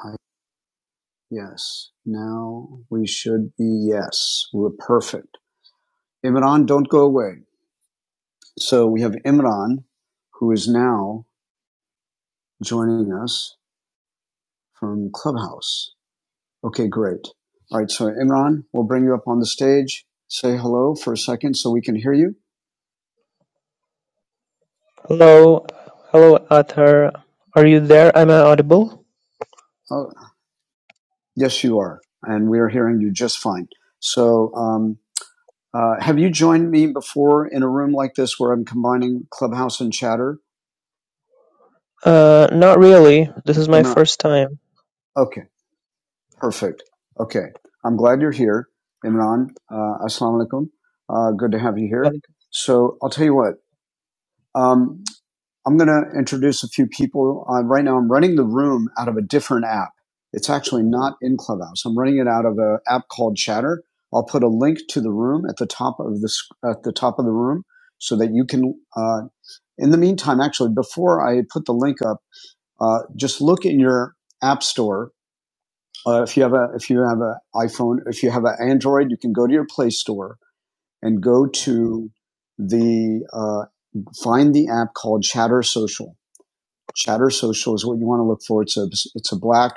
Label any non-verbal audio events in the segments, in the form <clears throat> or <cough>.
I, Yes. Now we should be yes. We're perfect. Imran, don't go away. So we have Imran, who is now joining us from Clubhouse. Okay, great. All right. So Imran, we'll bring you up on the stage. Say hello for a second so we can hear you. Hello, hello, Athar. Are you there? Am I audible? Oh, yes, you are. And we are hearing you just fine. So, um, uh, have you joined me before in a room like this where I'm combining Clubhouse and Chatter? Uh, not really. This is my Imran. first time. Okay. Perfect. Okay. I'm glad you're here, Imran. Uh, Assalamu alaikum. Uh, good to have you here. Like, So I'll tell you what. Um, I'm going to introduce a few people. Uh, right now, I'm running the room out of a different app. It's actually not in Clubhouse. I'm running it out of an app called Chatter. I'll put a link to the room at the top of the sc- at the top of the room so that you can. Uh, in the meantime, actually, before I put the link up, uh, just look in your app store uh, if you have a if you have an iPhone, if you have an Android, you can go to your Play Store and go to the uh, find the app called Chatter Social. Chatter Social is what you want to look for. It's a it's a black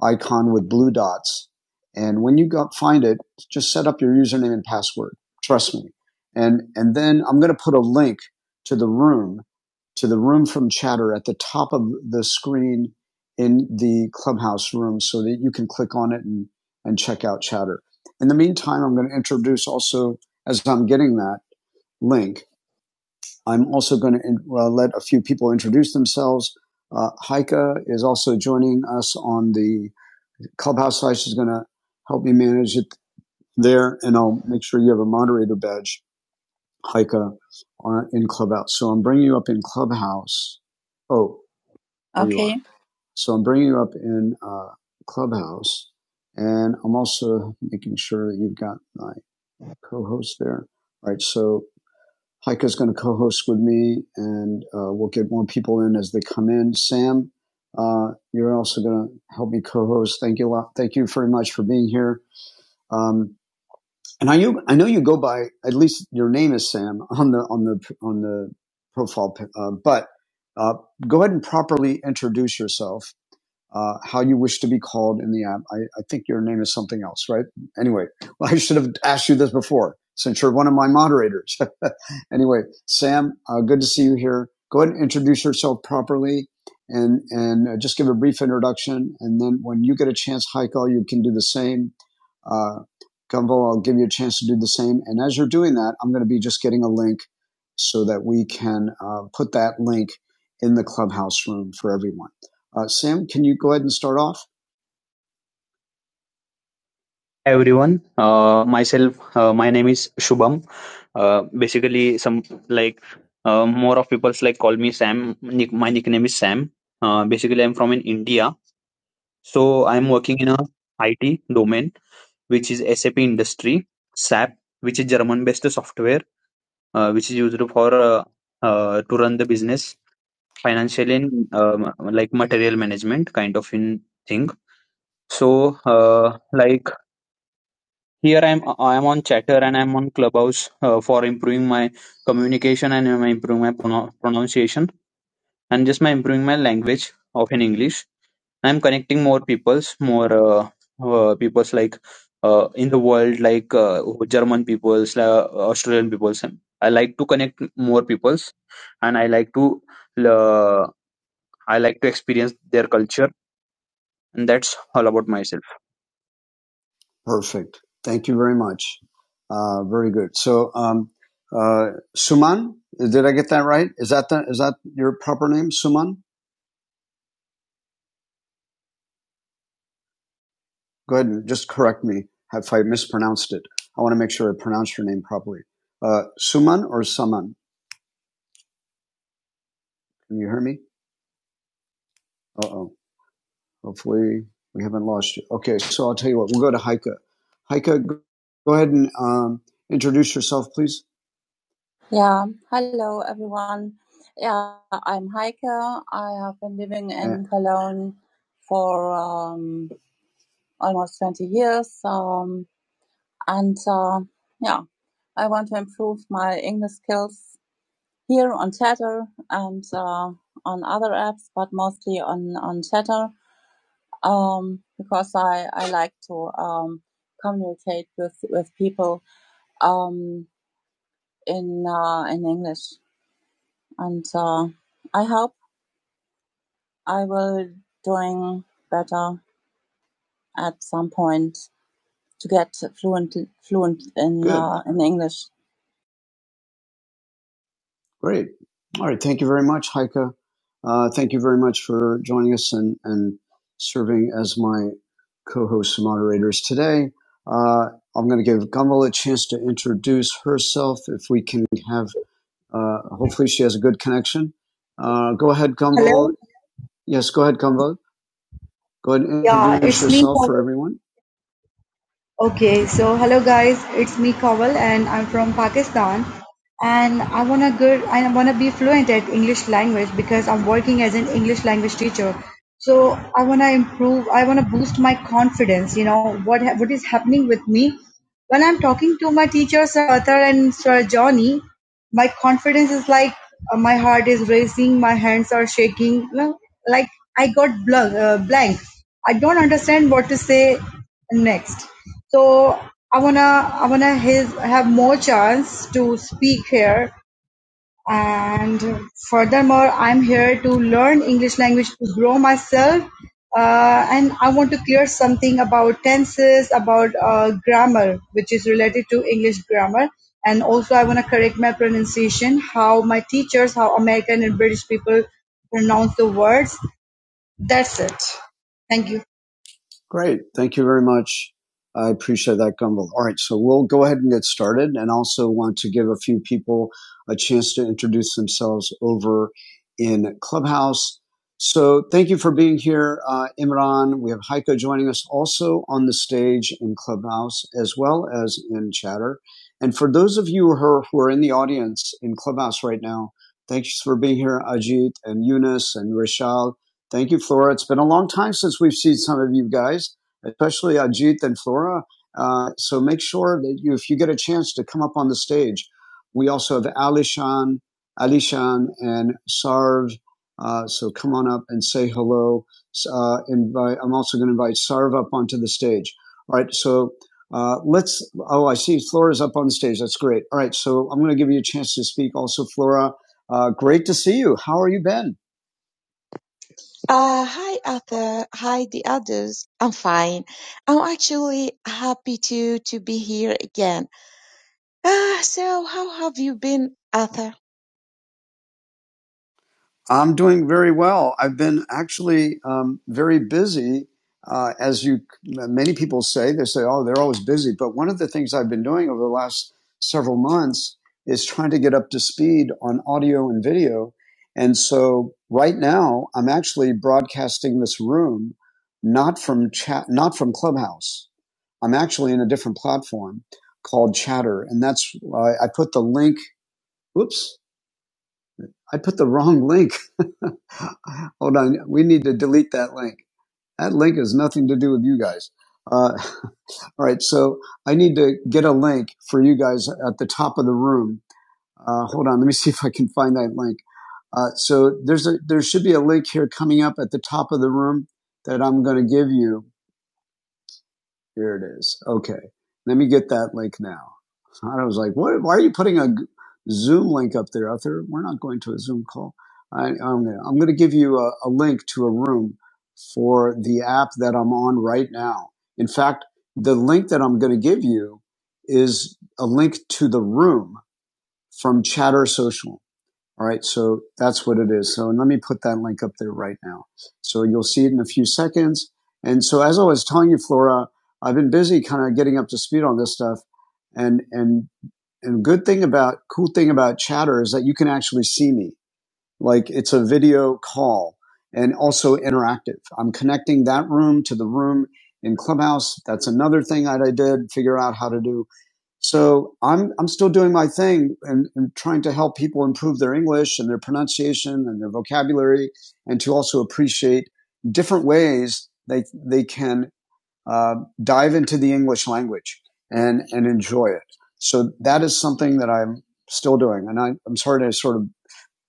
icon with blue dots, and when you go, find it, just set up your username and password. Trust me, and and then I'm going to put a link to the room to the room from chatter at the top of the screen in the clubhouse room so that you can click on it and, and check out chatter. In the meantime, I'm going to introduce also, as I'm getting that link, I'm also going to in, uh, let a few people introduce themselves. Uh, Heike is also joining us on the clubhouse side. She's going to help me manage it there, and I'll make sure you have a moderator badge, Heike, on, in clubhouse. So I'm bringing you up in clubhouse. Oh, So I'm bringing you up in uh, Clubhouse, and I'm also making sure that you've got my co-host there. All right, so Heike's going to co-host with me, and uh, we'll get more people in as they come in. Sam, uh, you're also going to help me co-host. Thank you a lot. Thank you very much for being here. Um, and I know I know you go by at least your name is Sam on the on the on the profile, uh, but uh, go ahead and properly introduce yourself uh, how you wish to be called in the app. I, I think your name is something else, right? Anyway, <laughs> well, I should have asked you this before since you're one of my moderators. <laughs> anyway, Sam, uh, good to see you here. Go ahead and introduce yourself properly and, and uh, just give a brief introduction. And then when you get a chance, Heiko, you can do the same. Uh, Gumbo, I'll give you a chance to do the same. And as you're doing that, I'm going to be just getting a link so that we can uh, put that link in the clubhouse room for everyone. Uh, Sam, can you go ahead and start off? Hi everyone uh, myself uh, my name is shubham uh, basically some like uh, more of people's like call me sam Nick, my nickname is sam uh, basically i'm from in india so i'm working in a it domain which is sap industry sap which is german based software uh, which is used for uh, uh, to run the business financial and um, like material management kind of in thing so uh, like Here I'm I'm on Chatter and I'm on Clubhouse uh, for improving my communication and um, improving my prono- pronunciation and just my improving my language of in English. I'm connecting more peoples, more uh, uh, peoples like uh, in the world like uh, German peoples, uh, Australian peoples. I like to connect more peoples and I like to uh, I like to experience their culture and that's all about myself. Perfect. Thank you very much. Uh, very good. So, um, uh, Suman, did I get that right? Is that the, is that your proper name, Suman? Go ahead and just correct me if I mispronounced it. I want to make sure I pronounce your name properly. Uh, Suman or Saman? Can you hear me? Uh oh. Hopefully we haven't lost you. Okay, so I'll tell you what. We'll go to Heike. Heike, go go ahead and um, introduce yourself, please. Great. All right. Thank you very much, Heike. Uh, thank you very much for joining us and, and serving as my co-hosts and moderators today. Uh, I'm going to give Gumbel a chance to introduce herself if we can have, uh, hopefully she has a good connection. Uh, go ahead, Gumbel. Hello. Yes, go ahead, Gumbel. Go ahead and Yeah, introduce it's me. yourself for everyone. Okay, so hello guys, it's me Kawal and I'm from Pakistan and I wanna good I wanna be fluent at English language because I'm working as an English language teacher. So I wanna improve, I wanna boost my confidence, you know, what ha- what is happening with me when I'm talking to my teacher Sir Arthur and Sir Johnny my confidence is like uh, my heart is racing, my hands are shaking. No, Like I got blank, uh, blank. I don't understand what to say next. So I wanna, I wanna his, have more chance to speak here and furthermore i'm here to learn english language to grow myself uh, and i want to clear something about tenses about uh, grammar which is related to english grammar and also i want to correct my pronunciation how my teachers how american and british people pronounce the words that's it thank you Great. Thank you very much. I appreciate that, Gumbel. All right, so we'll go ahead and get started and also want to give a few people a chance to introduce themselves over in Clubhouse. So thank you for being here, uh, Imran. We have Heiko joining us also on the stage in Clubhouse as well as in Chatter. And for those of you who are, who are in the audience in Clubhouse right now, thanks for being here, Ajit and Eunice and Rachel Thank you, Flora. It's been a long time since we've seen some of you guys, especially Ajit and Flora. Uh, so make sure that you, if you get a chance to come up on the stage, we also have Alishan, Alishan and Sarv. Uh, so come on up and say hello. S- Uh, invite, I'm also going to invite Sarv up onto the stage. All right. So uh, let's. Oh, I see Flora's up on the stage. That's great. All right. So I'm going to give you a chance to speak. Also, Flora, uh, great to see you. How are you been? Uh, hi, Arthur. Hi, the others. I'm fine. I'm actually happy to to be here again. Uh, so how have you been, Arthur? I'm doing very well. I've been actually um, very busy. Uh, as you, many people say, they say, oh, they're always busy. But one of the things I've been doing over the last several months is trying to get up to speed on audio and video. And so right now, I'm actually broadcasting this room, not from chat, not from Clubhouse. I'm actually in a different platform called Chatter. And that's, uh, I put the link, oops, I put the wrong link <laughs> Hold on. We need to delete that link. That link has nothing to do with you guys. Uh, <laughs> all right. So I need to get a link for you guys at the top of the room. Uh, hold on. Let me <laughs> see if I can find that link. Uh, so there's a, there should be a link here coming up at the top of the room that I'm going to give you. Here it is. Okay. Let me get that link now. And I was like, what, why are you putting a Zoom link up there, Arthur? We're not going to a Zoom call. I, I'm going to I'm going to give you a, a link to a room for the app that I'm on right now. In fact, the link that I'm going to give you is a link to the room from Chatter Social. All right, so that's what it is. So let me put that link up there right now. So you'll see it in a few seconds. And so as I was telling you, Flora, I've been busy kind of getting up to speed on this stuff. And and and good thing about cool thing about chatter is that you can actually see me. Like it's a video call and also interactive. I'm connecting that room to the room in Clubhouse. That's another thing that I did figure out how to do so I'm I'm still doing my thing and, and trying to help people improve their English and their pronunciation and their vocabulary, and to also appreciate different ways they they can uh, dive into the English language and and enjoy it. So that is something that I'm still doing, and I, I'm sorry to sort of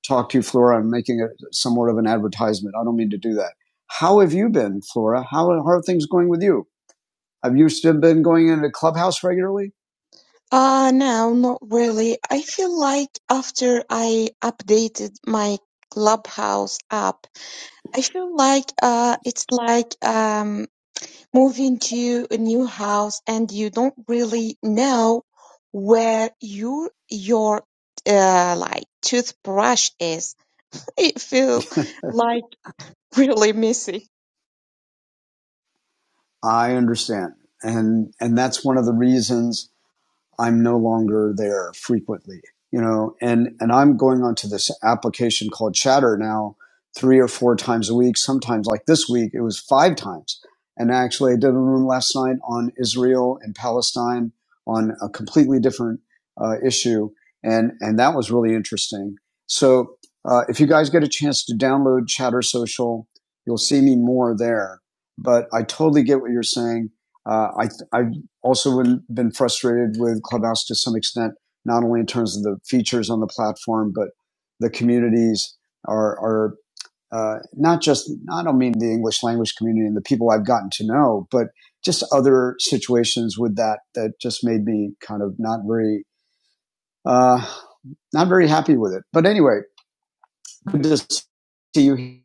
talk to you, Flora. I'm making it somewhat of an advertisement. I don't mean to do that. How have you been, Flora? How, how are things going with you? Have you still been going into Clubhouse regularly? Uh, no, not really. I feel like after I updated my Clubhouse app, I feel like uh, it's like um moving to a new house and you don't really know where your your uh like toothbrush is It feel like <laughs> really messy. I understand. And, and that's one of the reasons I'm no longer there frequently, you know, and, and I'm going onto this application called Chatter now three or four times a week. Sometimes like this week, it was five times. And actually I did a room last night on Israel and Palestine on a completely different uh, issue. And, and that was really interesting. So, uh, if you guys get a chance to download Chatter Social, you'll see me more there. But I totally get what you're saying. Uh, I, I also been frustrated with Clubhouse to some extent, not only in terms of the features on the platform, but the communities are, are uh, not just, I don't mean the English language community and the people I've gotten to know, but just other situations with that that just made me kind of not very, uh, not very happy with it. But anyway, good to see you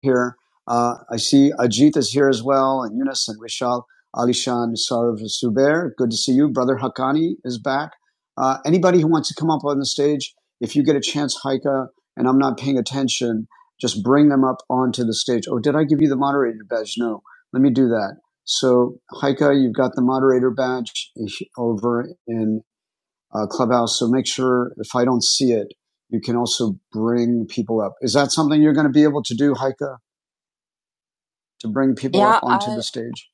here. Uh, I see Ajit is here as well, and Yunus and Vishal, Alishan, Sarv, Suber. Good to see you. Brother Hakani is back. Uh, anybody who wants to come up on the stage, if you get a chance, Haika, and I'm not paying attention, just bring them up onto the stage. Oh, did I give you the moderator badge? No. Let me do that. So, Haika, you've got the moderator badge over in uh, Clubhouse. So make sure if I don't see it, you can also bring people up. Is that something you're going to be able to do, Haika? to bring people stage.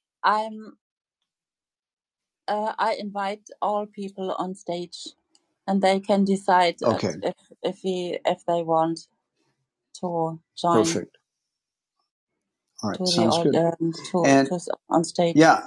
All Yeah.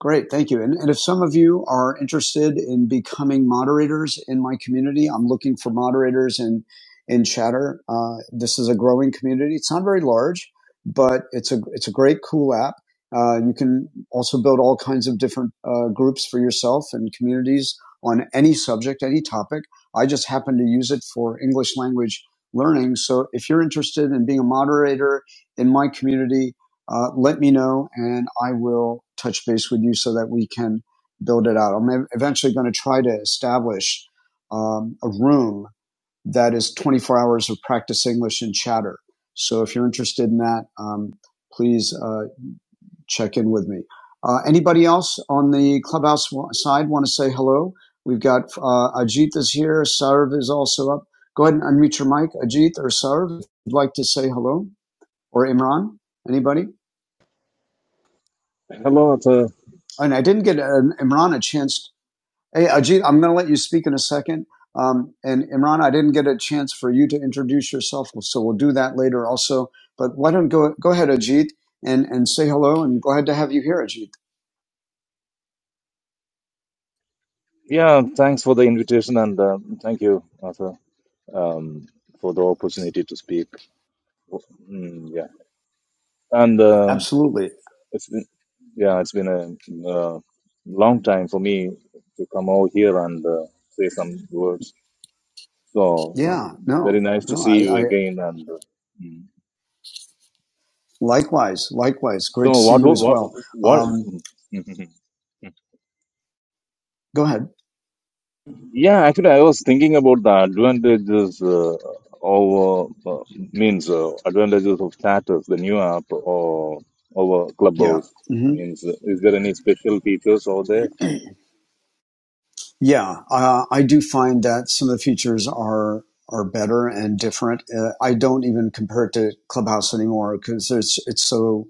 Great. Thank you. And, and if some of you are interested in becoming moderators in my community, I'm looking for moderators in, in chatter. Uh, this is a growing community. It's not very large, but it's a, it's a great, cool app. Uh, you can also build all kinds of different uh, groups for yourself and communities on any subject, any topic. I just happen to use it for English language learning. So if you're interested in being a moderator in my community, uh, let me know and I will touch base with you so that we can build it out. I'm eventually going to try to establish um, a room that is 24 hours of practice English and chatter. So if you're interested in that, um, please uh, check in with me. Uh, anybody else on the clubhouse side want to say hello? We've got uh, Ajit is here. Sarv is also up. Go ahead and unmute your mic, Ajit or Sarv, if you'd like to say hello, or Imran. Anybody? Hello, Arthur. and I didn't get uh, Imran a chance. Hey, Ajit, I'm going to let you speak in a second. Um, and Imran, I didn't get a chance for you to introduce yourself, so we'll do that later also. But why don't go go ahead, Ajit, and and say hello, and glad to have you here, Ajit. Yeah, thanks for the invitation and uh, thank you, Arthur, um, for the opportunity to speak. Mm, yeah, and uh, Absolutely. it's been yeah, it's been a, uh long time for me to come over here and uh, say some words. So Yeah. No. very nice to No. see I, you I again. And uh, mm. likewise. Likewise. Great so to see what you as wa- well. what Um, what? <laughs> go ahead. Yeah, actually, I was thinking about the advantages uh, of uh, uh, means uh, advantages of status, the new app or over Yeah. Clubhouse. hmm Means, uh, is there any special features over there? Yeah, uh, I do find that some of the features are are better and different. Uh, I don't even compare it to Clubhouse anymore because it's it's so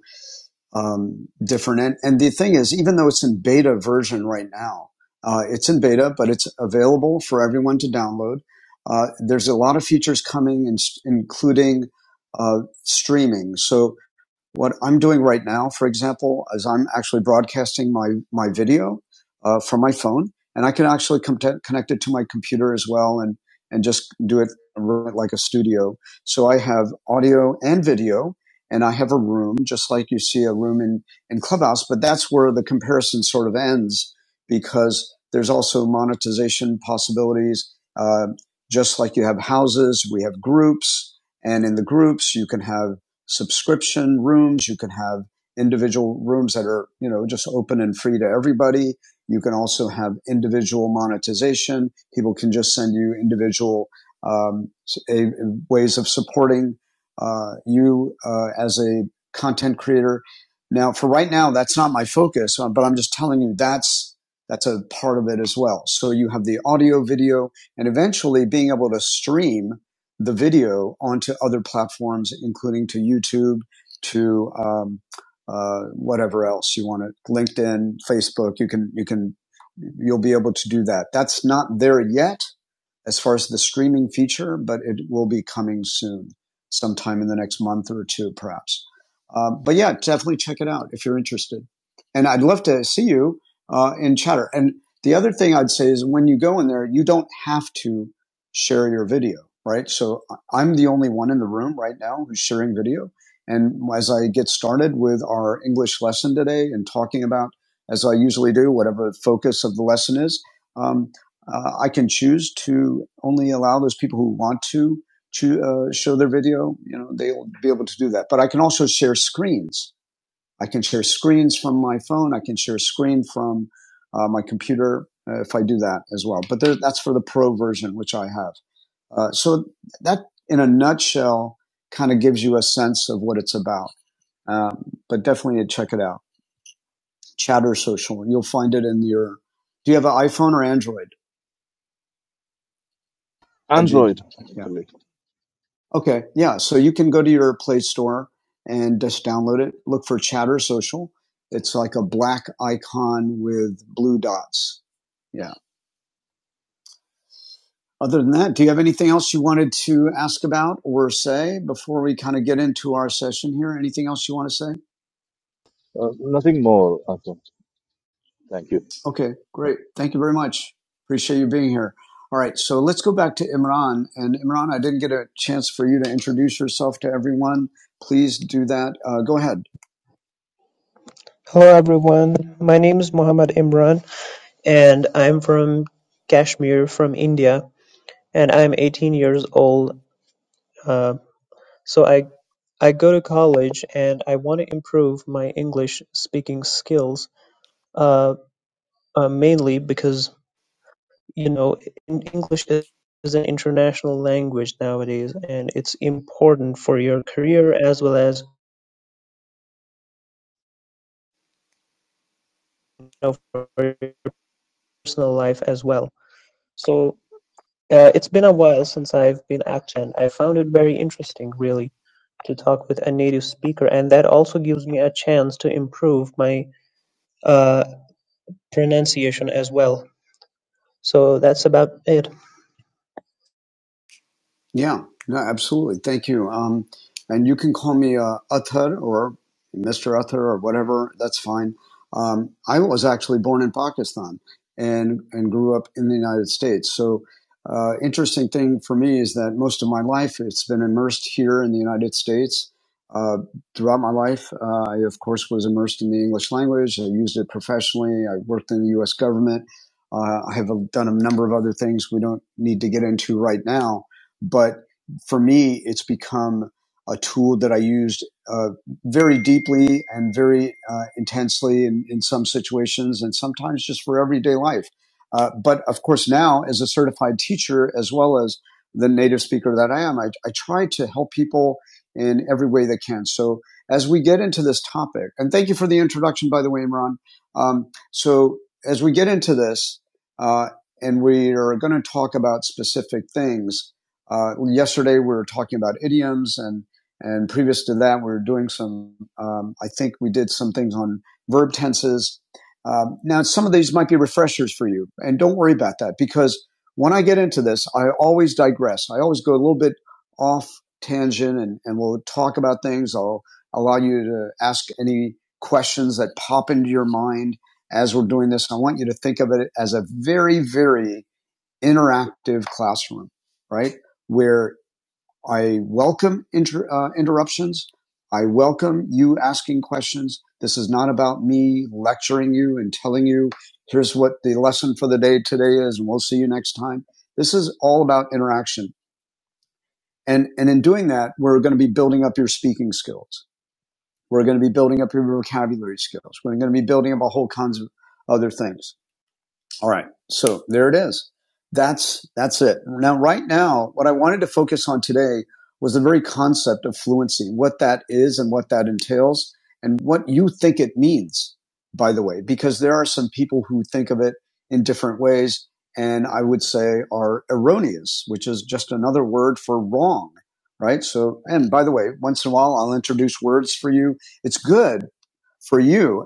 um, different. And and the thing is, even though it's in beta version right now, uh, it's in beta, but it's available for everyone to download. Uh, there's a lot of features coming, in, including uh, streaming. So what I'm doing right now, for example, is I'm actually broadcasting my, my video uh, from my phone, and I can actually com- connect it to my computer as well and, and just do it like a studio. So I have audio and video, and I have a room, just like you see a room in, in Clubhouse, but that's where the comparison sort of ends because there's also monetization possibilities. Uh, just like you have houses, we have groups, and in the groups, you can have subscription rooms. You can have individual rooms that are, you know, just open and free to everybody. You can also have individual monetization. People can just send you individual um, s- a- ways of supporting uh, you uh, as a content creator. Now, for right now, that's not my focus, uh, but I'm just telling you that's that's a part of it as well. So you have the audio, video, and eventually being able to stream the video onto other platforms, including to YouTube, to um, uh, whatever else you want to LinkedIn, Facebook. You can you can you'll be able to do that. That's not there yet as far as the streaming feature, but it will be coming soon, sometime in the next month or two, perhaps. Uh, but yeah, definitely check it out if you're interested. And I'd love to see you uh, in chatter. And the other thing I'd say is when you go in there, you don't have to share your video, right? So I'm the only one in the room right now who's sharing video. And as I get started with our English lesson today and talking about, as I usually do, whatever the focus of the lesson is, um, uh, I can choose to only allow those people who want to, to uh, show their video. You know, they will be able to do that. But I can also share screens. I can share screens from my phone. I can share a screen from uh, my computer uh, if I do that as well. But there, that's for the pro version, which I have. Uh, so that, in a nutshell, kind of gives you a sense of what it's about. Um, but definitely check it out. Chatter Social. You'll find it in your. Do you have an iPhone or Android, Ajit? Android, yeah. actually, Okay, yeah. So you can go to your Play Store and just download it. Look for Chatter Social. It's like a black icon with blue dots. Yeah. Other than that, do you have anything else you wanted to ask about or say before we kind of get into our session here? Anything else you want to say? uh, nothing more. Awesome. Thank you. Okay, great. Thank you very much. Appreciate you being here. All right, so let's go back to Imran. And Imran, I didn't get a chance for you to introduce yourself to everyone. Please do that. Uh, go ahead. hello, everyone. My name is Mohammad Imran, and I'm from Kashmir, from India, and I'm 18 years old. Uh, so I, I go to college, and I want to improve my English speaking skills. Uh, uh, mainly because you know, English is an international language nowadays, and it's important for your career as well as you know, for your personal life as well. So uh, it's been a while since I've been active, and I found it very interesting, really, to talk with a native speaker, and that also gives me a chance to improve my uh, pronunciation as well. So that's about it. Yeah, no, absolutely. Thank you. Um, and you can call me uh, Athar or Mr. Athar or whatever. That's fine. Um, I was actually born in Pakistan and and grew up in the United States. So, uh, interesting thing for me is that most of my life it's been immersed here in the United States. Uh, throughout my life, uh, I of course was immersed in the English language. I used it professionally. I worked in the U.S. government. Uh, I have done a number of other things we don't need to get into right now but for me, it's become a tool that I used uh, very deeply and very uh, intensely in, in some situations and sometimes just for everyday life. Uh, but of course, now as a certified teacher, as well as the native speaker that I am, I, I try to help people in every way they can. So as we get into this topic, and thank you for the introduction, by the way, Imran. Um, so as we get into this, uh, and we are going to talk about specific things, uh, yesterday we were talking about idioms and and previous to that we were doing some um, i think we did some things on verb tenses um, now some of these might be refreshers for you and don't worry about that because when i get into this i always digress i always go a little bit off tangent and, and we'll talk about things i'll allow you to ask any questions that pop into your mind as we're doing this i want you to think of it as a very very interactive classroom, right? Where I welcome inter, uh, interruptions. I welcome you asking questions. This is not about me lecturing you and telling you, here's what the lesson for the day today is, and we'll see you next time. This is all about interaction. And, and in doing that, we're going to be building up your speaking skills. We're going to be building up your vocabulary skills. We're going to be building up a whole kinds of other things all right. So there it is. That's that's it. Now, right now, what I wanted to focus on today was the very concept of fluency, what that is and what that entails, and what you think it means, by the way, because there are some people who think of it in different ways, and I would say are erroneous, which is just another word for wrong. Right. So, and by the way, once in a while, I'll introduce words for you. It's good for you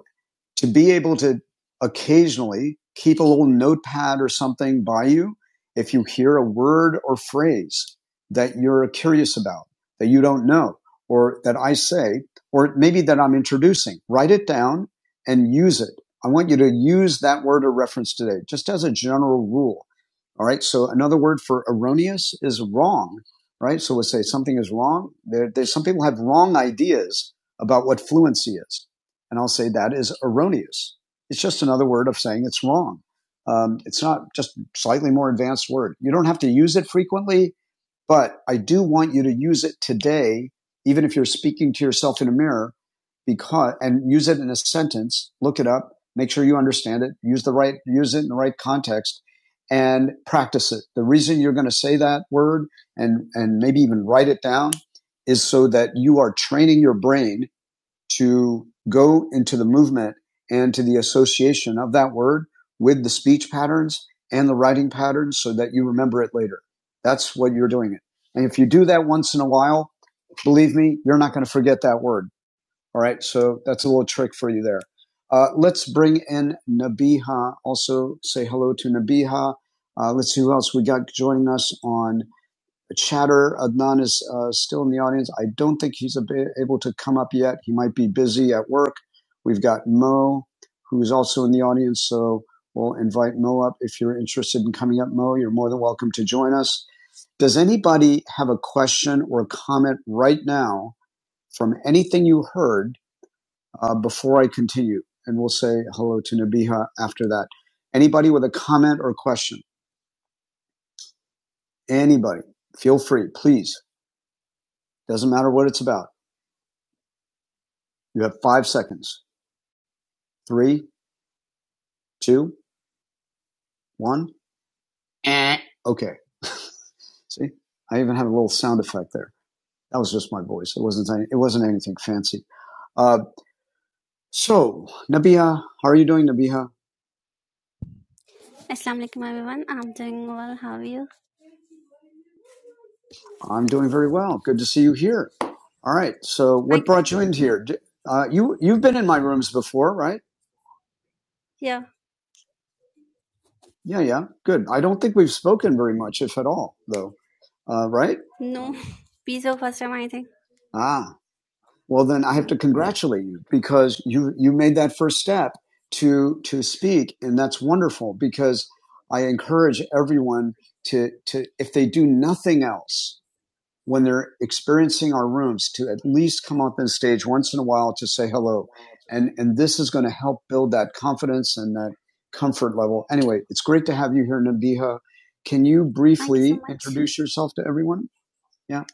to be able to occasionally keep a little notepad or something by you if you hear a word or phrase that you're curious about, that you don't know, or that I say, or maybe that I'm introducing. Write it down and use it. I want you to use that word or reference today, just as a general rule. All right. So another word for erroneous is wrong, right? So let's say something is wrong. There, there's some people have wrong ideas about what fluency is and I'll say that is erroneous. It's just another word of saying it's wrong. Um, it's not just slightly more advanced word. You don't have to use it frequently, but I do want you to use it today, even if you're speaking to yourself in a mirror, because and use it in a sentence. Look it up. Make sure you understand it. Use the right use it in the right context, and practice it. The reason you're going to say that word and and maybe even write it down is so that you are training your brain to go into the movement and to the association of that word with the speech patterns and the writing patterns so that you remember it later. That's what you're doing it. And if you do that once in a while, believe me, you're not going to forget that word. All right. So that's a little trick for you there. Uh, let's bring in Nabiha. Also say hello to Nabiha. Uh, let's see who else we got joining us on chatter. Adnan is uh, still in the audience. I don't think he's able to come up yet. He might be busy at work. We've got Mo, who's also in the audience. So we'll invite Mo up. If you're interested in coming up, Mo, you're more than welcome to join us. Does anybody have a question or comment right now from anything you heard uh, before I continue? And we'll say hello to Nabiha after that. Anybody with a comment or question? Anybody, feel free, please. Doesn't matter what it's about. You have five seconds. Three, two, one. Okay. <laughs> See, I even had a little sound effect there. That was just my voice. It wasn't. It wasn't anything fancy. Uh, so, Nabiha, how are you doing, Nabiha? Assalamualaikum everyone. I'm doing well. How are you? I'm doing very well. Good to see you here. All right. So, what Thank brought you. you in here? Uh, you you've been in my rooms before, right? Yeah. Yeah, yeah. Good. I don't think we've spoken very much, if at all, though. Uh, right? No. <laughs> Visa first time I think. Ah. well then I have Yeah. to congratulate you because you you made that first step to to speak and that's wonderful because I encourage everyone to to if they do nothing else when they're experiencing our rooms to at least come up on stage once in a while to say hello and and this is going to help build that confidence and that comfort level anyway it's great to have you here Nabiha can you Thank you so briefly much. introduce yourself to everyone yeah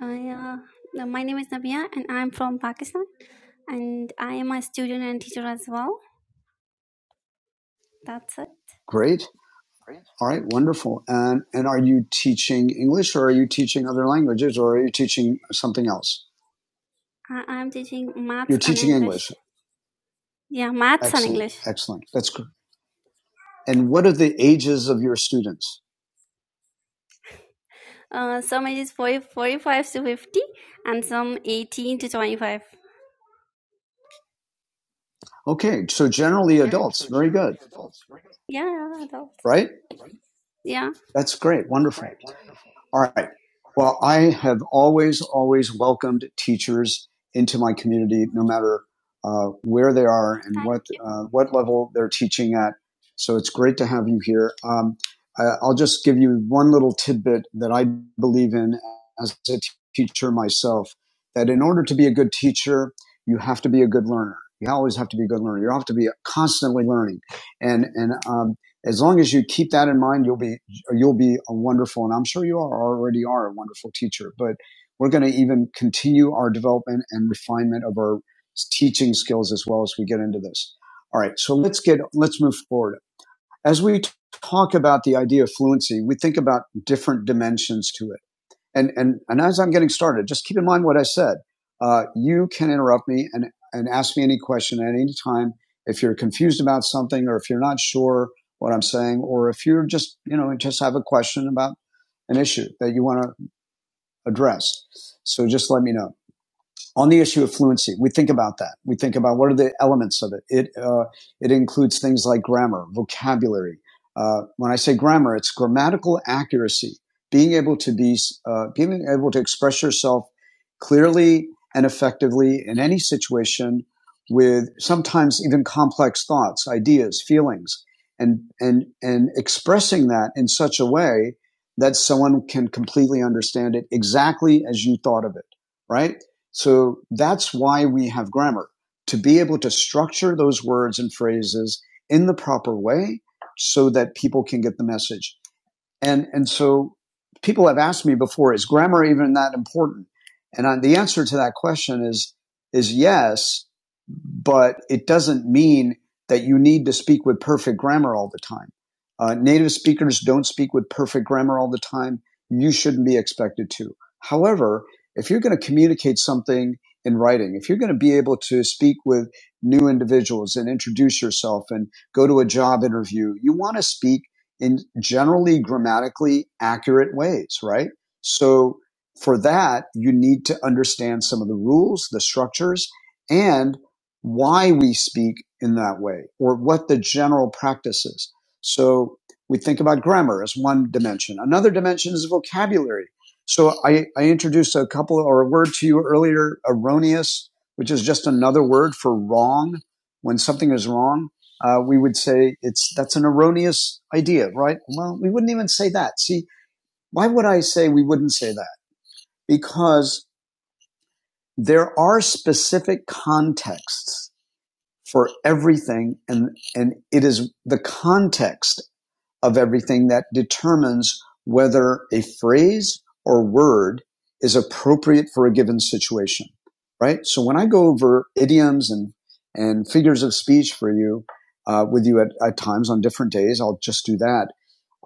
Uh, yeah. No, My name is Nabia and I'm from Pakistan and I am a student and teacher as well. That's it. great All right, wonderful. And and are you teaching English or are you teaching other languages or are you teaching something else? I am teaching You're maths and teaching English. English. Yeah, maths and Excellent. English. Excellent. That's good. And what are the ages of your students? Uh, some ages 40, 45 to 50 and some 18 to 25. Okay, so generally adults. Very good, Yeah, yeah, adults. right? Yeah. That's great. Wonderful. All right. Well, I have always, always welcomed teachers into my community, no matter uh, where they are and Thank what you. uh, what level they're teaching at. So it's great to have you here. Um, I- will just give you one little tidbit that I believe in as a teacher myself. That in order to be a good teacher, you have to be a good learner. You always have to be a good learner. You have to be constantly learning, and and um, as long as you keep that in mind, you'll be you'll be a wonderful, and I'm sure you are already are a wonderful teacher, but we're going to even continue our development and refinement of our teaching skills as well as we get into this. All right. So let's get, let's move forward. As we t- talk about the idea of fluency, we think about different dimensions to it and and and as I'm getting started, just keep in mind what I said. Uh, you can interrupt me and and ask me any question at any time if you're confused about something or if you're not sure what I'm saying or if you're just you know just have a question about an issue that you want to address. So just let me know on the issue of fluency, we think about that. We think about what are the elements of it. It uh, it includes things like grammar, vocabulary. Uh, when I say grammar, it's grammatical accuracy, being able to be uh, being able to express yourself clearly and effectively in any situation with sometimes even complex thoughts, ideas, feelings, and and and expressing that in such a way that someone can completely understand it exactly as you thought of it right? So that's why we have grammar to be able to structure those words and phrases in the proper way so that people can get the message. And, and so people have asked me before, is grammar even that important? And I, the answer to that question is, is yes, but it doesn't mean that you need to speak with perfect grammar all the time. Uh, native speakers don't speak with perfect grammar all the time. You shouldn't be expected to. However, if you're going to communicate something in writing, if you're going to be able to speak with new individuals and introduce yourself and go to a job interview, you want to speak in generally grammatically accurate ways, right? So for that, you need to understand some of the rules, the structures, and why we speak in that way or what the general practice is. So we think about grammar as one dimension. Another dimension is vocabulary. So I, I introduced a couple or a word to you earlier, erroneous, which is just another word for wrong when something is wrong uh, we would say it's that's an erroneous idea, right? Well, we wouldn't even say that. See, why would I say we wouldn't say that? Because there are specific contexts for everything, and and it is the context of everything that determines whether a phrase or word is appropriate for a given situation, right? So when I go over idioms and, and figures of speech for you, uh, with you at, at times on different days, I'll just do that.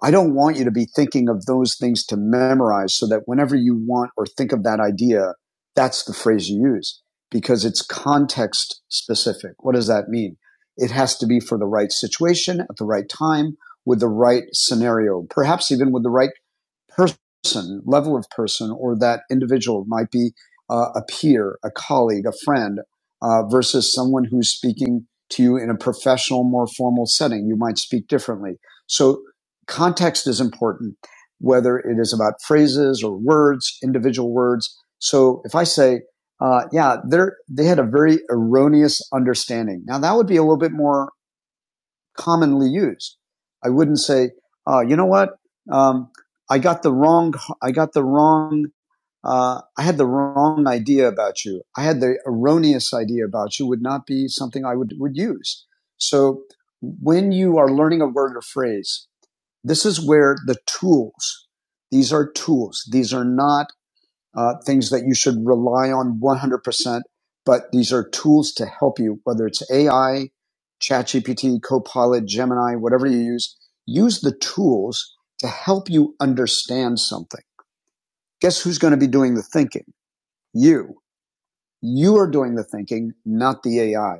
I don't want you to be thinking of those things to memorize so that whenever you want or think of that idea, that's the phrase you use because it's context specific. What does that mean? It has to be for the right situation at the right time with the right scenario, perhaps even with the right person, level of person, or that individual might be uh, a peer, a colleague, a friend, uh, versus someone who's speaking to you in a professional, more formal setting. You might speak differently. So context is important, whether it is about phrases or words, individual words. So if I say, uh, yeah, they're, they had a very erroneous understanding. Now that would be a little bit more commonly used. I wouldn't say, oh, you know what? Um, I got the wrong, I got the wrong, uh, I had the wrong idea about you. I had the erroneous idea about you would not be something I would, would use. So when you are learning a word or phrase, this is where the tools, these are tools. These are not uh, things that you should rely on 100%, but these are tools to help you, whether it's AI, ChatGPT, Copilot, Gemini, whatever you use. Use the tools to help you understand something. Guess who's going to be doing the thinking? You you are doing the thinking, not the AI.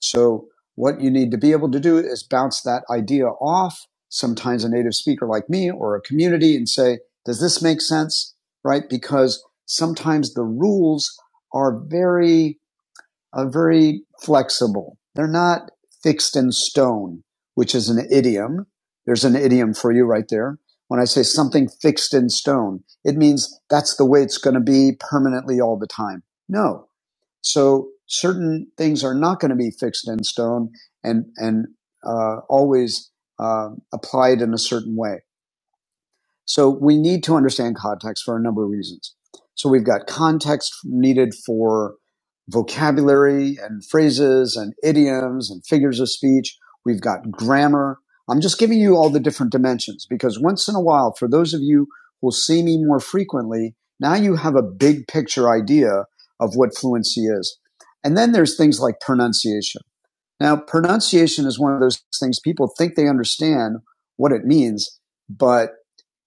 So what you need to be able to do is bounce that idea off sometimes a native speaker like me or a community and say, does this make sense? Right? Because sometimes the rules are very, are very flexible. They're not fixed in stone, which is an idiom. There's an idiom for you right there. When I say something fixed in stone, it means that's the way it's going to be permanently all the time. No, so certain things are not going to be fixed in stone and and uh, always uh, applied in a certain way. So we need to understand context for a number of reasons. So we've got context needed for vocabulary and phrases and idioms and figures of speech. We've got grammar. I'm just giving you all the different dimensions because once in a while, for those of you who will see me more frequently, now you have a big picture idea of what fluency is. And then there's things like pronunciation. Now, pronunciation is one of those things people think they understand what it means, but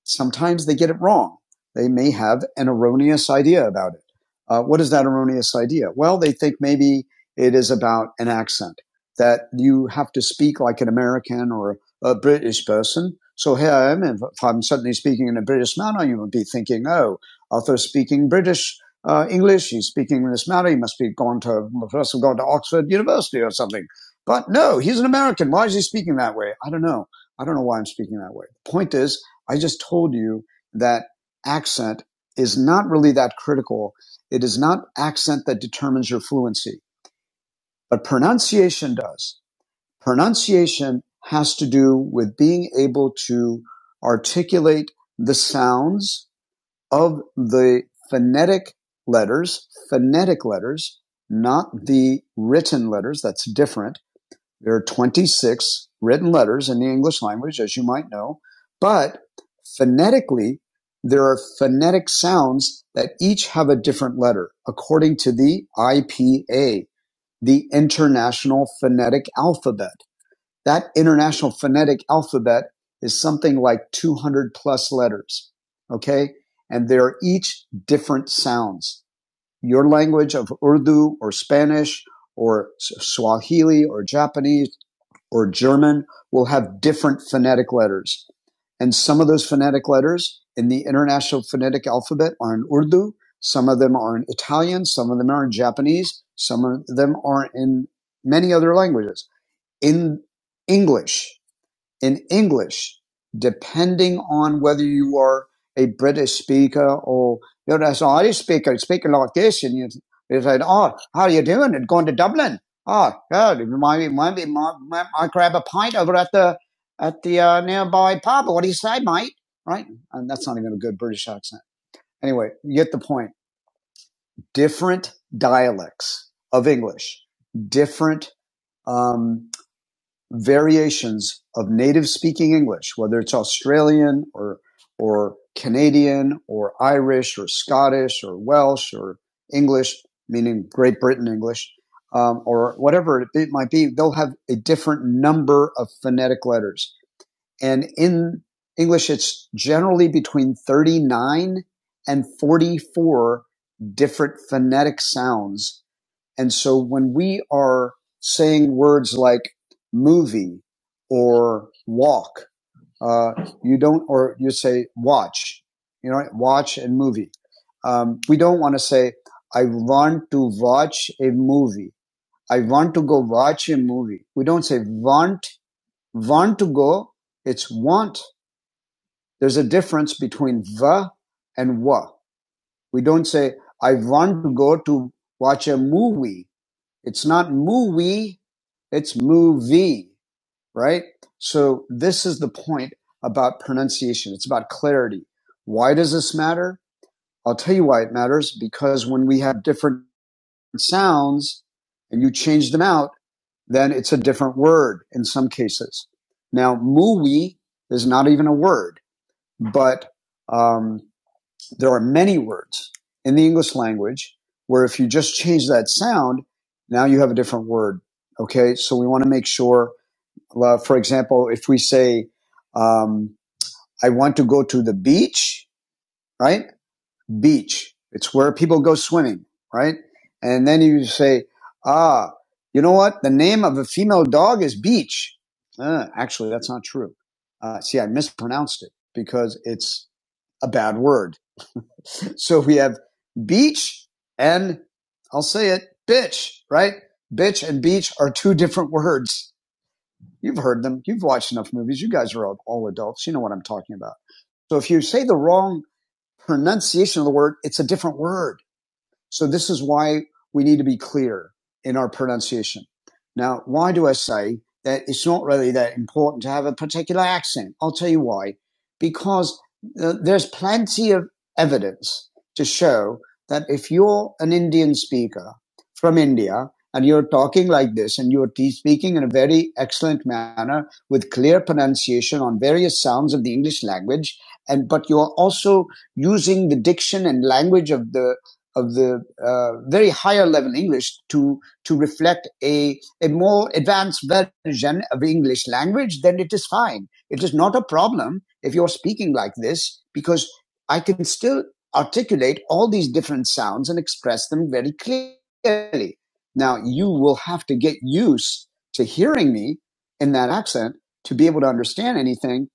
sometimes they get it wrong. They may have an erroneous idea about it. Uh, what is that erroneous idea? Well, they think maybe it is about an accent that you have to speak like an American or a British person. So here I am, if I'm suddenly speaking in a British manner, you would be thinking, oh, Arthur's speaking British uh, English. He's speaking in this manner. He must be gone to, must have gone to Oxford University or something. But no, he's an American. Why is he speaking that way? I don't know. I don't know why I'm speaking that way. The point is, I just told you that accent is not really that critical. It is not accent that determines your fluency, but pronunciation does. Pronunciation has to do with being able to articulate the sounds of the phonetic letters, phonetic letters, not the written letters. That's different there are 26 written letters in the English language, as you might know, but phonetically, there are phonetic sounds that each have a different letter according to the IPA, the International Phonetic Alphabet. That International Phonetic Alphabet is something like 200 plus letters. Okay. And they're each different sounds. Your language of Urdu or Spanish or Swahili or Japanese or German will have different phonetic letters. And some of those phonetic letters in the International Phonetic Alphabet are in Urdu, some of them are in Italian, some of them are in Japanese, some of them are in many other languages. In English, in English, depending on whether you are a British speaker or you know, an Irish speaker, speaking like this, and you, you say, "Oh, how are you doing?" And going to Dublin. Oh, God, might might be might, might, I grab a pint over at the at the uh, nearby pub. What do you say, mate? Right? And that's not even a good British accent. Anyway, you get the point. Different dialects of English. Different. um, variations of native speaking English, whether it's Australian or or Canadian or Irish or Scottish or Welsh or English, meaning Great Britain English, um, or whatever it might be, they'll have a different number of phonetic letters. And in English, it's generally between 39 and 44 different phonetic sounds and so when we are saying words like movie or walk, uh, you don't, or you say watch, you know, watch and movie. Um, we don't want to say, I want to watch a movie. I want to go watch a movie. We don't say want, want to go. It's want. There's a difference between va and wa. We don't say, I want to go to watch a movie it's not movie, it's movie, right? So this is the point about pronunciation. It's about clarity. Why does this matter? I'll tell you why it matters because when we have different sounds and you change them out, then it's a different word in some cases. Now, movie is not even a word, but um, there are many words in the English language where if you just change that sound, now you have a different word. Okay. So we want to make sure, uh, for example, if we say, um, I want to go to the beach, right? Beach. It's where people go swimming, right? And then you say, ah, you know what? The name of a female dog is Beach. Uh, actually, that's not true. Uh, see, I mispronounced it because it's a bad word. So we have beach and I'll say it, bitch, right? Bitch and beach are two different words. You've heard them. You've watched enough movies. You guys are all, all adults. You know what I'm talking about. So if you say the wrong pronunciation of the word, it's a different word. So this is why we need to be clear in our pronunciation. Now, why do I say that it's not really that important to have a particular accent? I'll tell you why. Because uh, there's plenty of evidence to show that if you're an Indian speaker from India and you're talking like this and you're speaking in a very excellent manner with clear pronunciation on various sounds of the English language, and but you're also using the diction and language of the of the uh, very higher level English to to reflect a a more advanced version of English language, then it is fine. It is not a problem if you're speaking like this because I can still articulate all these different sounds and express them very clearly. Now you will have to get used to hearing me in that accent to be able to understand anything.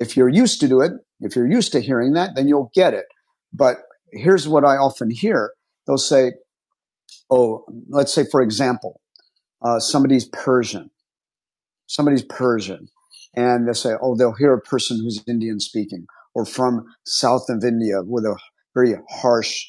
If you're used to do it, if you're used to hearing that, then you'll get it. But here's what I often hear. They'll say, oh, let's say, for example, uh, somebody's Persian somebody's Persian, and they say, oh, they'll hear a person who's Indian speaking or from south of India with a very harsh,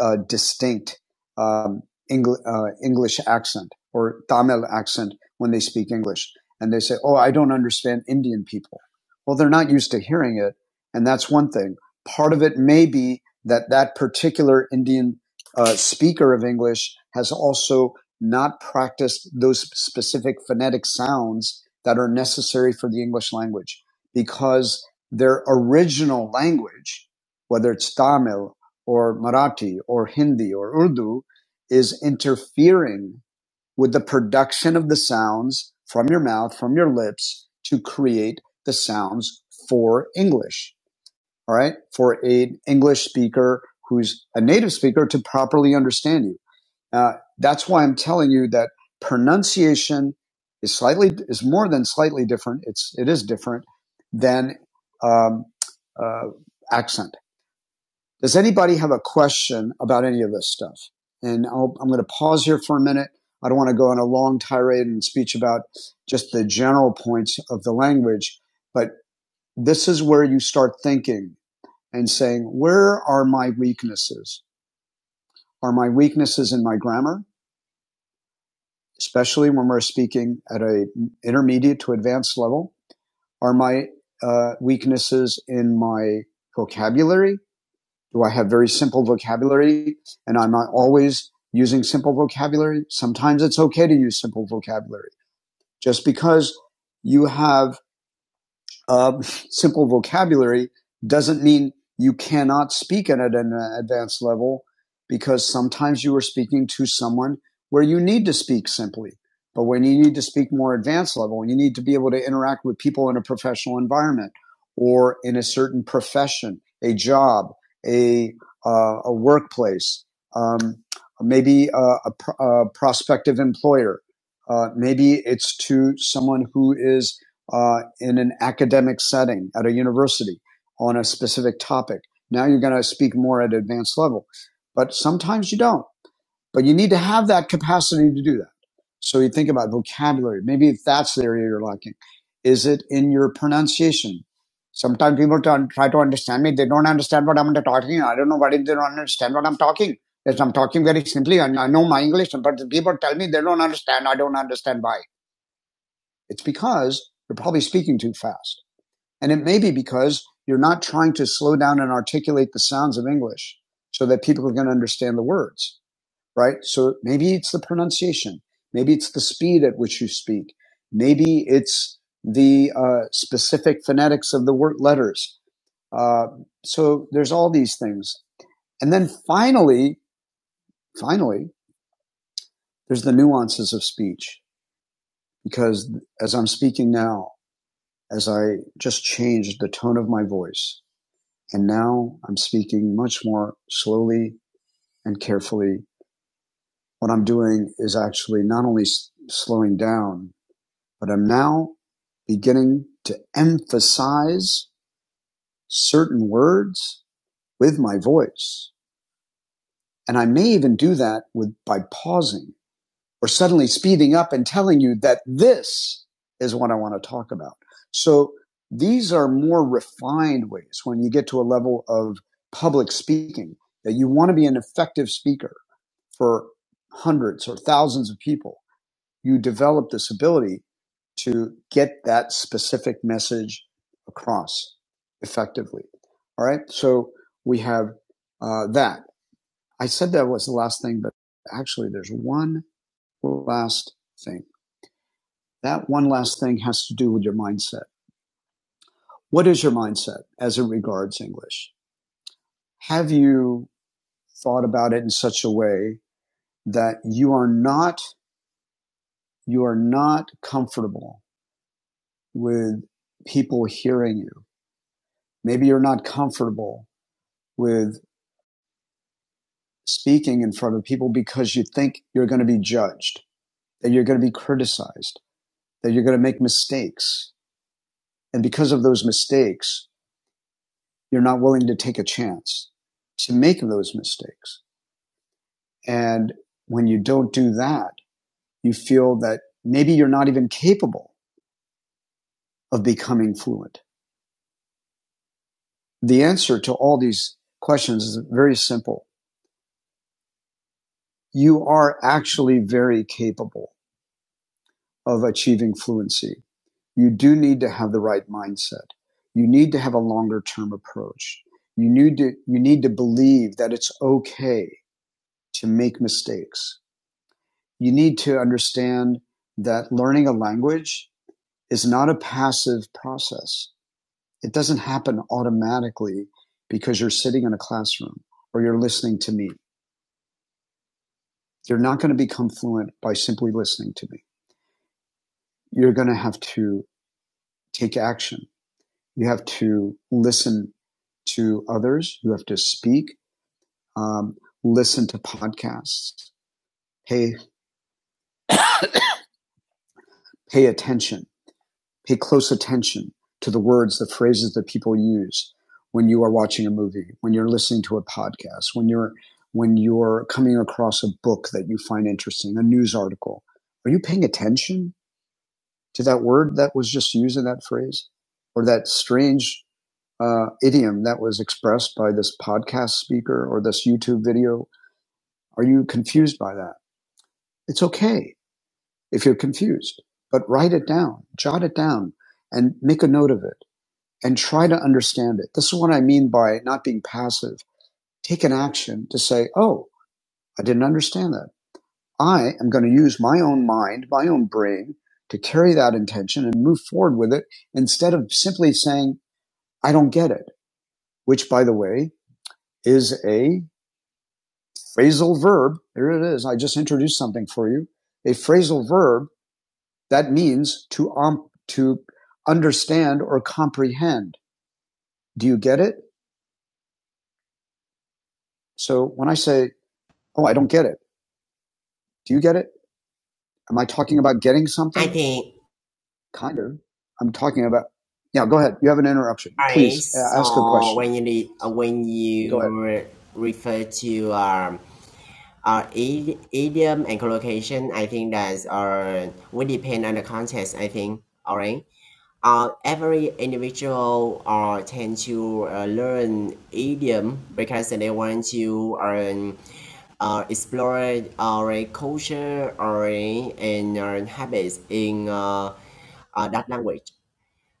uh, distinct um, Engl- uh, English accent or Tamil accent when they speak English. And they say, oh, I don't understand Indian people. Well, they're not used to hearing it. And that's one thing. Part of it may be that that particular Indian uh, speaker of English has also not practiced those specific phonetic sounds that are necessary for the English language because their original language, whether it's Tamil or Marathi or Hindi or Urdu, is interfering with the production of the sounds from your mouth, from your lips to create the sounds for English. All right. For an English speaker who's a native speaker to properly understand you. Uh, that's why I'm telling you that pronunciation is slightly is more than slightly different. It's it is different than um, uh, accent. Does anybody have a question about any of this stuff? And I'll, I'm going to pause here for a minute. I don't want to go on a long tirade and speech about just the general points of the language, but this is where you start thinking and saying, where are my weaknesses? Are my weaknesses in my grammar? especially when we're speaking at a intermediate to advanced level, are my uh, weaknesses in my vocabulary. Do I have very simple vocabulary and I'm not always using simple vocabulary? Sometimes it's okay to use simple vocabulary. Just because you have uh, simple vocabulary doesn't mean you cannot speak at an advanced level because sometimes you are speaking to someone where you need to speak simply. But when you need to speak more advanced level, you need to be able to interact with people in a professional environment or in a certain profession, a job, a, uh, a workplace, um, maybe a, a, a prospective employer. Uh, maybe it's to someone who is uh, in an academic setting at a university on a specific topic. Now you're going to speak more at advanced level, but sometimes you don't. But you need to have that capacity to do that. So you think about vocabulary. Maybe if that's the area you're lacking. Is it in your pronunciation? Sometimes people try to understand me. They don't understand what I'm talking. I don't know why they don't understand what I'm talking. Yes, I'm talking very simply. and I know my English, but people tell me they don't understand. I don't understand why. It's because you're probably speaking too fast. And it may be because you're not trying to slow down and articulate the sounds of English so that people are going to understand the words, right? So maybe it's the pronunciation. Maybe it's the speed at which you speak. Maybe it's the uh, specific phonetics of the word letters. Uh, so there's all these things. And then finally, finally, there's the nuances of speech because as I'm speaking now, as I just changed the tone of my voice, And now I'm speaking much more slowly and carefully. What I'm doing is actually not only s- slowing down, but I'm now beginning to emphasize certain words with my voice. And I may even do that with by pausing or suddenly speeding up and telling you that this is what I want to talk about. So these are more refined ways when you get to a level of public speaking that you want to be an effective speaker for hundreds or thousands of people. You develop this ability to get that specific message across effectively. All right. So we have uh, that. I said that was the last thing, but actually there's one last thing. That one last thing has to do with your mindset. What is your mindset as it regards English? Have you thought about it in such a way that you are not, you are not comfortable with people hearing you? Maybe you're not comfortable with speaking in front of people because you think you're going to be judged, that you're going to be criticized, that you're going to make mistakes. And because of those mistakes, you're not willing to take a chance to make those mistakes. And when you don't do that, you feel that maybe you're not even capable of becoming fluent. The answer to all these questions is very simple. You are actually very capable of achieving fluency. You do need to have the right mindset. You need to have a longer term approach. You need to, you need to believe that it's okay to make mistakes. You need to understand that learning a language is not a passive process It doesn't happen automatically because you're sitting in a classroom or you're listening to me. You're not going to become fluent by simply listening to me. You're going to have to take action. You have to listen to others. You have to speak, um, listen to podcasts, pay, pay attention pay close attention to the words, the phrases that people use when you are watching a movie, when you're listening to a podcast, when you're when you're coming across a book that you find interesting, a news article. Are you paying attention to that word that was just used in that phrase, or that strange uh, idiom that was expressed by this podcast speaker or this YouTube video? Are you confused by that? It's okay if you're confused, but write it down, jot it down, and make a note of it and try to understand it. This is what I mean by not being passive. Take an action to say, oh, I didn't understand that. I am going to use my own mind, my own brain to carry that intention and move forward with it instead of simply saying, I don't get it, which by the way is a phrasal verb. There it is. I just introduced something for you. A phrasal verb that means to, um, to understand or comprehend. Do you get it? So when I say, Oh, I don't get it Do you get it? Am I talking about getting I something? think Kind of. I'm talking about. Yeah, go ahead. You have an interruption. alright. Please uh, ask a So question. when you re- uh, when Go you ahead. re- refer to um, our idi- idiom and collocation, I think that's our would depend on the context. I think alright. Uh, every individual uh, tend to uh, learn idiom because they want to um, uh, explore our culture or and uh, habits in uh, uh, that language.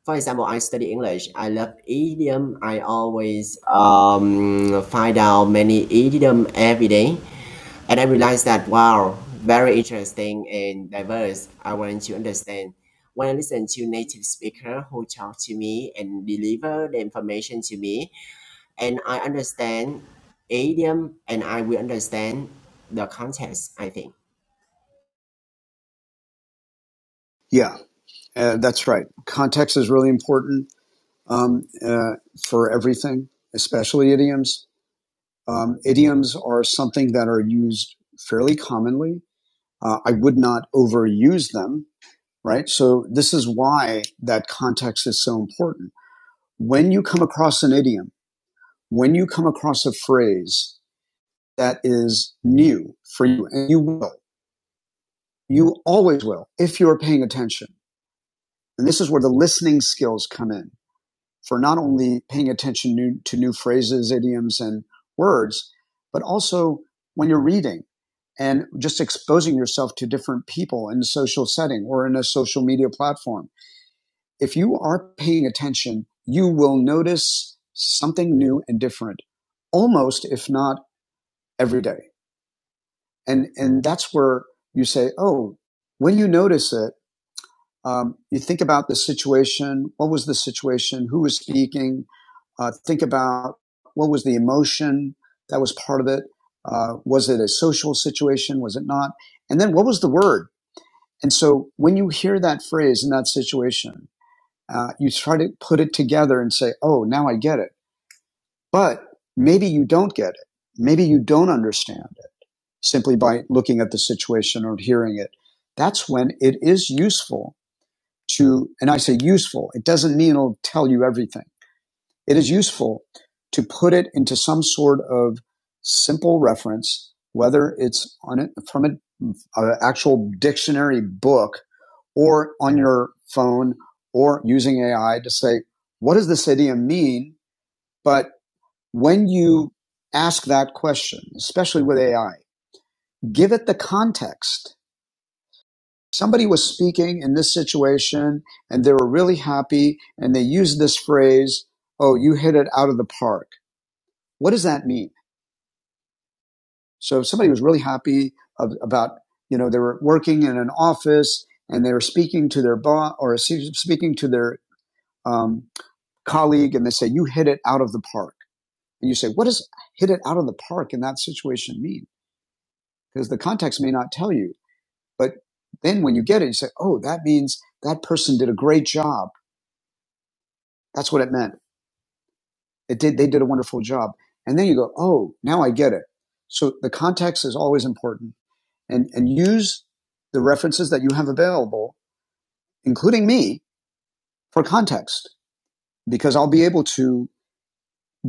for example, I study English. I love idiom. I always um, find out many idiom every day, and I realized that wow, very interesting and diverse. I want to understand. When I listen to native speaker who talk to me and deliver the information to me, and I understand idiom, and I will understand the context. I think. Yeah, uh, that's right. Context is really important um, uh, for everything, especially idioms. Um, idioms are something that are used fairly commonly. Uh, I would not overuse them, right? So this is why that context is so important. When you come across an idiom, when you come across a phrase that is new for you. And you will. You always will if you're paying attention. And this is where the listening skills come in for not only paying attention new, to new phrases, idioms, and words, but also when you're reading and just exposing yourself to different people in a social setting or in a social media platform. If you are paying attention, you will notice something new and different almost, if not every day. and and that's where you say, oh, when you notice it, um, you think about the situation. What was the situation? Who was speaking? Uh, think about what was the emotion that was part of it. Uh, was it a social situation? Was it not? And then what was the word? And so when you hear that phrase in that situation, uh, you try to put it together and say, oh, now I get it. But maybe you don't get it. Maybe you don't understand it simply by looking at the situation or hearing it. That's when it is useful to, and I say useful, it doesn't mean it'll tell you everything. It is useful to put it into some sort of simple reference, whether it's on it from an uh, actual dictionary book or on your phone or using AI to say, what does this idiom mean? But when you ask that question, especially with AI, give it the context somebody was speaking in this situation and they were really happy and they used this phrase, oh, you hit it out of the park. What does that mean? So if somebody was really happy of, about, you know, they were working in an office and they were speaking to their boss or speaking to their um, colleague and they say, you hit it out of the park. And you say, what does hit it out of the park in that situation mean? Because the context may not tell you. But then when you get it, you say, oh, that means that person did a great job. That's what it meant It did, they did a wonderful job. And then you go, oh, now I get it. So the context is always important and, and use the references that you have available, including me for context, because I'll be able to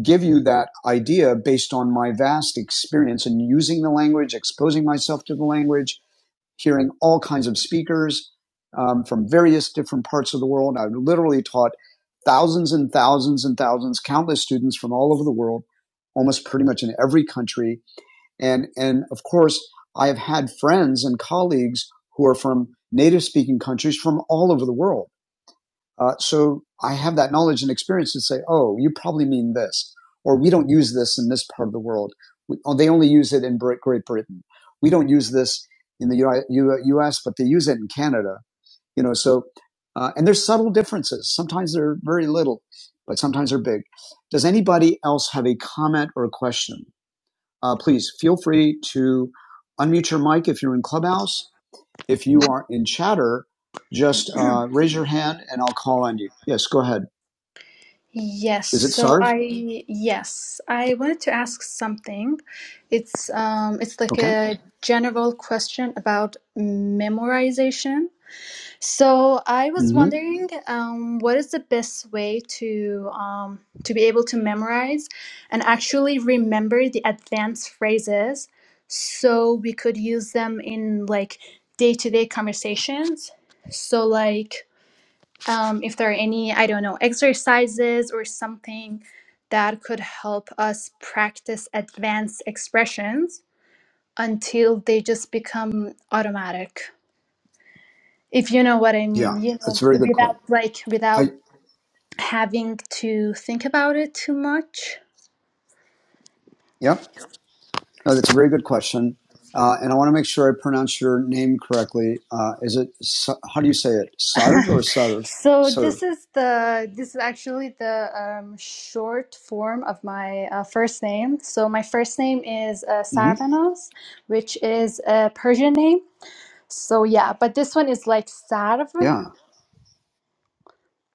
give you that idea based on my vast experience in using the language, exposing myself to the language, hearing all kinds of speakers um, from various different parts of the world. I literally taught thousands and thousands and thousands, countless students from all over the world, almost pretty much in every country. And, and of course, I have had friends and colleagues who are from native speaking countries from all over the world. Uh, so I have that knowledge and experience to say, oh, you probably mean this, or we don't use this in this part of the world. We, oh, they only use it in Great Britain. We don't use this in the U.S., but they use it in Canada. You know, so uh, and there's subtle differences. Sometimes they're very little, but sometimes they're big. Does anybody else have a comment or a question? Uh, please feel free to unmute your mic if you're in Clubhouse if you are in chatter, just uh, raise your hand and I'll call on you. Yes, go ahead. Yes, Is it so Sarv? I yes, I wanted to ask something. It's um it's like Okay. a general question about memorization. So I was hmm wondering um what is the best way to um to be able to memorize and actually remember the advanced phrases so we could use them in like day-to-day conversations. So like um, if there are any, I don't know, exercises or something that could help us practice advanced expressions until they just become automatic. If you know what I Yeah, mean, you know, that's a very good question. without like, without I having to think about it too much. yep. No, that's a very good question, uh, and I want to make sure I pronounce your name correctly. Uh, is it how do you say it? <laughs> Sarv or Sarv? so Serve. this is the this is actually the um, short form of my uh, first name. So my first name is uh, hmm Sarvanos, which is a Persian name So yeah, but this one is like sarv. Yeah,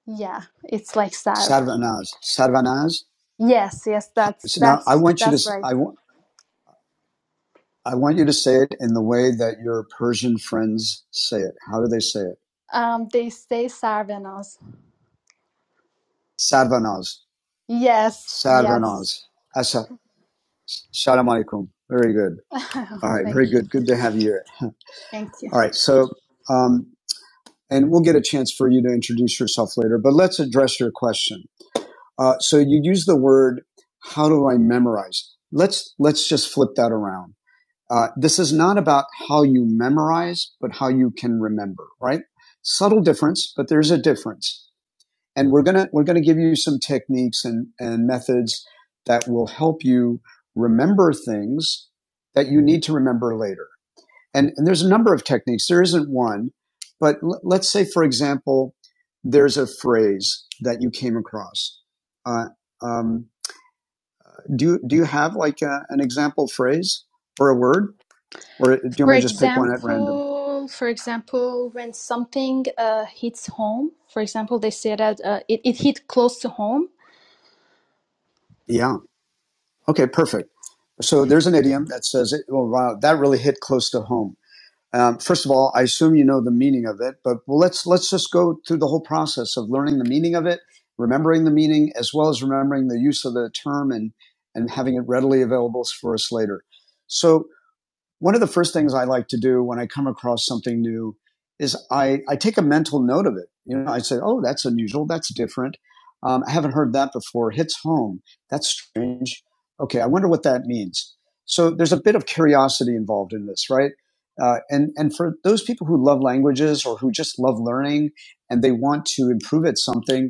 Yeah, it's like sarv. Sarvanaz. Sarvanaz. Yes, yes, that's So now I that's want you to. that's s- right. I want. I want you to say it in the way that your Persian friends say it. How do they say it? Um, they say sarvenos. Sarvanaz. Yes, yes. Sarvanaz. Asa. Shalom alaikum. Very good. <laughs> All right. Very Thank you. good. Good to have you here. Thank you. All right. So, um, and we'll get a chance for you to introduce yourself later, but let's address your question. Uh, so you use the word, how do I memorize? Let's, let's just flip that around. Uh, this is not about how you memorize, but how you can remember, right? Subtle difference, but there's a difference. and we're gonna we're gonna give you some techniques and and methods that will help you remember things that you need to remember later. And and there's a number of techniques. There isn't one, but l- let's say for example, there's a phrase that you came across. Uh, um, do do you have like a, an example phrase or a word, or do you want For me to just pick one at random? example, for example, when something uh, hits home, for example, they say that uh, it, it hit close to home. Yeah. Okay. Perfect. So there's an idiom that says, it, "Well, wow, that really hit close to home." Um, first of all, I assume you know the meaning of it, but well, let's let's just go through the whole process of learning the meaning of it, remembering the meaning, as well as remembering the use of the term and and having it readily available for us later. So one of the first things I like to do when I come across something new is I, I take a mental note of it. You know, I say, oh, that's unusual. That's different. Um, I haven't heard that before. Hits home. That's strange. Okay, I wonder what that means. So there's a bit of curiosity involved in this, right? Uh, and and for those people who love languages or who just love learning and they want to improve at something,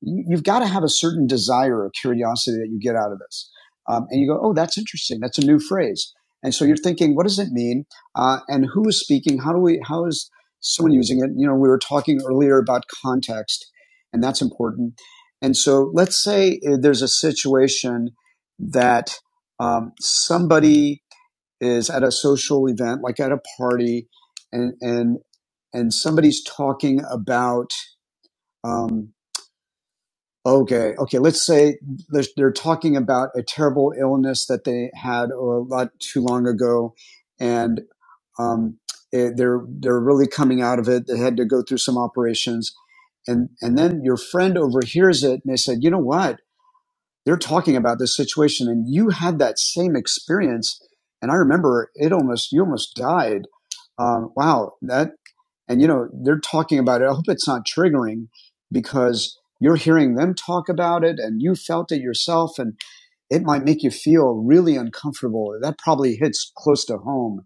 you, have got to have a certain desire or curiosity that you get out of this. Um, and you go, oh, that's interesting. That's a new phrase. And so you're thinking, what does it mean? Uh, and who is speaking? How do we? How is someone using it? You know, we were talking earlier about context, and that's important. And so let's say uh, there's a situation that um, somebody is at a social event, like at a party, and and and somebody's talking about um, Okay, okay. Let's say they're, they're talking about a terrible illness that they had a lot too long ago, and um, eh, they're they're really coming out of it. They had to go through some operations, and and then your friend overhears it, and they said, "You know what? They're talking about this situation, and you had that same experience." And I remember it almost you almost died. Um, wow, that and you know, they're talking about it. I hope it's not triggering because you're hearing them talk about it and you felt it yourself and it might make you feel really uncomfortable. That probably hits close to home,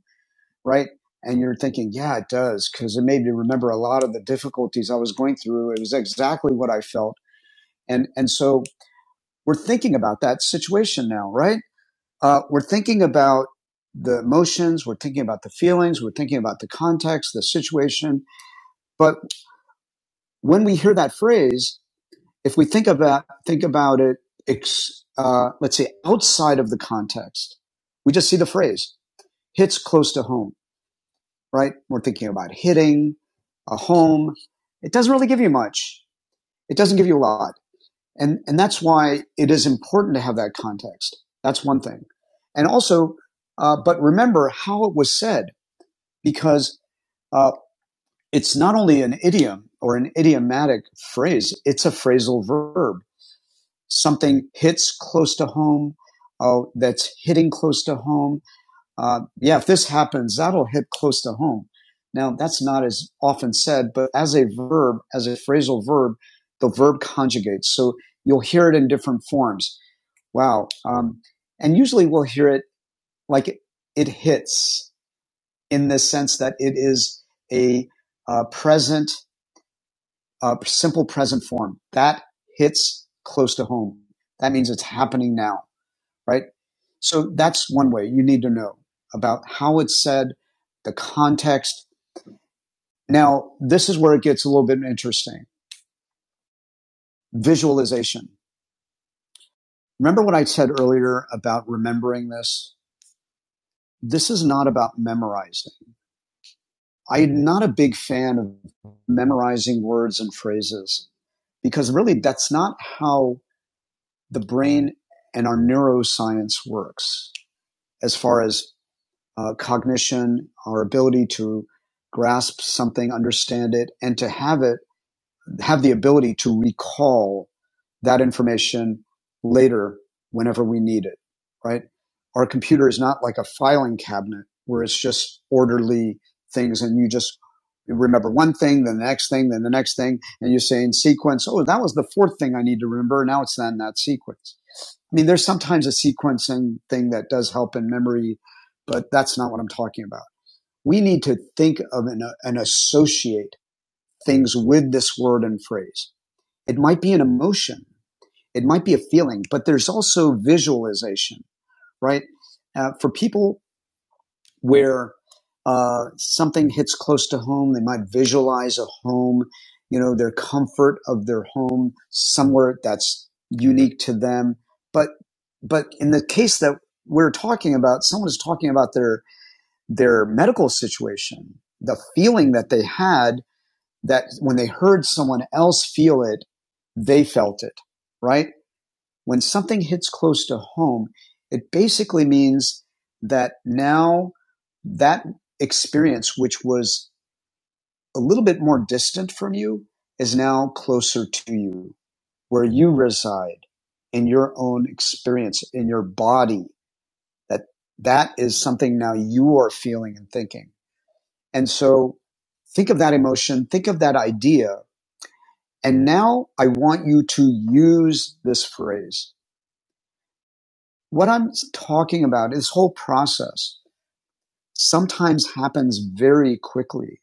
right? And you're thinking, yeah, it does, because it made me remember a lot of the difficulties I was going through. It was exactly what I felt. And, and so we're thinking about that situation now, right? Uh, we're thinking about the emotions, we're thinking about the feelings, we're thinking about the context, the situation, but when we hear that phrase, if we think about think about it, ex, uh, let's say outside of the context, we just see the phrase hits close to home, right? We're thinking about hitting a home. It doesn't really give you much. It doesn't give you a lot, and and that's why it is important to have that context. That's one thing, and also, uh, but remember how it was said because uh, it's not only an idiom or an idiomatic phrase; it's a phrasal verb something hits close to home, uh, that's hitting close to home. Uh, yeah, if this happens, that'll hit close to home. Now, that's not as often said, but as a verb, as a phrasal verb, the verb conjugates. So you'll hear it in different forms. Wow. Um, and usually we'll hear it like it, it hits in the sense that it is a uh, present, uh, simple present form. That hits close to home. That means it's happening now right? So that's one way you need to know about how it's said, the context. Now, this is where it gets a little bit interesting. Visualization. Remember what I said earlier about remembering this? This is not about memorizing. I'm not a big fan of memorizing words and phrases because really that's not how the brain and our neuroscience works as far as uh, cognition, our ability to grasp something, understand it, and to have it have the ability to recall that information later whenever we need it, right? Our computer is not like a filing cabinet where it's just orderly things and you just remember one thing, then the next thing, then the next thing, and you say in sequence, oh, that was the fourth thing I need to remember. Now it's not in that sequence. I mean, there's sometimes a sequencing thing that does help in memory, but that's not what I'm talking about. We need to think of and, uh, and associate things with this word and phrase. It might be an emotion. It might be a feeling, but there's also visualization, right? Uh, for people where uh, something hits close to home, they might visualize a home, you know, their comfort of their home somewhere that's unique to them. But, but in the case that we're talking about, someone's talking about their, their medical situation, the feeling that they had that when they heard someone else feel it, they felt it, right? when something hits close to home, it basically means that now that experience, which was a little bit more distant from you, is now closer to you, where you reside in your own experience, in your body. That that is something now you are feeling and thinking. And so think of that emotion, think of that idea. And now I want you to use this phrase. what I'm talking about, this whole process, sometimes happens very quickly.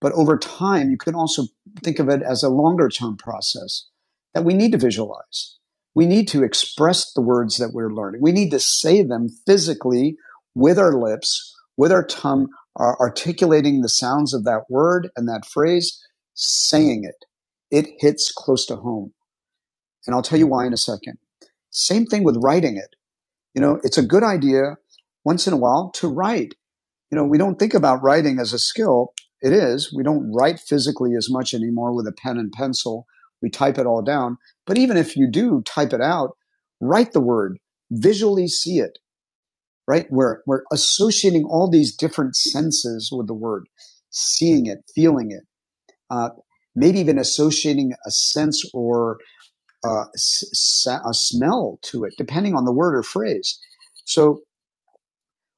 But over time, you can also think of it as a longer term process that we need to visualize. We need to express the words that we're learning. We need to say them physically with our lips, with our tongue, articulating the sounds of that word and that phrase, saying it. It hits close to home. And I'll tell you why in a second. Same thing with writing it. You know, it's a good idea once in a while to write. You know, we don't think about writing as a skill. It is. We don't write physically as much anymore with a pen and pencil. We type it all down. But even if you do type it out, write the word, visually see it, right? We're, we're associating all these different senses with the word, seeing it, feeling it, uh, maybe even associating a sense or uh, s- s- a smell to it, depending on the word or phrase. So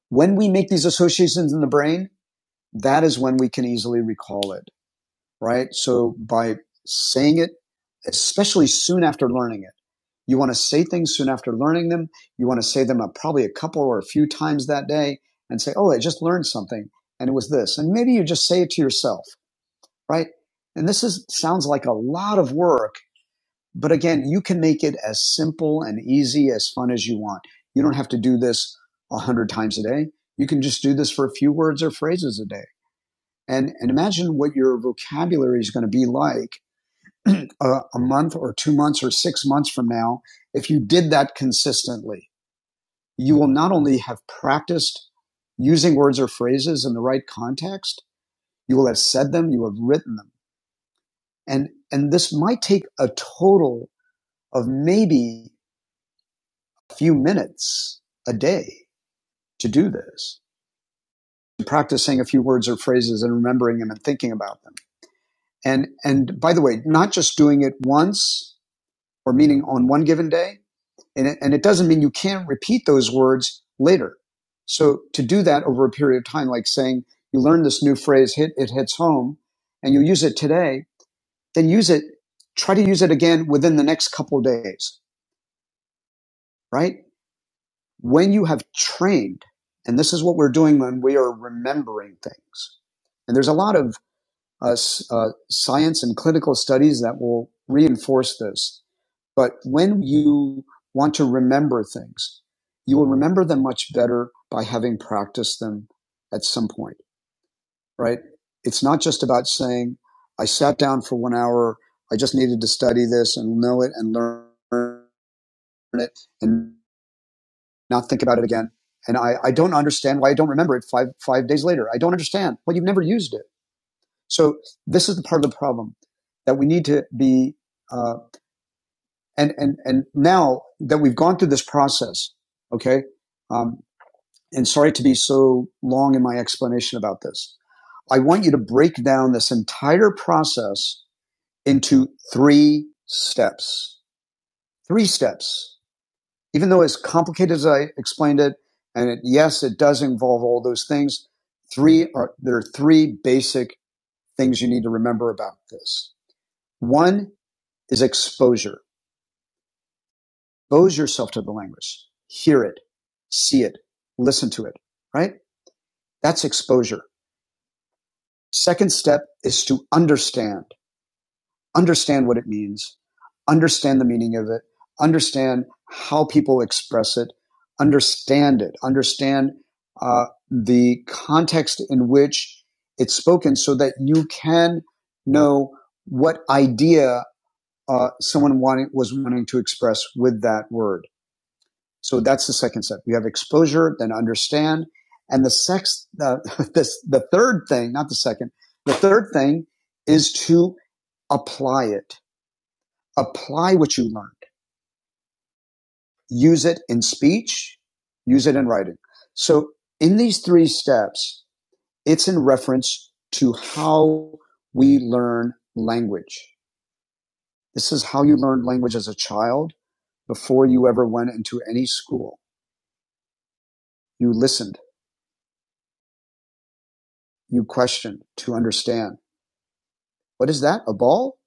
when we make these associations in the brain, that is when we can easily recall it, right? So by saying it, especially soon after learning it, you want to say things soon after learning them. You want to say them uh, probably a couple or a few times that day and say, Oh, I just learned something and it was this. And maybe you just say it to yourself, right? And this is, sounds like a lot of work but again, you can make it as simple and easy, as fun as you want. You don't have to do this a hundred times a day. You can just do this for a few words or phrases a day. And, and imagine what your vocabulary is going to be like <clears throat> a, a month or two months or six months from now if you did that consistently. You will not only have practiced using words or phrases in the right context, you will have said them, you have written them. And, and this might take a total of maybe few minutes a day to do this, practicing a few words or phrases and remembering them and thinking about them. And, and by the way, not just doing it once or meaning on one given day. And it, and it doesn't mean you can't repeat those words later. So to do that over a period of time, like saying you learn this new phrase, hit, it hits home and you use it today, then use it, try to use it again within the next couple of days, right? when you have trained, and this is what we're doing when we are remembering things, and there's a lot of uh, uh, science and clinical studies that will reinforce this. But when you want to remember things, you will remember them much better by having practiced them at some point, right? It's not just about saying, I sat down for one hour, I just needed to study this and know it and learn it and not think about it again. And I, I don't understand why I don't remember it five, five days later. I don't understand. Well, you've never used it. So this is the part of the problem that we need to be, uh, and, and, and now that we've gone through this process, okay, um, and sorry to be so long in my explanation about this. I want you to break down this entire process into three steps. Three steps. even though as complicated as I explained it, and it, yes, it does involve all those things. Three are there are three basic things you need to remember about this. One is exposure. Expose yourself to the language. Hear it, see it, listen to it, right? That's exposure. Second step is to understand. understand what it means, understand the meaning of it, understand how people express it, understand it, understand uh, the context in which it's spoken so that you can know what idea uh, someone wanting, was wanting to express with that word. So that's the second step. You have exposure, then understand. And the sex, uh, <laughs> this, the third thing, not the second, the third thing is to apply it apply what you learned. Use it in speech, use it in writing. So in these three steps, it's in reference to how we learn language. This is how you learned language as a child before you ever went into any school. You listened, you questioned to understand. What is that? A ball?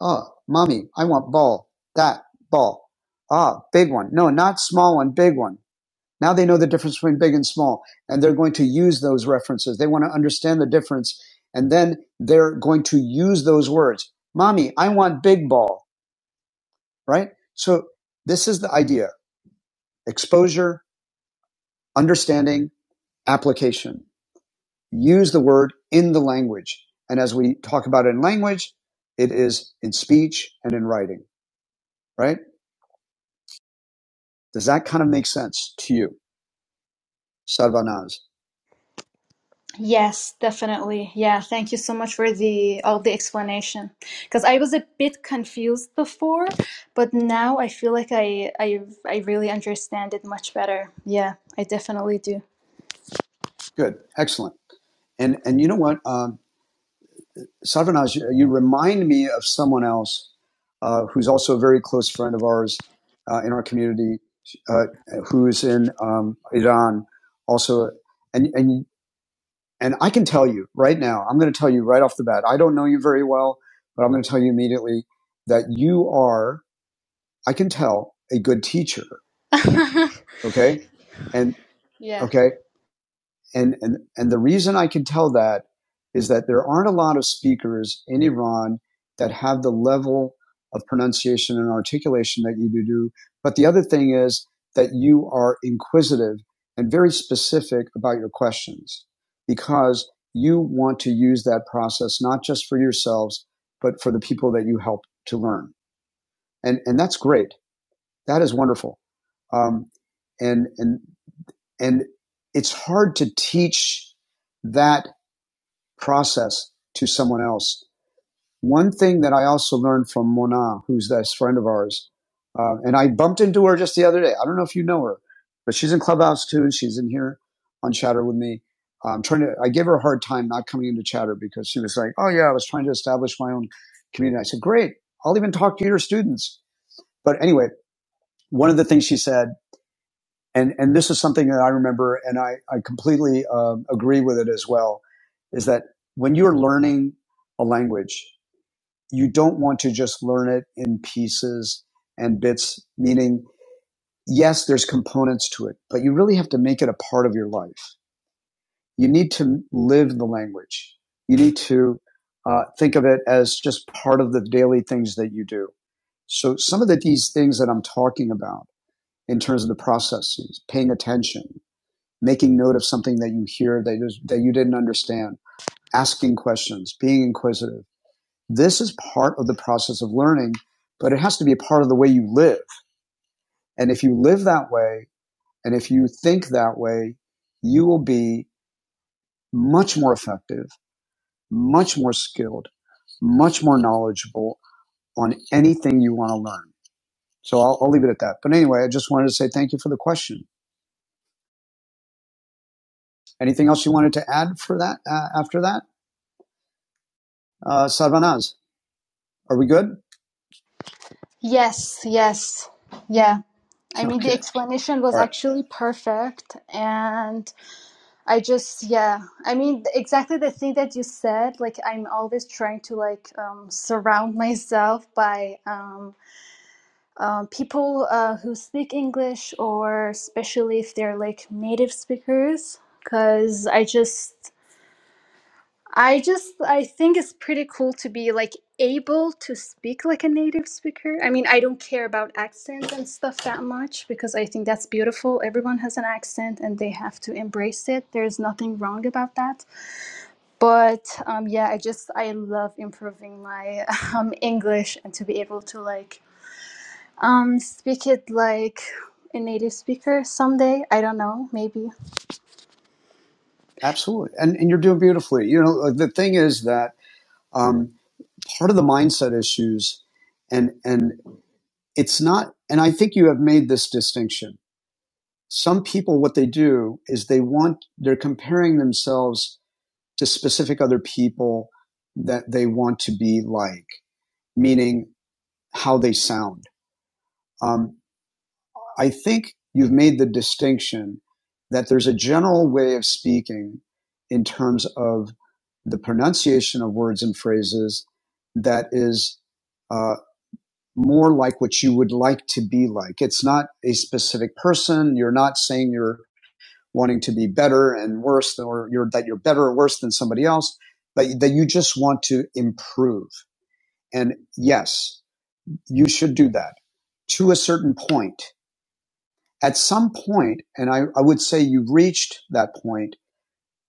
Ah, oh, mommy, I want ball. That ball. Ah, big one. No, not small one, big one. Now they know the difference between big and small, and they're going to use those references. They want to understand the difference, and then they're going to use those words. Mommy, I want big ball, right? So this is the idea exposure, understanding, application. Use the word in the language. And as we talk about it in language, it is in speech and in writing, right? Does that kind of make sense to you? Sarvanaz. Yes, definitely. Yeah, thank you so much for the all the explanation. Because I was a bit confused before, but now I feel like I I I really understand it much better. Yeah, I definitely do. Good. Excellent. And, and you know what? Um, Sarvanaj, you remind me of someone else uh, who's also a very close friend of ours uh, in our community, uh, who's in um, Iran, also, and and and I can tell you right now, I'm going to tell you right off the bat. I don't know you very well, but I'm going to tell you immediately that you are, I can tell, a good teacher. <laughs> Okay, and Yeah. okay, And, and, and the reason I can tell that is that there aren't a lot of speakers in Iran that have the level of pronunciation and articulation that you do But the other thing is that you are inquisitive and very specific about your questions because you want to use that process not just for yourselves, but for the people that you help to learn. And, and that's great. That is wonderful. Um, and, and and it's hard to teach that process to someone else. One thing that I also learned from Mona, who's this friend of ours, uh, and I bumped into her just the other day. I don't know if you know her, but she's in Clubhouse too, and she's in here on Chatter with me. I'm trying to. I gave her a hard time not coming into Chatter because she was like, "Oh yeah, I was trying to establish my own community." I said, "Great, I'll even talk to your students." But anyway, one of the things she said and and this is something that I remember, and I I completely uh, agree with it as well. Is that when you're learning a language, you don't want to just learn it in pieces and bits. Meaning, yes, there's components to it, but you really have to make it a part of your life. You need to live the language. You need to uh, think of it as just part of the daily things that you do. So some of the, these things that I'm talking about in terms of the processes, paying attention, making note of something that you hear that, is, that you didn't understand, asking questions, being inquisitive. This is part of the process of learning, but it has to be a part of the way you live. And if you live that way, and if you think that way, you will be much more effective, much more skilled, much more knowledgeable on anything you want to learn. So I'll, I'll leave it at that. But anyway, I just wanted to say thank you for the question. Anything else you wanted to add for that uh, after that? Uh, Sarvanaz, are we good? <laughs> Yes, yes. Yeah. I mean, the Okay. explanation was All right. actually perfect. And I just, yeah. I mean, exactly the thing that you said, like, I'm always trying to, like, um, surround myself by, um, um, people uh, who speak English or especially if they're like native speakers because I just I just I think it's pretty cool to be like able to speak like a native speaker. I mean, I don't care about accents and stuff that much because I think that's beautiful. Everyone has an accent and they have to embrace it. There's nothing wrong about that. But um, yeah, I just I love improving my <laughs> um, English and to be able to like um, speak it like a native speaker someday. I don't know, maybe. Absolutely. And, and you're doing beautifully. You know, like, the thing is that um, part of the mindset issues, and, and it's not, and I think you have made this distinction. Some people, what they do is they want, they're comparing themselves to specific other people that they want to be like, meaning how they sound. Um, I think you've made the distinction that there's a general way of speaking in terms of the pronunciation of words and phrases that is uh, more like what you would like to be like. It's not a specific person. You're not saying you're wanting to be better and worse, than, or you're, that you're better or worse than somebody else, but that you just want to improve. And yes, you should do that to a certain point at some point, and I, I would say you've reached that point,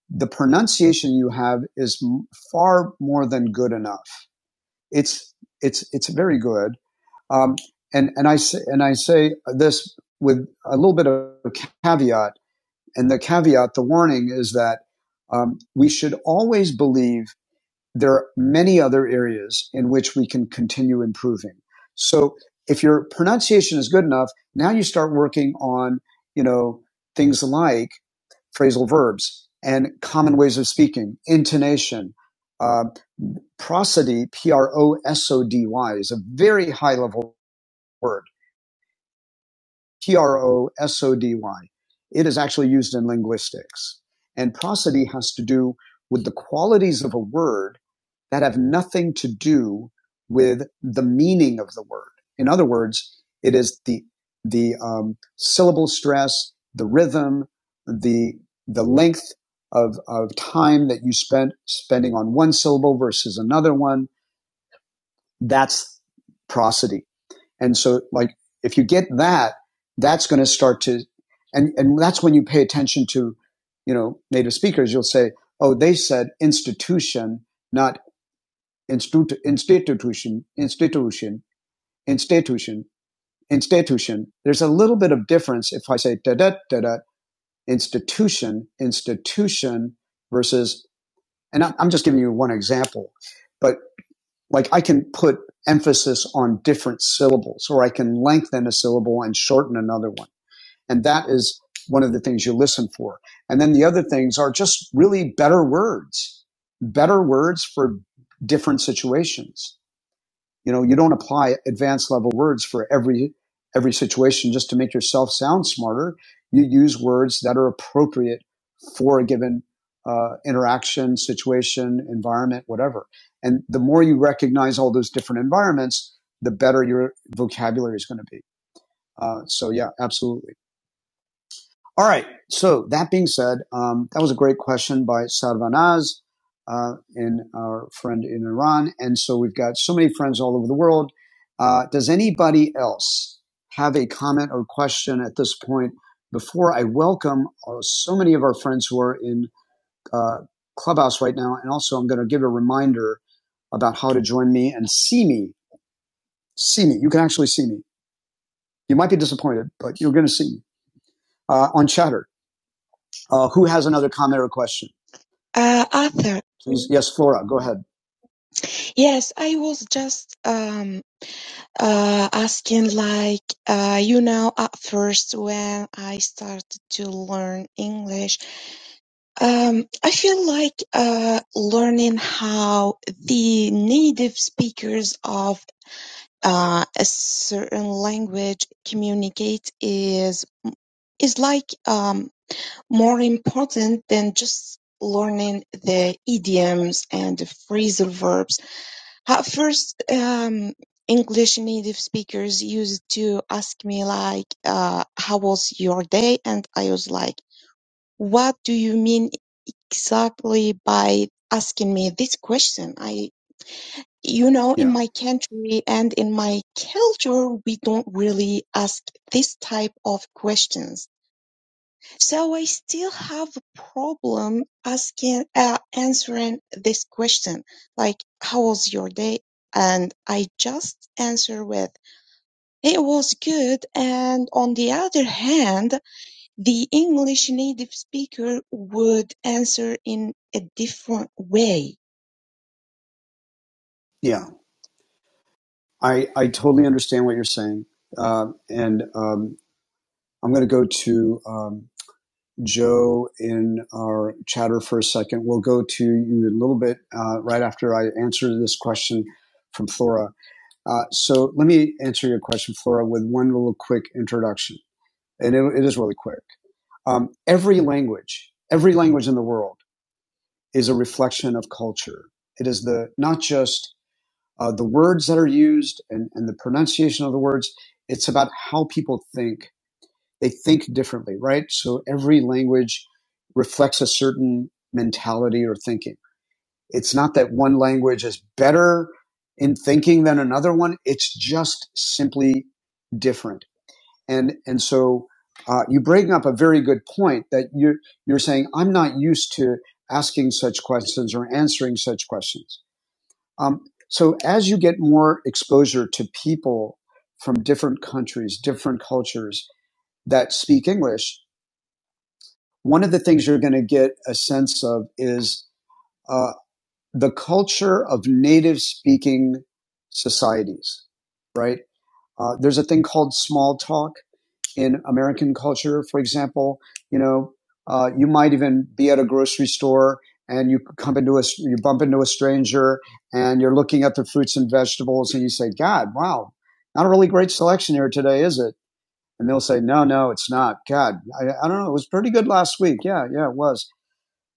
the pronunciation you have is far more than good enough. It's it's it's very good. Um, and and I say, and I say this with a little bit of a caveat. And the caveat, the warning is that um, we should always believe there are many other areas in which we can continue improving. So if your pronunciation is good enough, now you start working on, you know, things like phrasal verbs and common ways of speaking, intonation, uh, prosody, P R O S O D Y is a very high level word T-R-O-S-O-D-Y. It is actually used in linguistics. And prosody has to do with the qualities of a word that have nothing to do with the meaning of the word. In other words, it is the the um, syllable stress, the rhythm, the the length of of time that you spent spending on one syllable versus another one. That's prosody. And so like if you get that, that's going to start to, and, and that's when you pay attention to, you know, native speakers, you'll say, oh, they said institution, not institu- institution, institution, institution, institution. There's a little bit of difference if I say da da da da institution, institution versus, and I- I'm just giving you one example, but like I can put emphasis on different syllables or I can lengthen a syllable and shorten another one. And that is one of the things you listen for. And then the other things are just really better words, better words for different situations. You know, you don't apply advanced level words for every every situation just to make yourself sound smarter. You use words that are appropriate for a given uh, interaction, situation, environment, whatever. And the more you recognize all those different environments, the better your vocabulary is going to be. Uh, so yeah, absolutely. All right. So that being said, um, that was a great question by Sarvanaz uh, in our friend in Iran, and so we've got so many friends all over the world. Uh, does anybody else have a comment or question at this point? Before I welcome uh, so many of our friends who are in uh, Clubhouse right now, and also I'm going to give a reminder about how to join me and see me. See me. You can actually see me. You might be disappointed, but you're going to see me uh, on Chatter. Uh, who has another comment or question? Uh, Arthur, Please, yes, Flora, go ahead. yes, I was just um uh asking like uh you know at first when I started to learn English, um I feel like uh learning how the native speakers of uh, a certain language communicate is is like um more important than just learning the idioms and the phrasal verbs. At first, um, English native speakers used to ask me like, uh, how was your day? And I was like, what do you mean exactly by asking me this question? I, you know, in Yeah, my country and in my culture, we don't really ask this type of questions so I still have a problem asking, uh, answering this question, like, how was your day? And I just answer with, it was good. And on the other hand, the English native speaker would answer in a different way. yeah. I, I totally understand what you're saying. Um and um, I'm going to go to um, Joe in our chatter for a second. We'll go to you in a little bit uh, right after I answer this question from Flora. Uh, so let me answer your question, Flora, with one little quick introduction. And it, it is really quick. Um, every language, every language in the world is a reflection of culture. It is the not just uh, the words that are used and, and the pronunciation of the words. It's about how people think. They think differently, right? So every language reflects a certain mentality or thinking. It's not that one language is better in thinking than another one. It's just simply different. And, and so, uh, you bring up a very good point that you're, you're saying, I'm not used to asking such questions or answering such questions um, so as you get more exposure to people from different countries, different cultures that speak English, one of the things you're going to get a sense of is uh, the culture of native speaking societies, right? Uh, there's a thing called small talk in American culture, for example, you know, uh, you might even be at a grocery store and you come into a, you bump into a stranger and you're looking at the fruits and vegetables and you say, God, wow, not a really great selection here today, is it? And they'll say, no, no, it's not. God, I, I don't know. It was pretty good last week. Yeah, yeah, it was.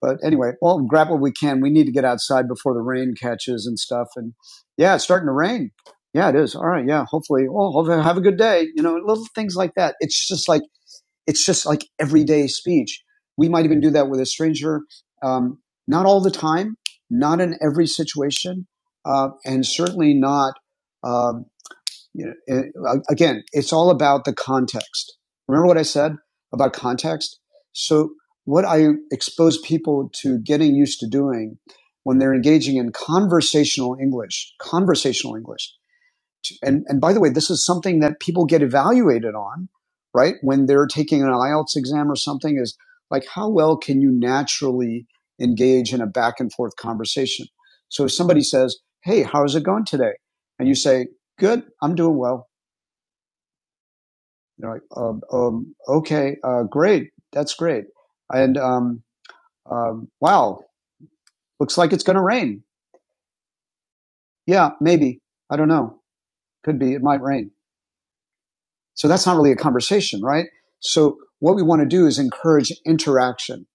But anyway, well, grab what we can. We need to get outside before the rain catches and stuff. And yeah, it's starting to rain. Yeah, it is. All right. Yeah. Hopefully, well, have a good day. You know, little things like that. It's just like it's just like everyday speech. We might even do that with a stranger. Um, not all the time, not in every situation, uh, and certainly not. Um, you know, uh, again, it's all about the context. Remember what I said about context. So what I expose people to getting used to doing when they're engaging in conversational English, conversational English, and and by the way, this is something that people get evaluated on, right? When they're taking an IELTS exam or something, is like how well can you naturally engage in a back and forth conversation? So if somebody says, "Hey, how's it going today?" and you say, "Good, I'm doing well," they're like, um, um, "Okay, uh, great, that's great," and um, um, "Wow, looks like it's going to rain." Yeah, maybe. I don't know. Could be. It might rain. So that's not really a conversation, right? So what we want to do is encourage interaction.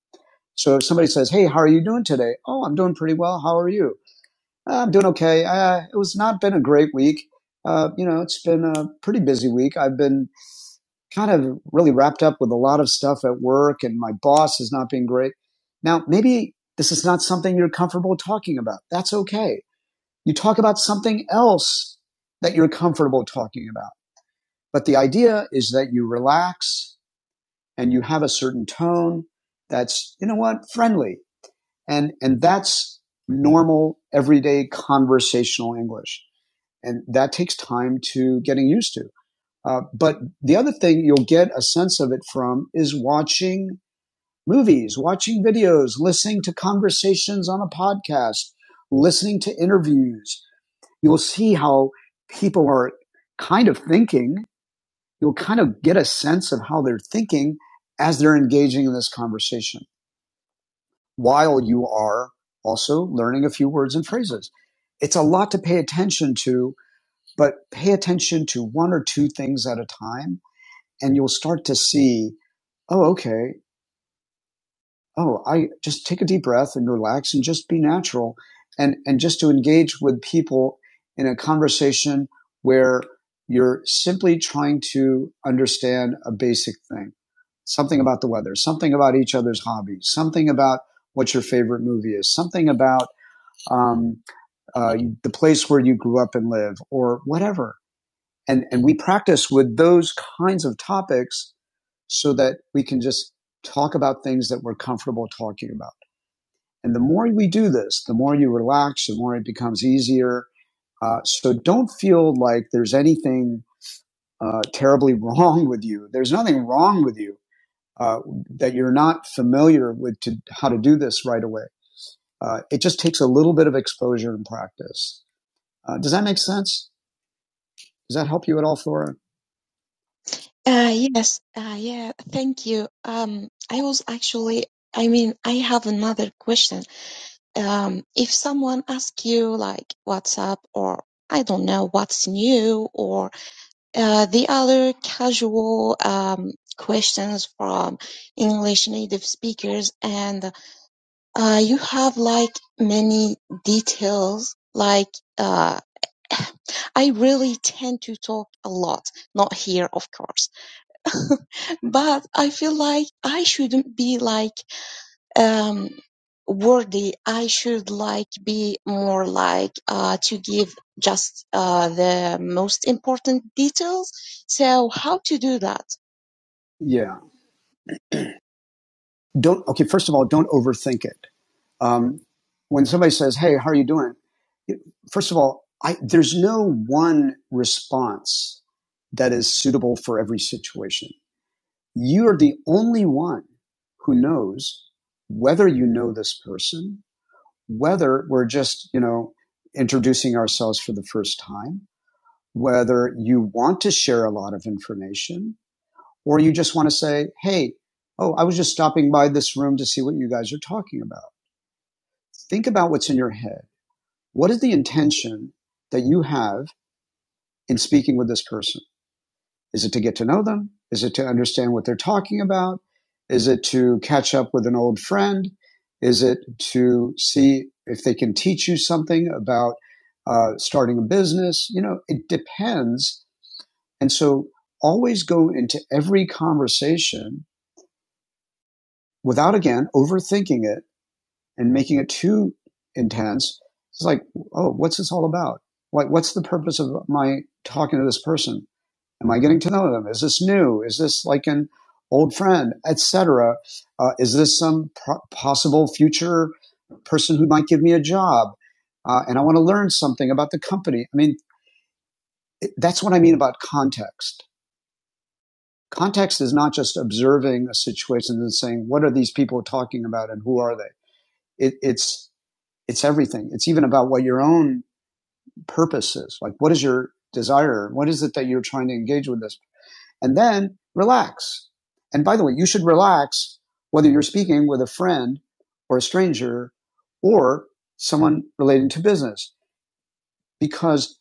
So if somebody says, Hey, how are you doing today? Oh, I'm doing pretty well. How are you? "Ah, I'm doing okay. Uh, it was not been a great week. Uh, you know, it's been a pretty busy week. I've been kind of really wrapped up with a lot of stuff at work and my boss is not being great. Now, maybe this is not something you're comfortable talking about. That's okay. You talk about something else that you're comfortable talking about. But the idea is that you relax and you have a certain tone that's, you know what, friendly. And, and that's normal, everyday conversational English. And that takes time to getting used to. Uh, but the other thing you'll get a sense of it from is watching movies, watching videos, listening to conversations on a podcast, listening to interviews. You'll see how people are kind of thinking. You'll kind of get a sense of how they're thinking as they're engaging in this conversation. while you are also learning a few words and phrases. It's a lot to pay attention to, but pay attention to one or two things at a time and you'll start to see, oh, okay. Oh, I just take a deep breath and relax and just be natural and, and just to engage with people in a conversation where you're simply trying to understand a basic thing, something about the weather, something about each other's hobbies, something about what your favorite movie is, something about um, uh, the place where you grew up and live, or whatever. And and we practice with those kinds of topics so that we can just talk about things that we're comfortable talking about. And the more we do this, the more you relax, the more it becomes easier. Uh, so don't feel like there's anything uh, terribly <laughs> wrong with you. There's nothing wrong with you uh, that you're not familiar with to, how to do this right away. Uh, it just takes a little bit of exposure and practice. Uh, does that make sense? Does that help you at all, Flora? Uh, yes, uh, yeah, thank you. Um, I was actually, I mean, I have another question. um, if someone asks you like what's up or I don't know what's new or uh, the other casual um, questions from English native speakers and uh, you have like many details like uh, <laughs> I really tend to talk a lot, not here of course, <laughs> but I feel like I shouldn't be like um, worthy. I should like be more like uh, to give just uh, the most important details. So how to do that? Yeah. Don't, okay, first of all, don't overthink it. Um, when somebody says, Hey, how are you doing? First of all, I, there's no one response that is suitable for every situation. You are the only one who knows whether you know this person, whether we're just, you know, introducing ourselves for the first time, whether you want to share a lot of information, or you just want to say, Hey, oh, I was just stopping by this room to see what you guys are talking about. Think about what's in your head. What is the intention that you have in speaking with this person? Is it to get to know them? Is it to understand what they're talking about? Is it to catch up with an old friend? Is it to see if they can teach you something about uh, starting a business? You know, it depends. And so always go into every conversation without, again, overthinking it and making it too intense, it's like, oh, what's this all about? What, what's the purpose of my talking to this person? Am I getting to know them? Is this new? Is this like an old friend, etc.? Uh, is this some pro- possible future person who might give me a job? Uh, and I want to learn something about the company. I mean, it- that's what I mean about context. Context is not just observing a situation and saying, what are these people talking about and who are they? It, it's it's everything. It's even about what your own purpose is. Like, what is your desire? What is it that you're trying to engage with this? And then relax. And by the way, you should relax whether you're speaking with a friend or a stranger or someone relating to business because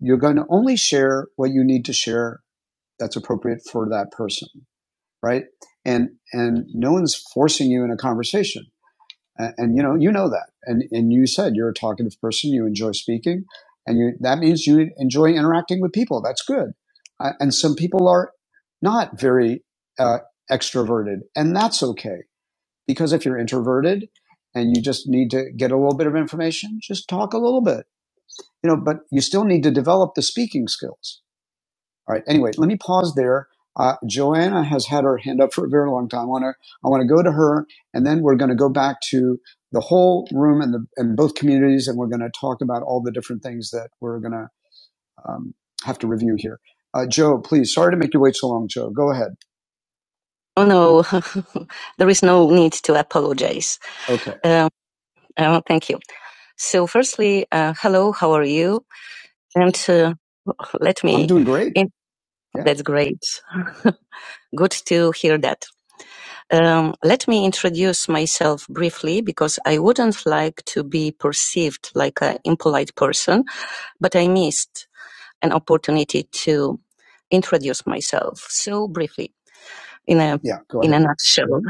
you're going to only share what you need to share that's appropriate for that person, right? And, and no one's forcing you in a conversation. And, and you know, you know that. And and you said you're a talkative person. You enjoy speaking, and you that means you enjoy interacting with people. That's good. Uh, and some people are not very uh, extroverted, and that's okay because if you're introverted and you just need to get a little bit of information, just talk a little bit. You know, but you still need to develop the speaking skills all right. Anyway, let me pause there. Uh, Joanna has had her hand up for a very long time. I want to I want to go to her, and then we're going to go back to the whole room and the and both communities, and we're going to talk about all the different things that we're going to um, have to review here. Uh, Joe, please. Sorry to make you wait so long, Joe. Go ahead. Oh no, <laughs> there is no need to apologize. Okay. Um, uh, thank you. So, firstly, uh, hello, how are you? And uh, let me... I'm doing great. In- Yeah. that's great. <laughs> Good to hear that. Um, let me introduce myself briefly because I wouldn't like to be perceived like an impolite person, but I missed an opportunity to introduce myself so briefly in a Yeah, in a nutshell.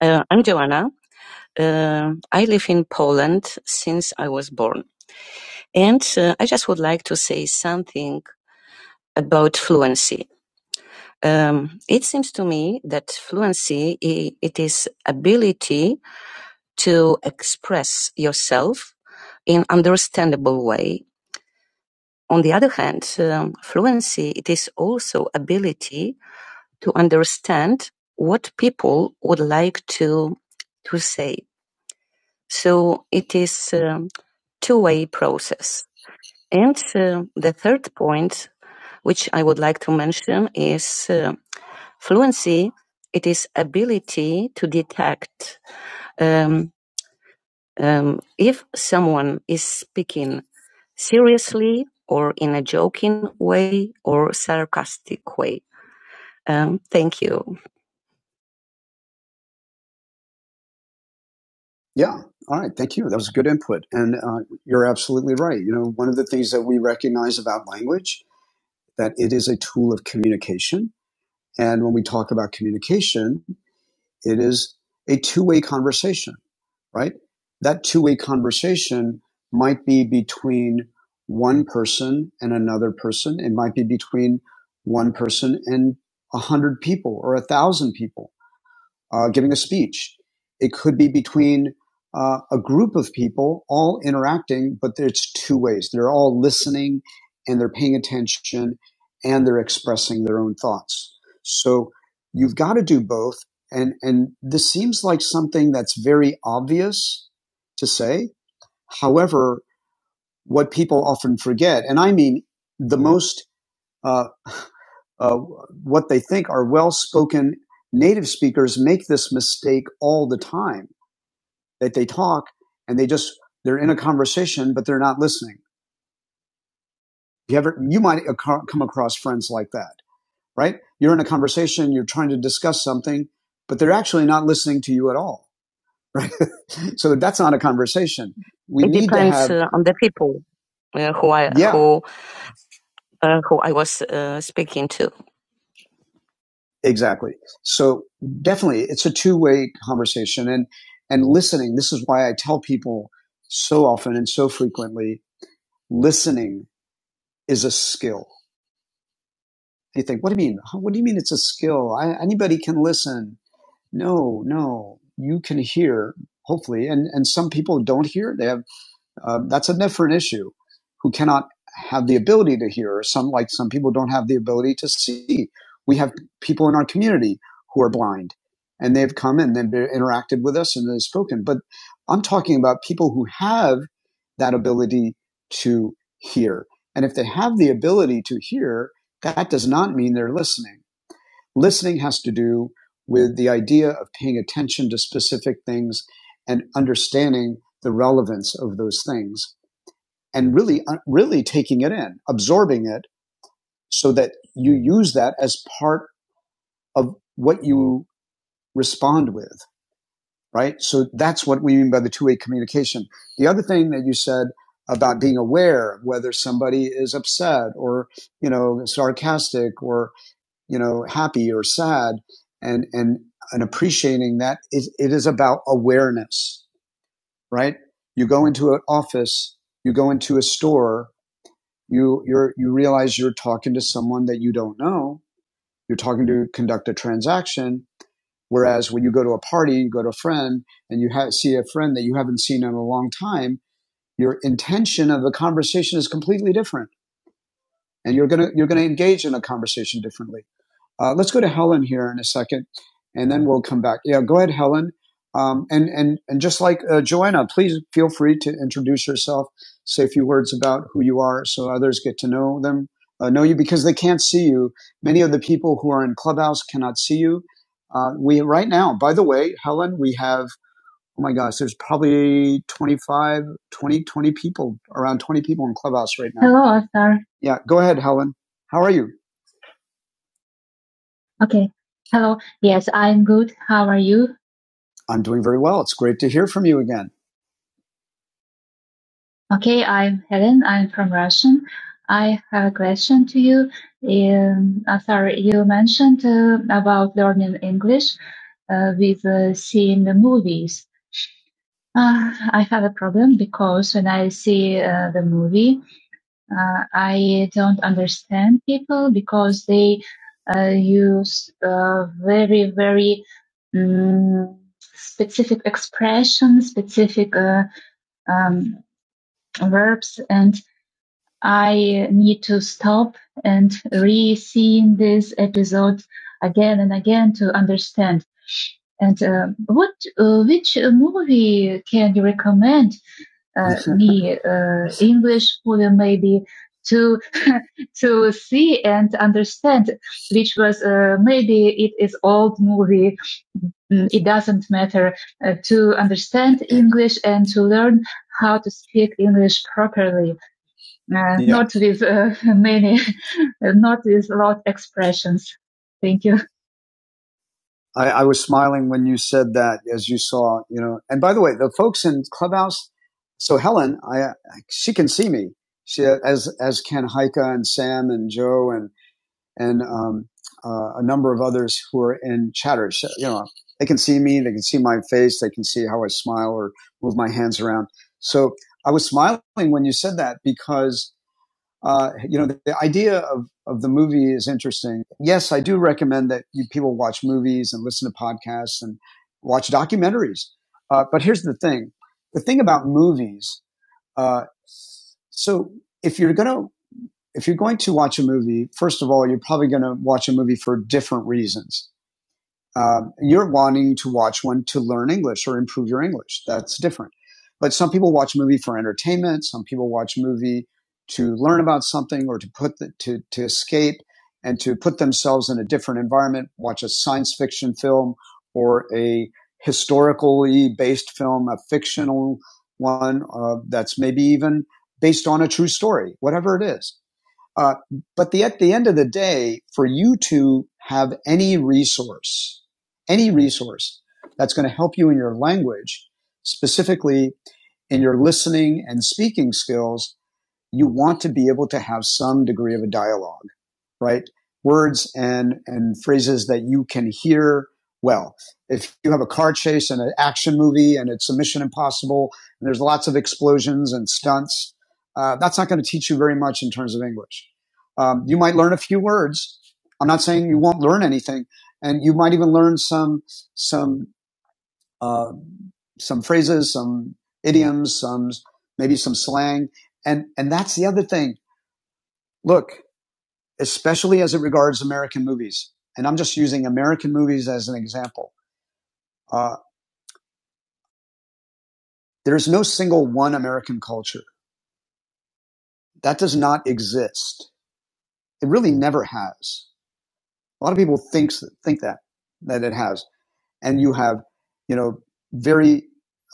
Uh, I'm Joanna. Uh, I live in Poland since I was born, and uh, I just would like to say something about fluency. Um, it seems to me that fluency it is ability to express yourself in understandable way. On the other hand, um, fluency, it is also ability to understand what people would like to, to say. So it is a um, two-way process. And uh, the third point, which I would like to mention is uh, fluency. It is ability to detect um, Um, if someone is speaking seriously or in a joking way or sarcastic way. Um, thank you. Yeah. All right. Thank you. That was good input. And uh, you're absolutely right. You know, one of the things that we recognize about language that it is a tool of communication. And when we talk about communication, it is a two-way conversation. right? That two way conversation might be between one person and another person. It might be between one person and a hundred people or a thousand people uh, giving a speech. It could be between uh, a group of people all interacting, but it's two ways. They're all listening and they're paying attention and they're expressing their own thoughts. So you've got to do both. And, and this seems like something that's very obvious to say. However, what people often forget, and I mean the most uh, uh, what they think are well spoken native speakers make this mistake all the time that they talk and they just they're in a conversation but they're not listening you ever you might come across friends like that right you're in a conversation you're trying to discuss something but they're actually not listening to you at all right <laughs> so that's not a conversation we It need to depends to have uh, on the people uh, who I yeah who uh, who I was uh, speaking to. Exactly. So definitely it's a two-way conversation and and listening this is why I tell people so often and so frequently listening is a skill. You think what do you mean? Huh, What do you mean it's a skill? I, anybody can listen. No, no. You can hear hopefully and and some people don't hear. They have uh, that's a different issue, who cannot have the ability to hear. Some, like some people, don't have the ability to see. We have people in our community who are blind, and they've come and they've interacted with us and they've spoken. But I'm talking about people who have that ability to hear. And if they have the ability to hear, that does not mean they're listening. Listening has to do with the idea of paying attention to specific things and understanding the relevance of those things and really, uh, really taking it in, absorbing it so that you use that as part of what you respond with, right? So that's what we mean by the two way communication. The other thing that you said about being aware whether somebody is upset or, you know, sarcastic or, you know, happy or sad and, and, and appreciating that is, it is about awareness, right? You go into an office, you go into a store, you you're you realize you're talking to someone that you don't know you're talking to conduct a transaction whereas when you go to a party you go to a friend and you ha- see a friend that you haven't seen in a long time your intention of the conversation is completely different and you're going to you're going to engage in a conversation differently uh, let's go to Helen here in a second, and then we'll come back. Yeah, go ahead, Helen. Um, and and and just like uh, Joanna, please feel free to introduce yourself, say a few words about who you are, so others get to know them, uh, know you because they can't see you. Many of the people who are in Clubhouse cannot see you. Uh, we right now, by the way, Helen, we have oh my gosh, there's probably 25, 20 20 people around 20 people in Clubhouse right now. Hello, Arthur. Yeah, go ahead, Helen. How are you? Okay. Hello. Yes, I'm good. How are you? I'm doing very well. It's great to hear from you again. Okay, I'm Helen. I'm from Russian. I have a question to you. Um, uh, sorry, you mentioned uh, about learning English uh, with uh, seeing the movies. Uh, I have a problem because when I see uh, the movie, Uh, I don't understand people because they uh, use uh, very, very um, specific expressions, specific uh, um, verbs, and I need to stop and re-seeing this episode again and again to understand. And uh, what uh, which uh, movie can you recommend uh, <laughs> me uh, English film maybe to <laughs> to see and understand? Which was uh, maybe it is old movie. mm, It doesn't matter uh, to understand English and to learn how to speak English properly, uh, Yeah. not with uh, many, <laughs> not with a lot of expressions. Thank you. I, I was smiling when you said that, as you saw, you know. And by the way, the folks in Clubhouse. So Helen, I she can see me. She as as can Heike and Sam and Joe and and um, uh, a number of others who are in chatter. Sh- You know, they can see me, they can see my face, they can see how I smile or move my hands around. So I was smiling when you said that because uh, you know, the, the, idea of, of the movie is interesting. Yes, I do recommend that you, people watch movies and listen to podcasts and watch documentaries. Uh, but here's the thing. The thing about movies, uh, so if you're going to, if you're going to watch a movie, first of all, you're probably going to watch a movie for different reasons. Um, you're wanting to watch one to learn English or improve your English. That's different. But some people watch a movie for entertainment. Some people watch a movie to learn about something or to put the, to to escape and to put themselves in a different environment. Watch a science fiction film or a historically based film, a fictional one uh, that's maybe even based on a true story. Whatever it is, uh, but the, at the end of the day, for you to have any resource, any resource that's going to help you in your language, specifically in your listening and speaking skills, you want to be able to have some degree of a dialogue, right? Words and, and phrases that you can hear well. If you have a car chase and an action movie and it's a Mission Impossible and there's lots of explosions and stunts, uh, that's not going to teach you very much in terms of English. Um, you might learn a few words. I'm not saying you won't learn anything, and you might even learn some some uh, some phrases, some idioms, some maybe some slang, and and that's the other thing. Look, especially as it regards American movies, and I'm just using American movies as an example. Uh, there's no single one American culture that does not exist. It really never has. A lot of people thinks think that that it has. and you have you know very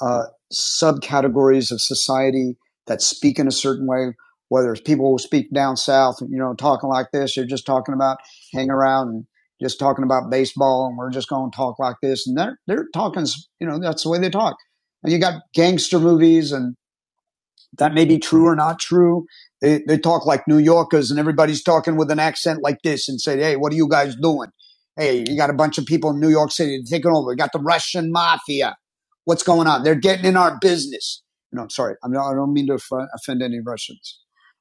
uh, subcategories of society that speak in a certain way whether it's people who speak down south you know talking like this they're just talking about hang around and just talking about baseball and we're just going to talk like this and they're they're talking you know that's the way they talk and you got gangster movies and that may be true or not true. They, they talk like New Yorkers and everybody's talking with an accent like this and say, hey, what are you guys doing? Hey, you got a bunch of people in New York City taking over. We got the Russian mafia. What's going on? They're getting in our business. No, I'm sorry. I'm not, I don't mean to offend any Russians.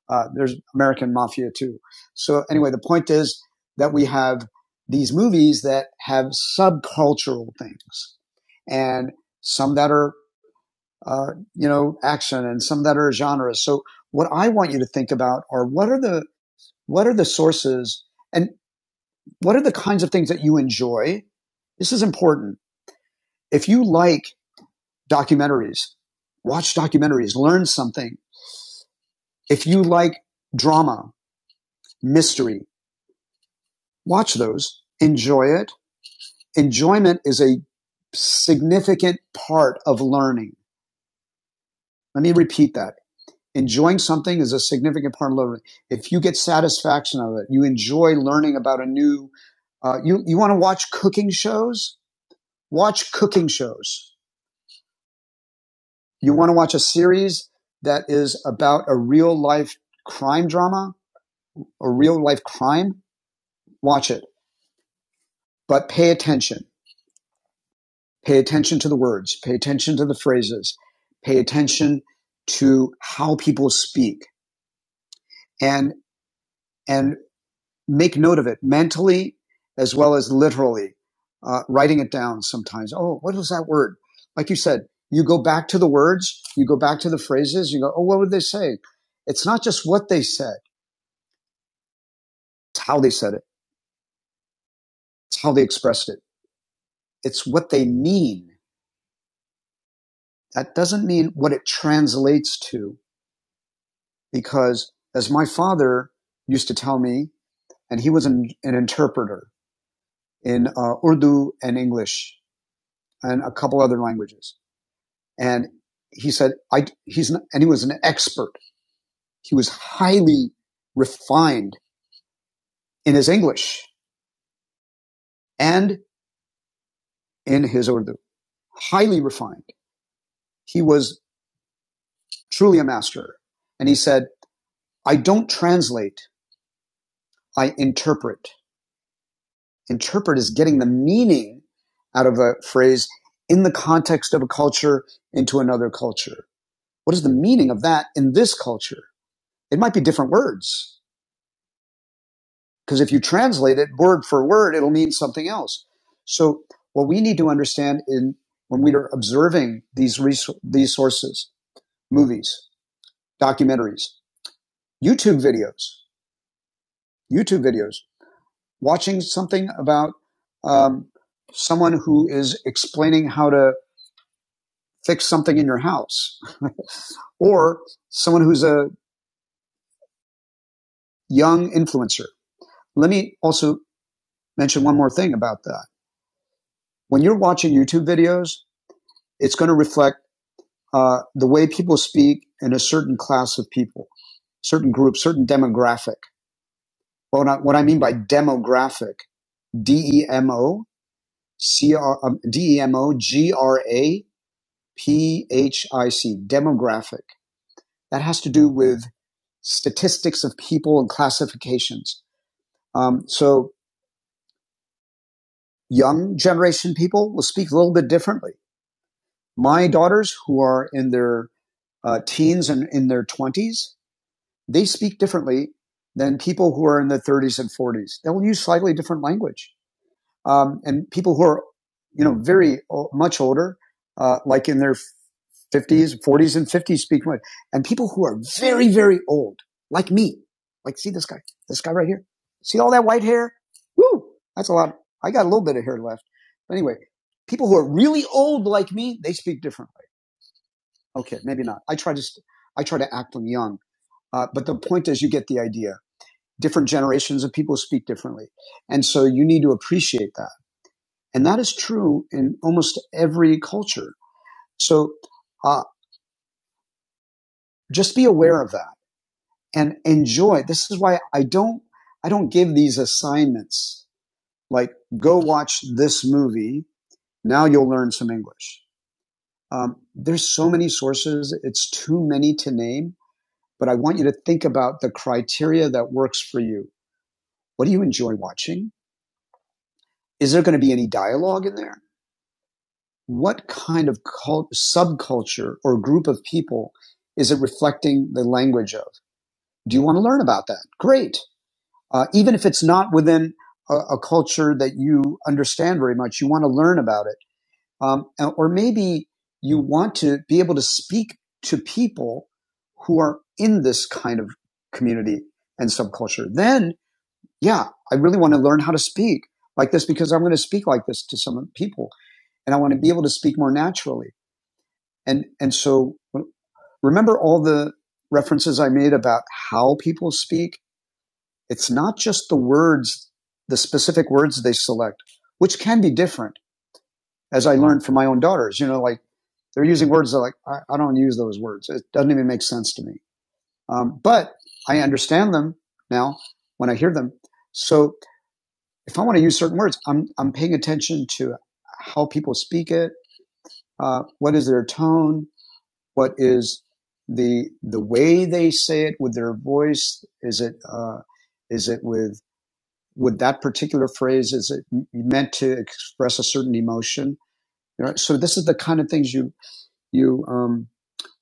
Uh, there's American mafia too. So anyway, the point is that we have these movies that have subcultural things and some that are uh, you know, action and some that are genres. So what I want you to think about are what are the what are the sources and what are the kinds of things that you enjoy? This is important. If you like documentaries, watch documentaries, learn something. If you like drama, mystery, watch those, enjoy it. Enjoyment is a significant part of learning. Let me repeat that. enjoying something is a significant part of learning. If you get satisfaction out of it, you enjoy learning about a new. Uh, you you want to watch cooking shows? Watch cooking shows. You want to watch a series that is about a real life crime drama or real life crime? Watch it, but pay attention. Pay attention to the words. Pay attention to the phrases. Pay attention to how people speak. And and make note of it mentally as well as literally, uh, writing it down sometimes. Oh, what was that word? Like you said, you go back to the words, you go back to the phrases, you go, oh, what would they say? It's not just what they said, it's how they said it, it's how they expressed it, it's what they mean. That doesn't mean what it translates to, because as my father used to tell me, and he was an, an interpreter in uh, Urdu and English and a couple other languages. And he said, I, he's, an, and he was an expert. He was highly refined in his English and in his Urdu, highly refined. He was truly a master. And he said, I don't translate. I interpret. Interpret is getting the meaning out of a phrase in the context of a culture into another culture. What is the meaning of that in this culture? It might be different words, Because if you translate it word for word, it'll mean something else. So what we need to understand in when we are observing these resou- these sources, movies, documentaries, YouTube videos, YouTube videos, watching something about um, someone who is explaining how to fix something in your house, <laughs> or someone who's a young influencer. Let me also mention one more thing about that. When you're watching YouTube videos, it's going to reflect uh, the way people speak in a certain class of people, certain group, certain demographic. Well, not, what I mean by demographic, D E M O C R um, D E M O G R A P H I C, demographic. That has to do with statistics of people and classifications. Um, so young generation people will speak a little bit differently. My daughters who are in their uh, teens and in their 20s they speak differently than people who are in their 30s and 40s. They will use slightly different language. Um, and people who are, you know, very o- much older, uh, like in their 50s, 40s, and 50s speak much. And people who are very, very old, like me, like see this guy, this guy right here. See all that white hair? Woo! That's a lot. I got a little bit of hair left. But anyway, people who are really old like me, they speak differently. Okay, maybe not. I try to, I try to act young. Uh, but the point is, you get the idea different generations of people speak differently. And so you need to appreciate that. And that is true in almost every culture. So, uh, just be aware of that and enjoy. This is why I don't, I don't give these assignments like go watch this movie. Now you'll learn some English. Um, there's so many sources. It's too many to name, but I want you to think about the criteria that works for you. What do you enjoy watching? Is there going to be any dialogue in there? what kind of cult- subculture or group of people is it reflecting the language of? Do you want to learn about that? Great. Uh, even if it's not within a, a, culture that you understand very much, you want to learn about it. Um, or maybe you want to be able to speak to people who are in this kind of community and subculture. Then, yeah, I really want to learn how to speak like this because I'm going to speak like this to some people and I want to be able to speak more naturally. And, and so remember all the references I made about how people speak? It's not just the words, the specific words they select, which can be different as I learned from my own daughters, you know, like they're using words that like, I, I don't use those words. It doesn't even make sense to me. Um, but I understand them now when I hear them. So if I want to use certain words, I'm, I'm paying attention to how people speak it. Uh, what is their tone? What is the the way they say it with their voice? Is it uh, is it with with that particular phrase? Is it meant to express a certain emotion? You know, so this is the kind of things you you um,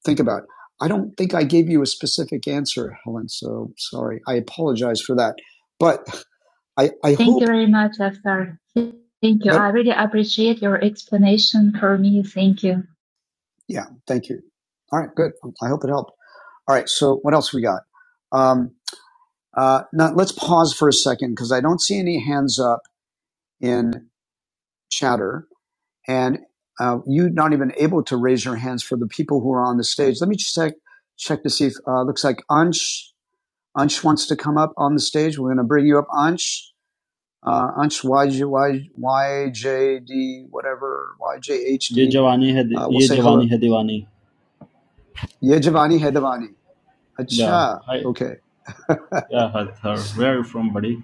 think about. I don't think I gave you a specific answer, Helen. So sorry. I apologize for that. But I, I Thank hope you very much, Aftar. Thank you. that I really appreciate your explanation for me. Thank you. yeah. Thank you. All right. Good. I hope it helped. All right. So what else we got? Um, uh, now let's pause for a second because I don't see any hands up in chatter, and uh, you're not even able to raise your hands for the people who are on the stage. Let me check check to see if uh, looks like Ansh Ansh wants to come up on the stage. We're going to bring you up, Ansh. Uh, Ansh YJ, YJD, whatever Ye YJHD. Jawani Hai Di- Uh, we'll Ye say hello. Jawani Hai Diwani. Yeah, Giovanni. Hey, Giovanni. Yeah. Acha. Hi. Okay. <laughs> Yeah, Hathar. Where are you from, buddy?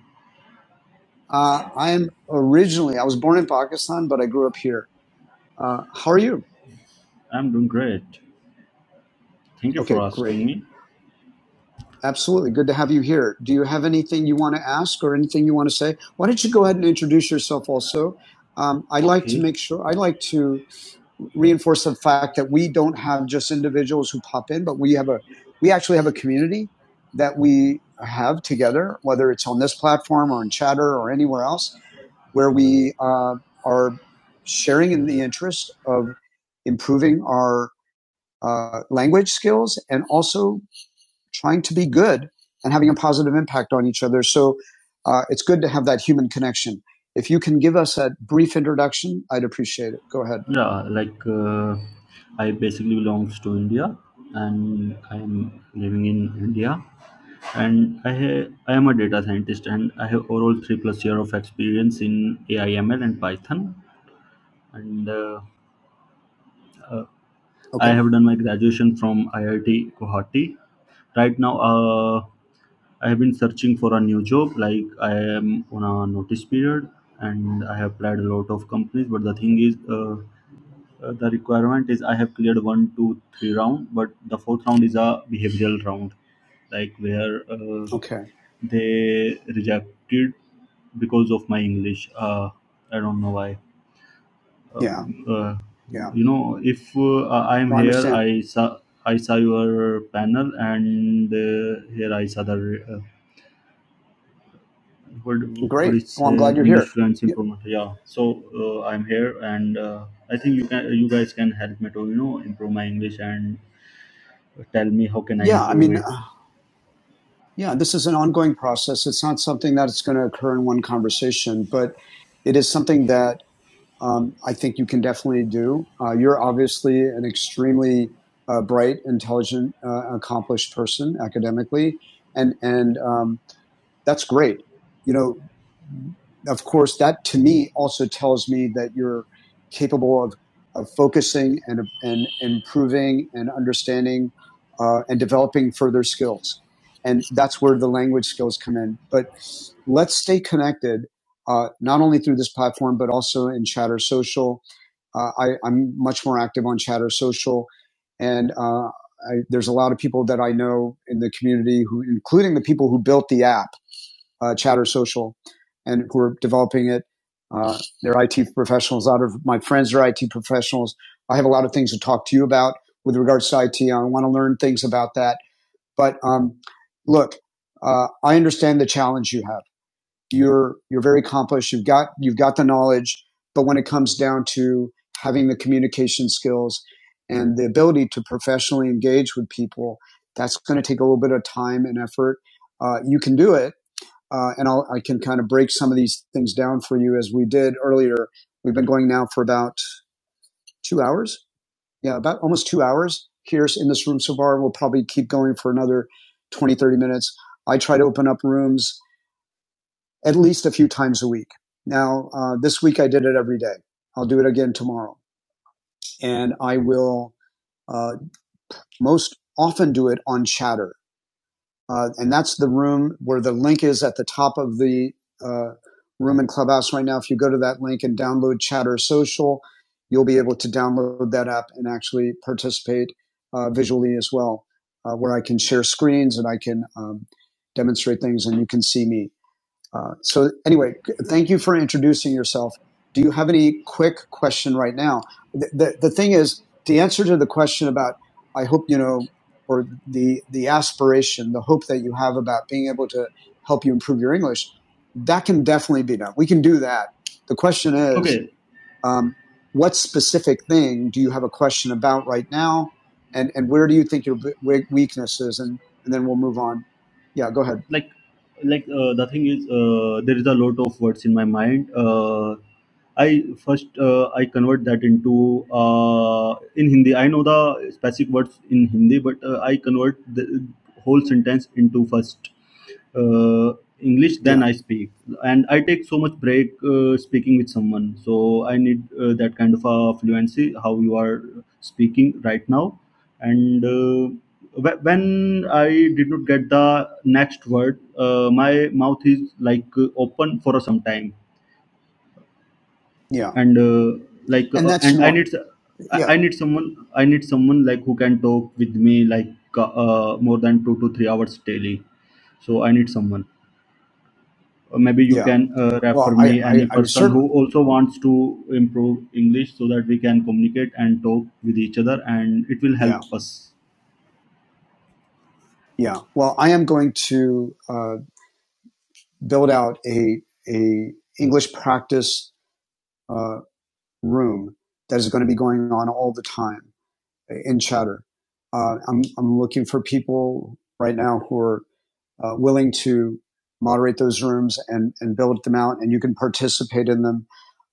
Uh, I'm originally, I was born in Pakistan, but I grew up here. Uh, how are you? I'm doing great. Thank you for Okay, asking great. me. Absolutely. Good to have you here. Do you have anything you want to ask or anything you want to say? Why don't you go ahead and introduce yourself also? Um, I'd like to Okay. make sure, I'd like to reinforce the fact that we don't have just individuals who pop in, but we have a we actually have a community that we have together, whether it's on this platform or in Chatter or anywhere else, where we uh, are sharing in the interest of improving our uh, language skills and also trying to be good and having a positive impact on each other. So uh, it's good to have that human connection. If you can give us a brief introduction, I'd appreciate it. Go ahead. Yeah, like uh, I basically belongs to India and I am living in India and I ha- I am a data scientist and I have overall 3 plus year of experience in AI ML and Python and uh, uh, I Okay. have done my graduation from IIT Guwahati right now uh, I have been searching for a new job, like I am on a notice period, and I have applied a lot of companies. But the thing is, uh, uh, the requirement is I have cleared one, two, three round, but the fourth round is a behavioral round, like where uh, Okay. they rejected because of my English. Uh, I don't know why. Uh, Yeah, uh, yeah. you know, if uh, I am No, I here, understand. I saw I saw your panel, and uh, here I saw the. Uh, what what Great. is Well, uh, I'm glad you're English here. fluency Y- improvement? Yeah, so uh, I'm here, and uh, I think you can you guys can help me to you know improve my English and tell me how can I Yeah, I improve mean, it. uh, yeah, this is an ongoing process. It's not something that's going to occur in one conversation, but it is something that um, I think you can definitely do. Uh, you're obviously an extremely uh, bright, intelligent, uh, accomplished person academically, and and um, that's great. You know, of course, that to me also tells me that you're capable of, of focusing and, and improving and understanding uh, and developing further skills. And that's where the language skills come in. But let's stay connected, uh, not only through this platform, but also in Chatter Social. Uh, I, I'm much more active on Chatter Social, and uh, I, there's a lot of people that I know in the community who, including the people who built the app uh, Chatter Social and who are developing it. Uh, they're IT professionals. A lot of my friends are IT professionals. I have a lot of things to talk to you about with regards to IT. I want to learn things about that. But um, look, uh, I understand the challenge you have. You're you're very accomplished. You've got you've got the knowledge, but when it comes down to having the communication skills and the ability to professionally engage with people, that's going to take a little bit of time and effort. Uh, you can do it, uh, and I'll, I can kind of break some of these things down for you as we did earlier. We've been going now for about two hours. Yeah, about almost two hours here in this room so far. We'll probably keep going for another 20, 30 minutes. I try to open up rooms at least a few times a week. Now, uh, this week I did it every day. I'll do it again tomorrow. And I will uh, most often do it on chatter. Uh, and that's the room where the link is at the top of the uh, room in Clubhouse right now. If you go to that link and download Chatter Social, you'll be able to download that app and actually participate uh, visually as well, uh, where I can share screens and I can um, demonstrate things and you can see me. Uh, so anyway, thank you for introducing yourself. Do you have any quick question right now? The, the, the thing is, the answer to the question about, I hope you know, or the the aspiration, the hope that you have about being able to help you improve your English, that can definitely be done. We can do that. The question is, Okay, um, what specific thing do you have a question about right now, and and where do you think your we- weakness is, and, and then we'll move on. Yeah, go ahead. like like uh, the thing is uh, there is a lot of words in my mind uh, i first uh, i convert that into uh, in hindi i know the specific words in hindi but uh, i convert the whole sentence into first uh, english then Yeah, i speak and i take so much break uh, speaking with someone so i need uh, that kind of a fluency how you are speaking right now and uh, wh- when i did not get the next word uh, my mouth is like uh, open for some time yeah, and uh, like and uh, that's and i normal need s- I Yeah, I need someone i need someone like who can talk with me like uh, uh, more than 2 to 3 hours daily so i need someone Uh, maybe you yeah. can uh, refer Well, me I, any I, I person who certainly, also wants to improve english so that we can communicate and talk with each other and it will yeah, help us yeah. Well, I am going to uh, build out a a English practice uh, room that is going to be going on all the time in Chatter. Uh, I'm I'm looking for people right now who are uh, willing to moderate those rooms and, and build them out, and you can participate in them.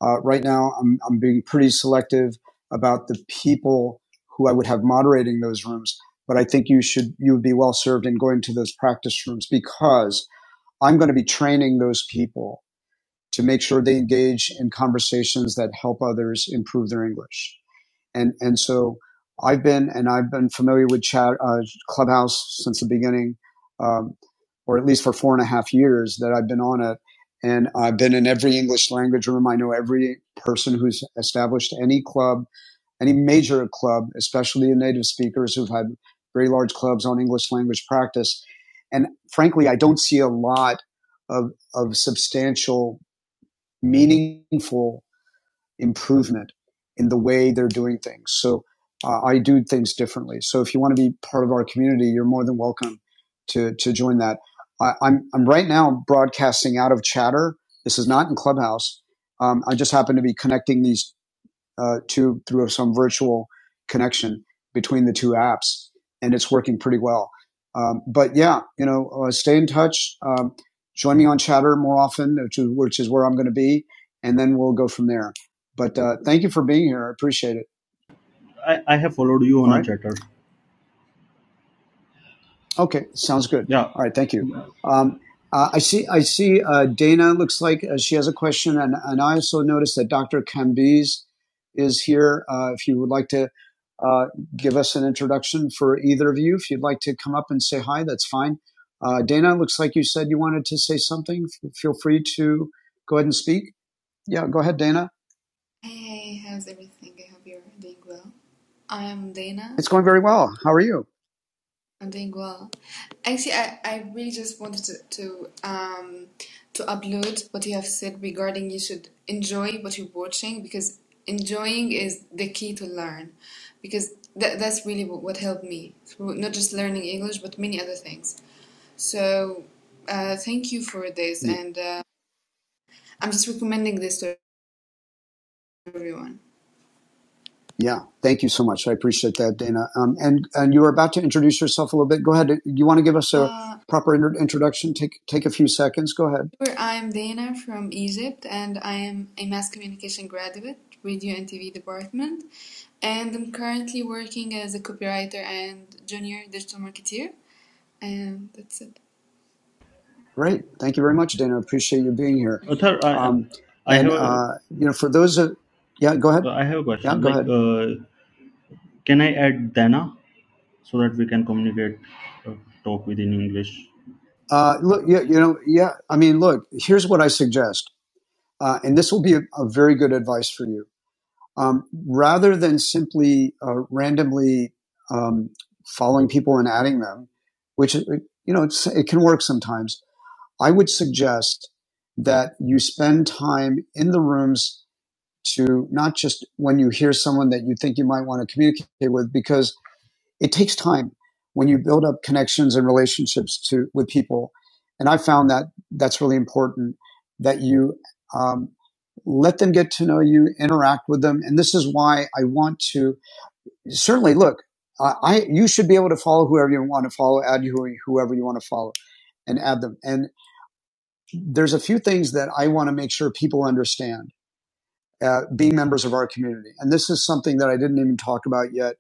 Uh, right now, I'm, I'm being pretty selective about the people who I would have moderating those rooms, but I think you should you would be well served in going to those practice rooms because I'm going to be training those people to make sure they engage in conversations that help others improve their English and and so I've been and I've been familiar with chat uh, Clubhouse since the beginning, um, or at least for four and a half years that I've been on it, and I've been in every English language room. I know every person who's established any club, any major club, especially the native speakers who've had very large clubs on English language practice, and frankly, I don't see a lot of of substantial, meaningful improvement in the way they're doing things. So uh, I do things differently. So if you want to be part of our community, you're more than welcome to to join that. I, I'm I'm right now broadcasting out of Chatter. This is not in Clubhouse. Um, I just happen to be connecting these uh, to through some virtual connection between the two apps, and it's working pretty well. Um, but yeah, you know, uh, stay in touch. Um, join me on Chatter more often, which is, which is where I'm going to be, and then we'll go from there. But uh, thank you for being here. I appreciate it. i, I have followed you All on a right. chatter Okay, sounds good. Yeah, All right, thank you. Um, uh, I see. I see. Uh, Dana looks like uh, she has a question, and, and I also noticed that Dr. Cambiz is here. Uh, if you would like to uh, give us an introduction for either of you, if you'd like to come up and say hi, that's fine. Uh, Dana, looks like you said you wanted to say something. F- feel free to go ahead and speak. Yeah, go ahead, Dana. Hey, how's everything? I hope you're doing well. I'm Dana It's going very from well. How are you? I'm doing well. Actually, I, I really just wanted to, to um to upload what you have said regarding you should enjoy what you're watching because enjoying is the key to learn because that, that's really what, what helped me through not just learning English but many other things. So, uh, thank you for this, Yeah. and uh, I'm just recommending this to everyone. Yeah, thank you so much. I appreciate that, Dana. Um, and and you were about to introduce yourself a little bit. Go ahead. Do you want to give us a Uh, proper inter- introduction? Take take a few seconds. Go ahead. Sure, I'm Dana from Egypt, and I am a mass communication graduate, radio and TV department, and I'm currently working as a copywriter and junior digital marketeer, and that's it. Great. Thank you very much, Dana. I Appreciate you being here. Athar, I, Um, I and have a, uh, you know, for those of yeah, go ahead. uh, I have a Yeah, question. go Like, ahead. uh, can I add Dana so that we can communicate, uh, talk within English? Uh, look, yeah, you know, yeah. I mean, look. Here's what I suggest, uh, and this will be a, a very good advice for you. um, rather than simply uh, randomly um, following people and adding them, which uh, you know it's, it can work sometimes. I would suggest that you spend time in the rooms to not just when you hear someone that you think you might want to communicate with, because it takes time when you build up connections and relationships to with people. And I found that that's really important that you um, let them get to know you, interact with them, and this is why I want to certainly look. I, I you should be able to follow whoever you want to follow, add who, whoever you want to follow, and add them. And there's a few things that I want to make sure people understand. Uh, being members of our community, and this is something that I didn't even talk about yet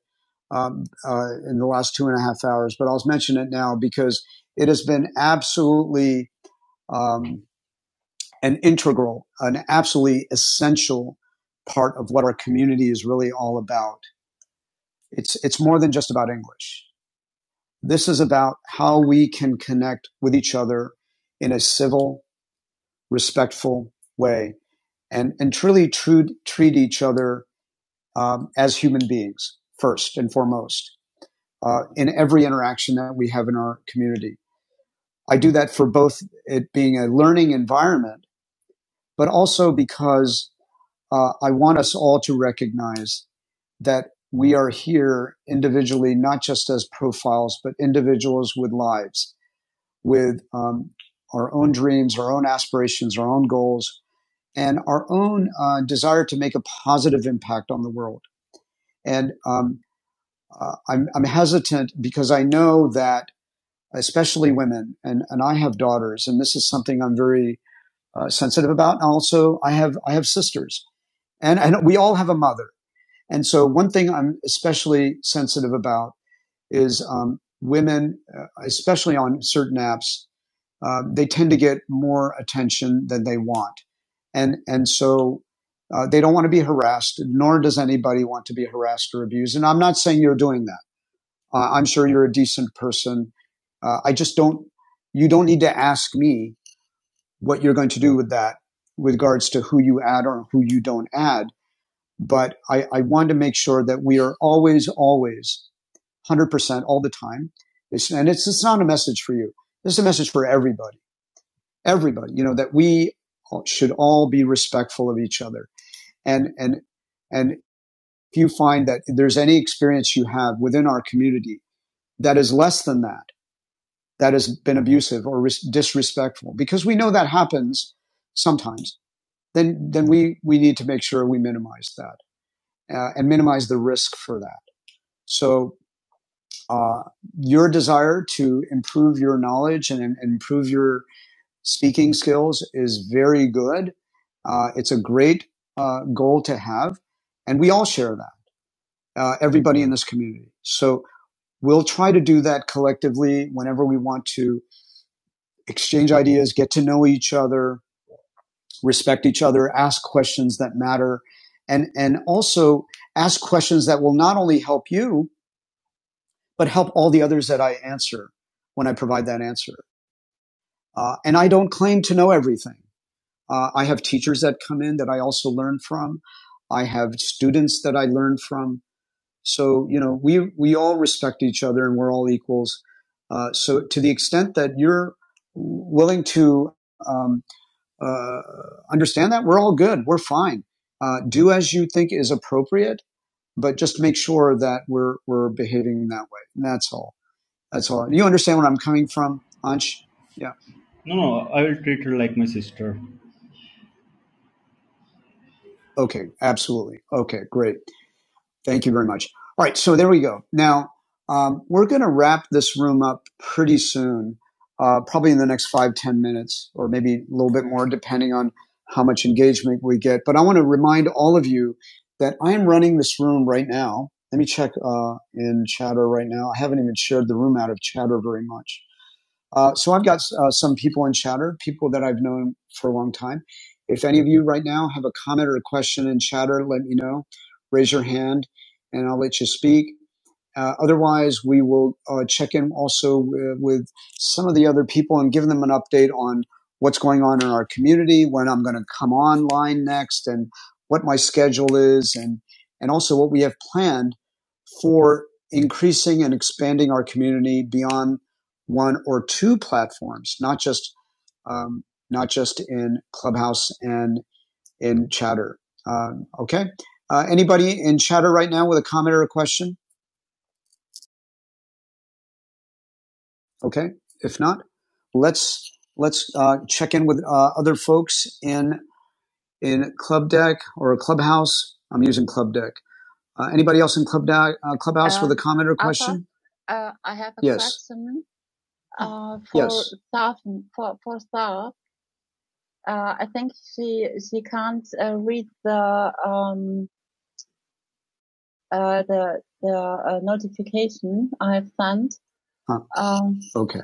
um, uh, in the last two and a half hours, but I'll mention it now because it has been absolutely um, an integral, an absolutely essential part of what our community is really all about. It's it's more than just about English. This is about how we can connect with each other in a civil, respectful way, and and truly true, treat each other um, as human beings first and foremost uh, in every interaction that we have in our community. I do that for both it being a learning environment, but also because uh, I want us all to recognize that we are here individually, not just as profiles, but individuals with lives, with um, our own dreams, our own aspirations, our own goals, and our own uh, desire to make a positive impact on the world. And um, uh, I'm, I'm hesitant because I know that, especially women, and, and I have daughters, and this is something I'm very uh, sensitive about. And also, I have I have sisters, and, and we all have a mother. And so, one thing I'm especially sensitive about is um, women, uh, especially on certain apps, uh, they tend to get more attention than they want, and and so. Uh, they don't want to be harassed, nor does anybody want to be harassed or abused. And I'm not saying you're doing that. Uh, I'm sure you're a decent person. Uh, I just don't. You don't need to ask me what you're going to do with that with regards to who you add or who you don't add. But I, I want to make sure that we are always, always 100% all the time. It's, and it's, it's not a message for you. It's a message for everybody, everybody, you know, that we should all be respectful of each other. And, and, and if you find that there's any experience you have within our community that is less than that, that has been abusive or ris- disrespectful, because we know that happens sometimes. then then we we need to make sure we minimize that uh, and minimize the risk for that. So uh, your desire to improve your knowledge and, and improve your speaking skills is very good. Uh, it's a great uh, goal to have, and we all share that. Uh, everybody in this community. So we'll try to do that collectively whenever we want to exchange ideas, get to know each other, respect each other, ask questions that matter, and, and also ask questions that will not only help you, but help all the others that I answer when I provide that answer. Uh, and I don't claim to know everything. Uh, I have teachers that come in that I also learn from. I have students that I learn from. So, you know, we, we all respect each other and we're all equals. Uh, so to the extent that you're willing to, um, uh, understand that we're all good. We're fine. Uh, do as you think is appropriate, but just make sure that we're we're behaving that way. And that's all. That's all. You understand where I'm coming from, Ansh? Yeah. No, no, I will treat her like my sister. Okay. Absolutely. Okay. Great. Thank you very much. All right, so there we go. Now, um, we're going to wrap this room up pretty soon, uh, probably in the next five ten minutes, or maybe a little bit more, depending on how much engagement we get. But I want to remind all of you that I am running this room right now. Let me check uh, in Chatter right now. I haven't even shared the room out of Chatter very much. Uh, so I've got uh, some people in chatter, people that I've known for a long time. If any of you right now have a comment or a question in chatter, let me know. Raise your hand and I'll let you speak. Uh, otherwise, we will uh, check in also with, with some of the other people and give them an update on what's going on in our community, when I'm going to come online next, and what my schedule is, and and also what we have planned for increasing and expanding our community beyond one or two platforms, not just um, not just in Clubhouse and in Chatter. Um, okay. Uh, anybody in Chatter right now with a comment or a question? Okay. If not, let's let's uh, check in with uh, other folks in in Club Deck or Clubhouse. I'm using Club Deck. Uh, anybody else in Club Deck? Uh, Clubhouse comment or huh, okay.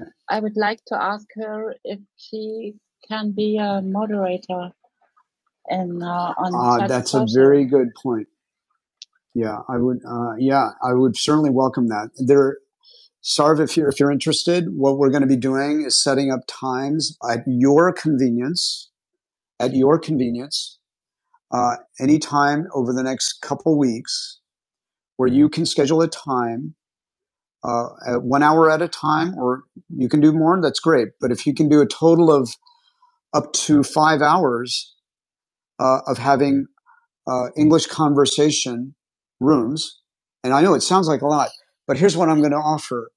Very good point. Yeah, I would. Uh, yeah, I would certainly welcome that. There, Sarv, if you're if you're interested, what we're going to be doing is setting up times at your convenience. At your convenience, uh, any time over the next couple weeks, where you can schedule a time uh, at one hour at a time, or you can do more, that's great. But if you can do a total of up to five hours uh, of having uh, English conversation rooms, and I know it sounds like a lot, but here's what I'm going to offer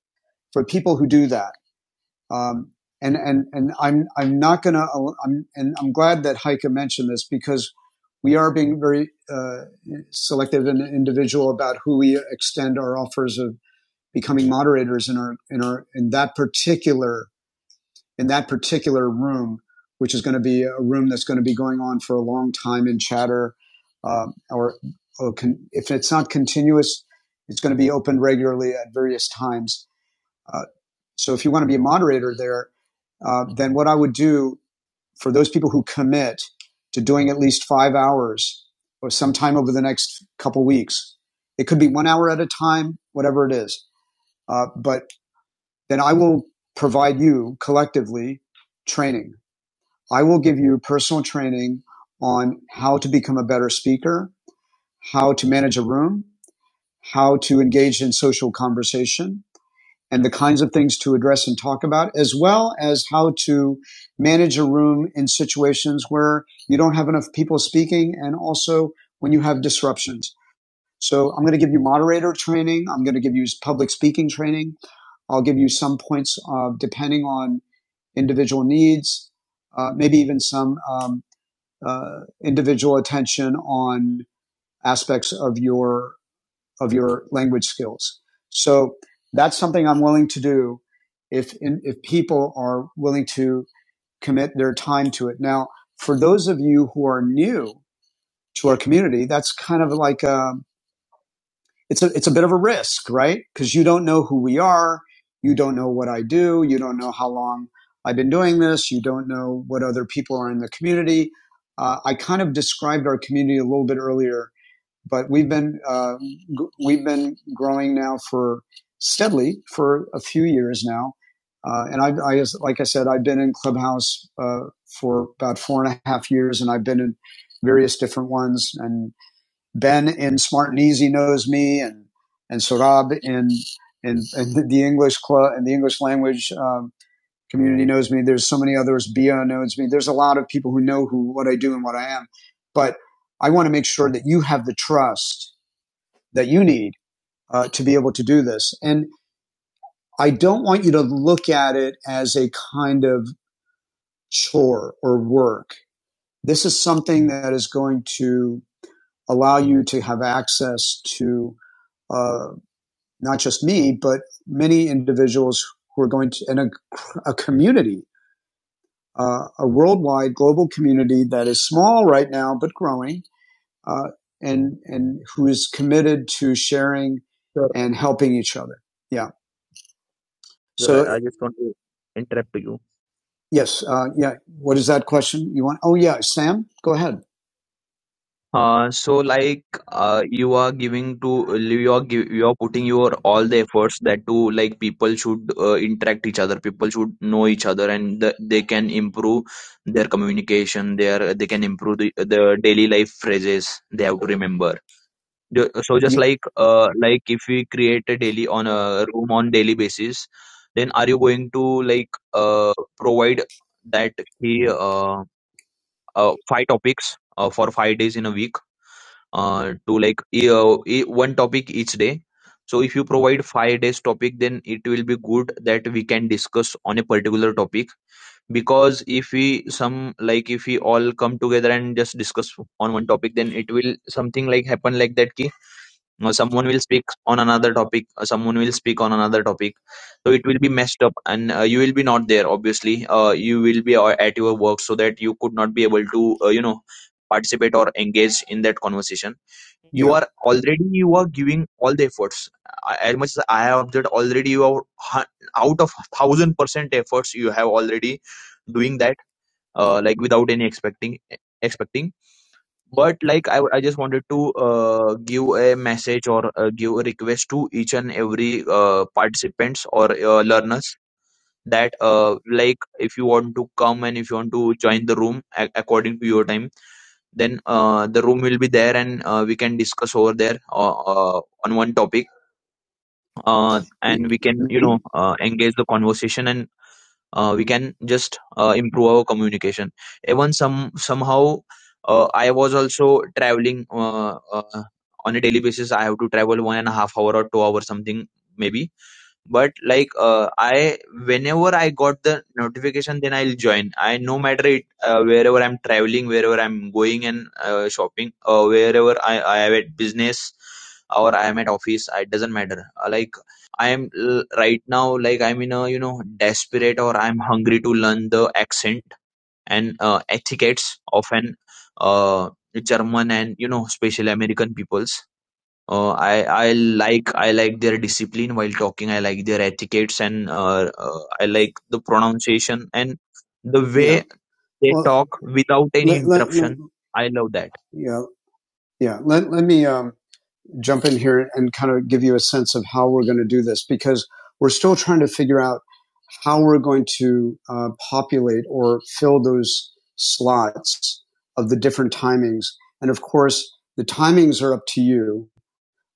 for people who do that. Um, and and and I'm I'm not going to. I'm and I'm glad that Heike mentioned this because we are being very uh, selective and individual about who we extend our offers of becoming moderators in our in our in that particular in that particular room, which is going to be a room that's going to be going on for a long time in chatter, um, or, or con- if it's not continuous, it's going to be open regularly at various times. Uh, so if you want to be a moderator there, uh, then what I would do for those people who commit to doing at least five hours or sometime over the next couple weeks, it could be one hour at a time, whatever it is. Uh, but then I will provide you collectively training. I will give you personal training on how to become a better speaker, how to manage a room, how to engage in social conversation, and the kinds of things to address and talk about, as well as how to manage a room in situations where you don't have enough people speaking and also when you have disruptions. So I'm going to give you moderator training. I'm going to give you public speaking training. I'll give you some points uh, depending on individual needs, uh, maybe even some um, uh, individual attention on aspects of your of your language skills. So that's something I'm willing to do if if people are willing to commit their time to it. Now, for those of you who are new to our community, that's kind of like a it's a it's a bit of a risk, right? Because you don't know who we are, you don't know what I do, you don't know how long I've been doing this, you don't know what other people are in the community. Uh, I kind of described our community a little bit earlier, but we've been uh, g- we've been growing now for steadily for a few years now, uh, and I, I as- like I said, I've been in Clubhouse uh, for about four and a half years, and I've been in various different ones and Ben in Smart and Easy knows me, and and Sorab in in, in the English club and the English language um, community knows me. There's so many others. Bia knows me. There's a lot of people who know who what I do and what I am. But I want to make sure that you have the trust that you need uh, to be able to do this. And I don't want you to look at it as a kind of chore or work. This is something that is going to allow you to have access to uh, not just me, but many individuals who are going to, and a, a community, uh, a worldwide global community that is small right now, but growing, uh, and, and who is committed to sharing Sure. and helping each other. Yeah. So So, I, I just want to interrupt you. yes. Uh, yeah. What is that question you want? Oh, yeah. Sam, go ahead. Uh, so like uh, you are giving to you are give, you are putting your all the efforts that to like people should uh, interact each other people should know each other and the, they can improve their communication their they can improve the, the daily life phrases they have to remember Ju- so just like uh, like if we create a daily on a room on daily basis then are you going to like uh, provide that he uh, uh, five topics uh, for five days in a week uh, to like e- uh, e- one topic each day. So if you provide five days topic, then it will be good that we can discuss on a particular topic. Because if we some like if we all come together and just discuss on one topic, then it will something like happen like that. Ki uh, someone will speak on another topic, uh, someone will speak on another topic. So it will be messed up, and uh, you will be not there. Obviously, uh, you will be uh, at your work, so that you could not be able to uh, you know participate or engage in that conversation you yeah are already you are giving all the efforts I- as much as i have observed already you are hu- out of thousand percent efforts you have already doing that uh, like without any expecting expecting but like i, I just wanted to uh, give a message or uh, give a request to each and every uh, participants or uh, learners that uh, like if you want to come and if you want to join the room a- according to your time then uh, the room will be there and uh, we can discuss over there uh, uh, on one topic uh, and we can you know uh, engage the conversation and uh, we can just uh, improve our communication even some somehow uh, i was also traveling uh, uh, on a daily basis i have to travel one and a half hour or two hours something maybe but like uh, i whenever i got the notification then i'll join i no matter it uh, wherever i'm traveling wherever i'm going and uh, shopping uh, wherever i i am at business or i am at office it doesn't matter Uh, like i am l- right now like i'm in a you know desperate or i'm hungry to learn the accent and uh, etiquettes of an uh, german and you know special american peoples uh, I I like I like their discipline while talking. I like their etiquettes and uh, uh, I like the pronunciation and the Yeah. way they Well, talk without any let, let, let- interruption. I love that. yeah, yeah. Let, let me um, jump in here and kind of give you a sense of how we're going to do this because we're still trying to figure out how we're going to uh, populate or fill those slots of the different timings. And of course, the timings are up to you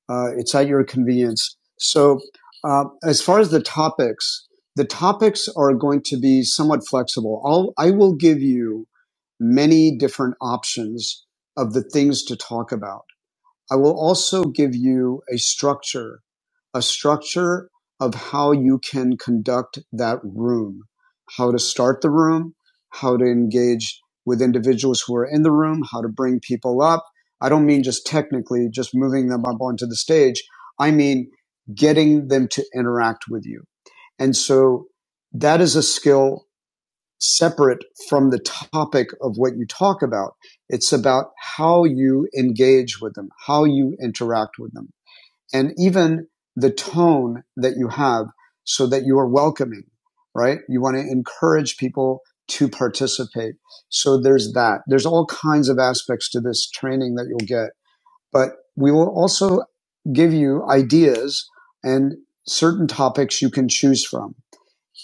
uh, it's at your convenience. So, uh, as far as the topics, the topics are going to be somewhat flexible. I'll, I will give you many different options of the things to talk about. I will also give you a structure, a structure of how you can conduct that room, how to start the room, how to engage with individuals who are in the room, how to bring people up. I don't mean just technically, just moving them up onto the stage. I mean getting them to interact with you. And so that is a skill separate from the topic of what you talk about. It's about how you engage with them, how you interact with them, and even the tone that you have so that you are welcoming, right? You want to encourage people to participate. So there's that. There's all kinds of aspects to this training that you'll get, but we will also give you ideas and certain topics you can choose from.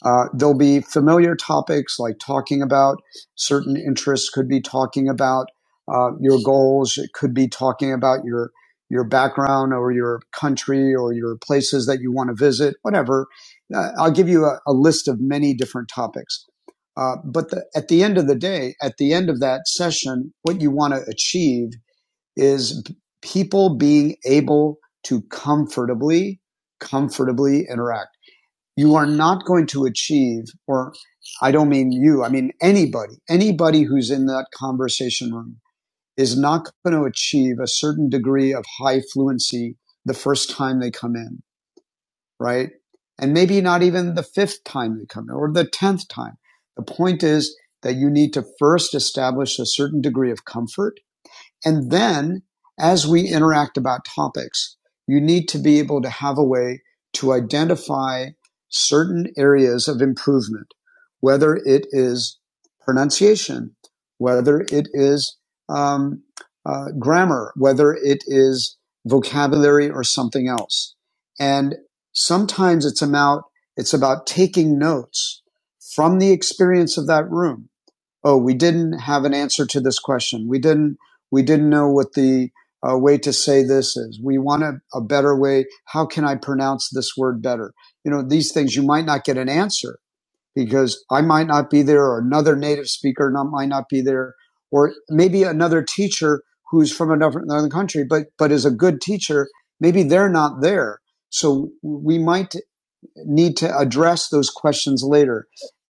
Uh, there'll be familiar topics like talking about certain interests, could be talking about uh, your goals, it could be talking about your your background or your country or your places that you want to visit, whatever. Uh, I'll give you a, a list of many different topics. Uh, but the, at the end of the day, at the end of that session, what you want to achieve is people being able to comfortably, comfortably interact you are not going to achieve, or I don't mean you, I mean anybody, anybody who's in that conversation room is not going to achieve a certain degree of high fluency the first time they come in, right? And maybe not even the fifth time they come in or the tenth time. The point is that you need to first establish a certain degree of comfort and then as we interact about topics, you need to be able to have a way to identify certain areas of improvement, whether it is pronunciation, whether it is um, uh, grammar, whether it is vocabulary or something else. And sometimes it's about it's about taking notes from the experience of that room oh, we didn't have an answer to this question. We didn't, we didn't know what the uh, way to say this is. We want a, a better way. How can I pronounce this word better? You know, these things you might not get an answer because I might not be there or another native speaker not, might not be there or maybe another teacher who's from another, another country, but, but is a good teacher. Maybe they're not there. So we might need to address those questions later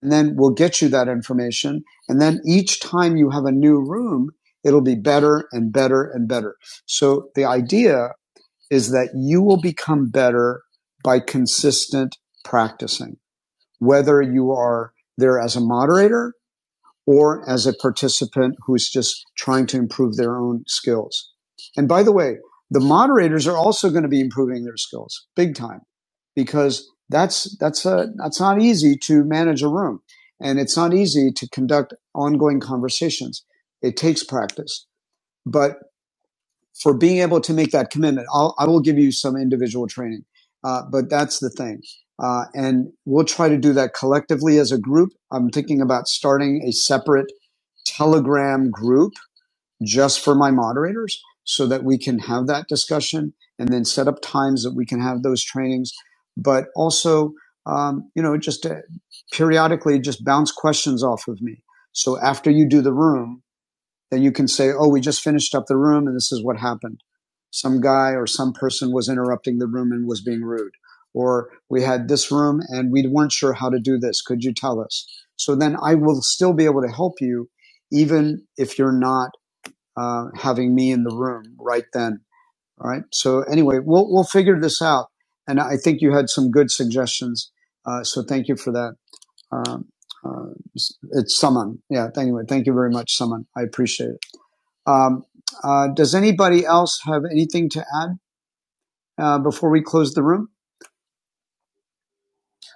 and then we'll get you that information. And then each time you have a new room, it'll be better and better and better. So the idea is that you will become better by consistent practicing, whether you are there as a moderator or as a participant who's just trying to improve their own skills. And by the way, the moderators are also going to be improving their skills big time because that's that's a that's not easy to manage a room and it's not easy to conduct ongoing conversations. It takes practice. But for being able to make that commitment. I'll, I will give you some individual training, uh, but that's the thing. Uh, and we'll try to do that collectively as a group. I'm thinking about starting a separate Telegram group just for my moderators so that we can have that discussion and then set up times that we can have those trainings. But also, um, you know, just uh periodically just bounce questions off of me. So after you do the room, that you can say, oh, we just finished up the room and this is what happened. Some guy or some person was interrupting the room and was being rude. Or we had this room and we weren't sure how to do this. Could you tell us? So then I will still be able to help you, even if you're not uh, having me in the room right then. All right. So anyway, we'll we'll figure this out. And I think you had some good suggestions. Uh, so thank you for that. Um, uh, it's someone. Yeah. Anyway, thank you very much, someone. I appreciate it. Um, uh, does anybody else have anything to add uh, before we close the room?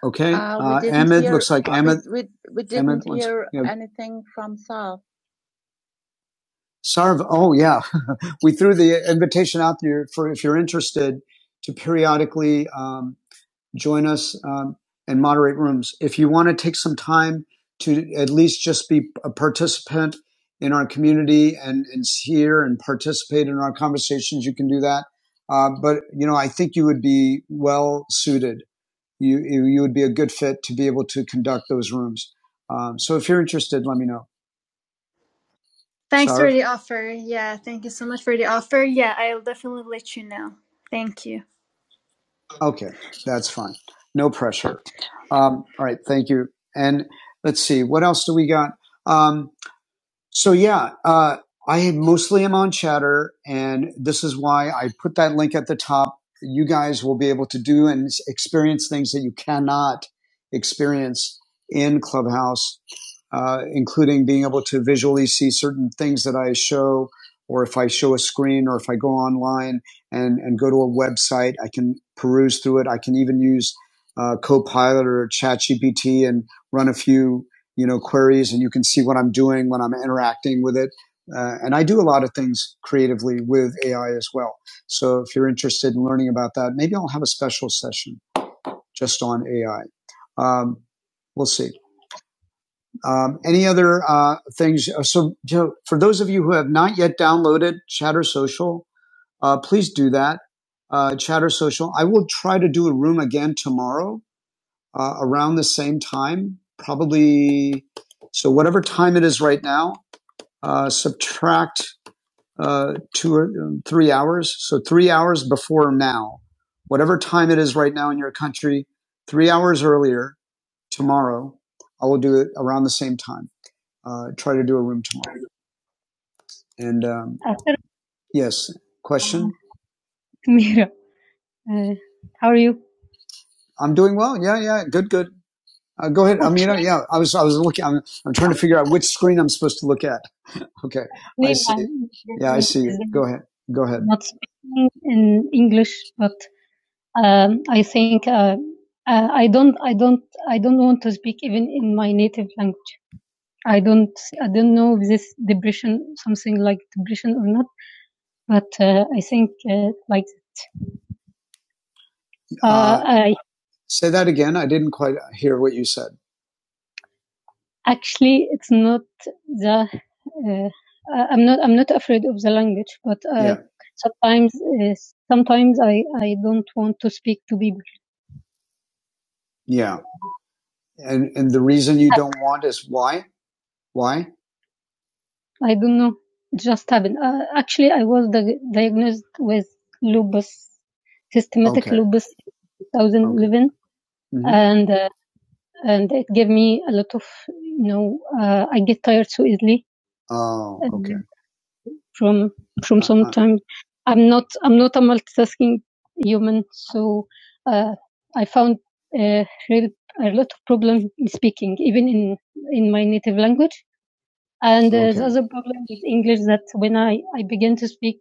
Okay. Sarv, oh yeah, <laughs> we threw the invitation out there for if you're interested to periodically um, join us um, and moderate rooms. If you want to take some time to at least just be a participant in our community and, and hear and participate in our conversations, you can do that. Uh, but you know, I think you would be well suited you you, would be a good fit to be able to conduct those rooms. Um, so if you're interested, let me know. Thanks for Sarv, the offer. Yeah, thank you so much for the offer. Yeah, I'll definitely let you know. Thank you. okay, that's fine. No pressure. Um, all right, thank you. And let's see, what else do we got? Um, So yeah, uh, I mostly am on Chatter, and this is why I put that link at the top. You guys will be able to do and experience things that you cannot experience in Clubhouse, uh, including being able to visually see certain things that I show, or if I show a screen, or if I go online and and go to a website, I can peruse through it. I can even use uh, Copilot or ChatGPT and run a few you know queries, and you can see what I'm doing when I'm interacting with it. Uh, and I do a lot of things creatively with AI as well. So if you're interested in learning about that, maybe I'll have a special session just on AI. Um, we'll see. Um, any other uh, things? uh, So, Joe, for those of you who have not yet downloaded Chatter Social, uh, please do that. Uh, Chatter Social. I will try to do a room again tomorrow uh, around the same time, probably. So whatever time it is right now, uh, subtract uh, two or um, three hours. So three hours before now, whatever time it is right now in your country, three hours earlier tomorrow, I will do it around the same time. Uh, try to do a room tomorrow. And um, yes, question. Uh, How are you? I'm doing well. Yeah, yeah, good, good. Uh, go ahead, Okay. Amina. Yeah, I was, I was looking. I'm, I'm trying to figure out which screen I'm supposed to look at. Okay. I see. Yeah, I see you. Go ahead. Go ahead. not speaking in English, but um, I think uh, uh, I don't, I don't, I don't want to speak even in my native language. I don't, I don't know if this depression, something like depression or not. But uh, I think uh, like uh, Uh, I say that again. I didn't quite hear what you said. Actually, it's not the. Uh, I- am not. I'm not afraid of the language, but uh, Yeah. sometimes, uh, sometimes I I don't want to speak to people. Yeah. And and the reason you don't want is why? Why? I don't know. It just happened. Uh, actually, I was di- diagnosed with lupus, systematic Okay. lupus, twenty eleven, Okay. 2011, hmm and uh, and it gave me a lot of you know. Uh, I get tired so easily. Oh, Um, okay. from from Uh, some uh, time. I'm not I'm not a multitasking human, so uh, I found uh, real, a lot of problem in speaking, even in in my native language. And uh, okay. the okay. other problem with English that when I, I began to speak,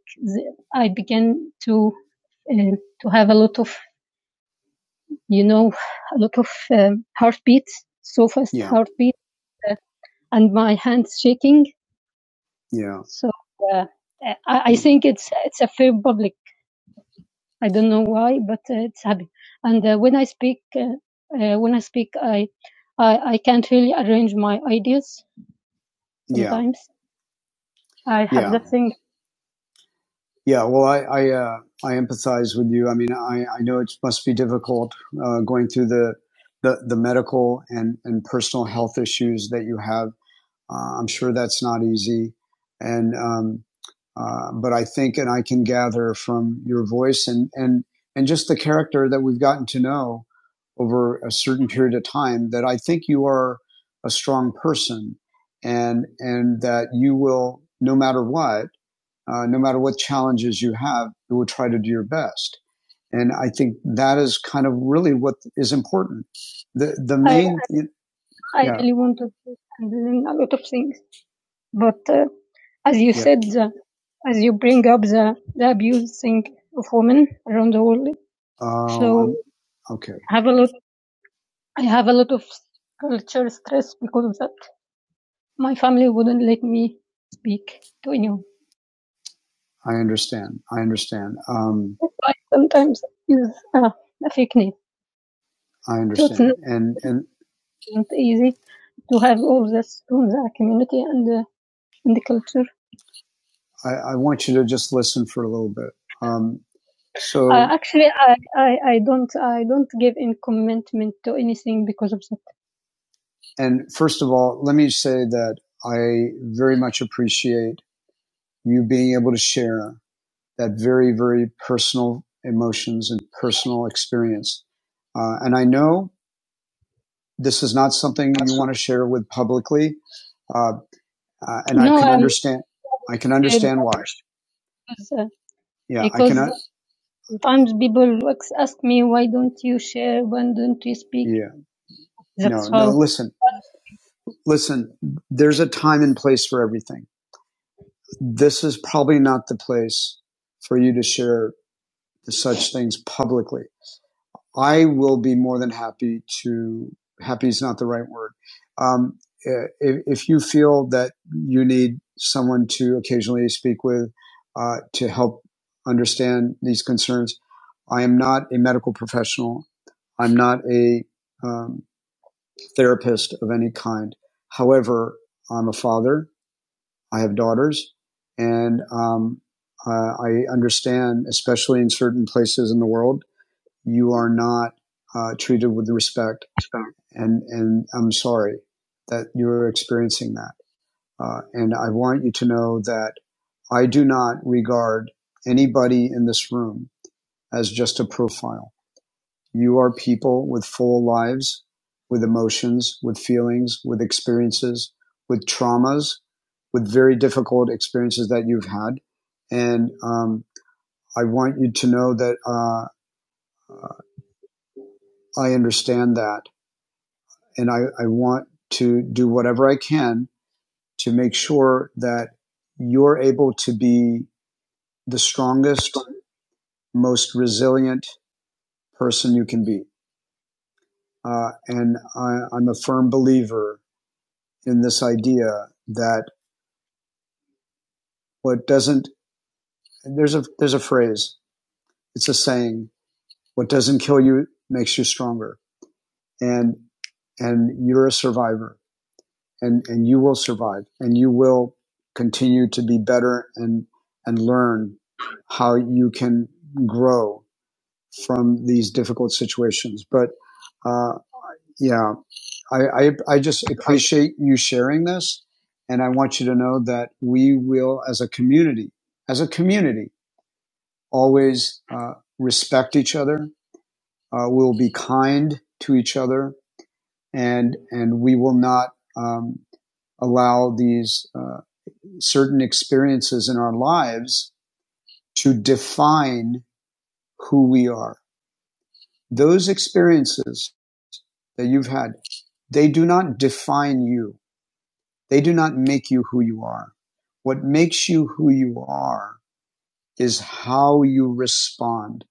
I began to uh, to have a lot of you know a lot of um, heartbeats, so fast Yeah. heartbeat, uh, and my hands shaking. Yeah. So uh, I, I Mm. think it's it's a fair public. I don't know why, but uh, it's happening. And uh, when I speak, uh, uh, when I speak, I, I I can't really arrange my ideas. Yeah, Sometimes yeah. I have yeah, that thing. yeah. Well, I I, uh, I empathize with you. I mean, I, I know it must be difficult uh, going through the, the the medical and and personal health issues that you have. Uh, I'm sure that's not easy, and um, Uh, but I think, and I can gather from your voice and, and, and just the character that we've gotten to know over a certain period of time that I think you are a strong person and, and that you will, no matter what, uh, no matter what challenges you have, you will try to do your best. And I think that is kind of really what is important. The, the main, I I, I yeah. really want to handling a lot of things. But uh, as you Yeah. said, the, as you bring up the, the abuse thing of women around the world, Oh, so okay. I have a lot. I have a lot of culture stress because of that. My family wouldn't let me speak to anyone. I understand. I understand. Um, That's why sometimes use uh, a fake name. I understand. So it's not, understand. And and it's not easy to have all this from the community and uh, and the culture. I, I want you to just listen for a little bit. Um. Uh, So, Uh, actually, I, I, I don't I don't give in commitment to anything because of that. and first of all, let me say that I very much appreciate you being able to share that very, very personal emotions and personal experience. Uh, and I know this is not something you want to share with publicly, uh, uh, and I No, can I'm understand. I can scared understand why. because, uh, Yeah, I because can. sometimes people ex- ask me why don't you share, why don't you speak? That's no, no, listen, listen, there's a time and place for everything. This is probably not the place for you to share such things publicly. I will be more than happy to, happy is not the right word. Um, eh, if, if you feel that you need someone to occasionally speak with, uh, to help understand these concerns, I am not a medical professional. I'm not a um, therapist of any kind. However, I'm a father. I have daughters, and um, uh, I understand, especially in certain places in the world, you are not uh, treated with respect. And and I'm sorry that you're experiencing that. Uh, and I want you to know that I do not regard anybody in this room as just a profile. You are people with full lives, with emotions, with feelings, with experiences, with traumas, with very difficult experiences that you've had. And um, I want you to know that uh, I understand that. And I, I want to do whatever I can to make sure that you're able to be the strongest, most resilient person you can be. Uh, and I, I'm a firm believer in this idea that what doesn't there's a there's a phrase it's a saying what doesn't kill you makes you stronger and and you're a survivor and and you will survive and you will continue to be better and and learn how you can grow from these difficult situations but uh yeah i i, I just appreciate you sharing this and i want you to know that we will as a community as a community always uh, respect each other. Uh, we'll be kind to each other, and and we will not um, allow these uh, certain experiences in our lives to define who we are. Those experiences that you've had, they do not define you. They do not make you who you are. What makes you who you are is how you respond,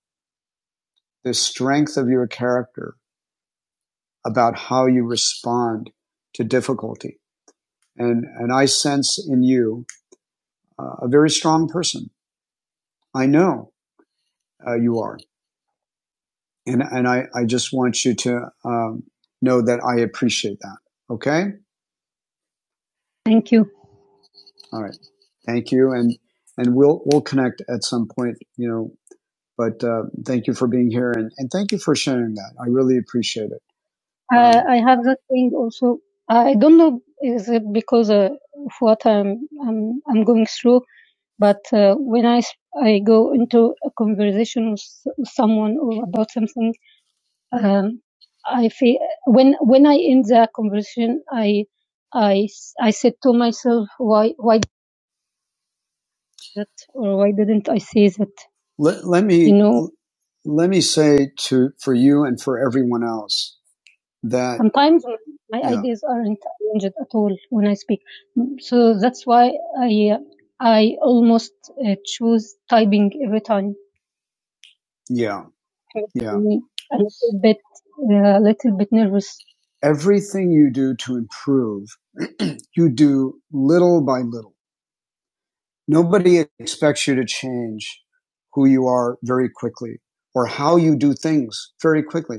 the strength of your character, about how you respond to difficulty. And, and I sense in you uh, a very strong person. I know uh, you are. And, and I, I just want you to um, know that I appreciate that. Okay. Thank you. All right. Thank you. And, and we'll, we'll connect at some point, you know, but uh, thank you for being here and, and thank you for sharing that. I really appreciate it. Uh, I have that thing also. I don't know is it because uh, of what I'm I'm I'm going through, but uh, when I s- I go into a conversation with s- with someone or about something, um, I feel when when I end the conversation, I I s- I said to myself, why why did that or why didn't I say that? Let, let me You know, let me say to for you and for everyone else that Sometimes my yeah ideas aren't arranged at all when I speak. So that's why I, uh, I almost uh, choose typing every time. yeah yeah a little bit, uh, a uh, little bit nervous. everything you do to improve <clears throat> you do little by little nobody expects you to change who you are very quickly or how you do things very quickly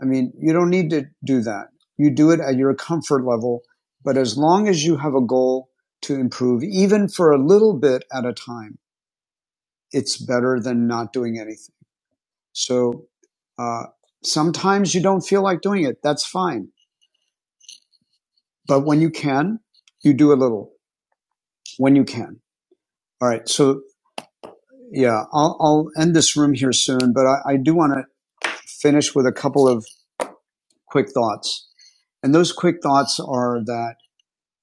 I mean, you don't need to do that. You do it at your comfort level. But as long as you have a goal to improve, even for a little bit at a time, it's better than not doing anything. So, uh, sometimes you don't feel like doing it. That's fine. But when you can, you do a little when you can. All right. So yeah, I'll, I'll end this room here soon, but I, I do want to finish with a couple of quick thoughts. And those quick thoughts are that,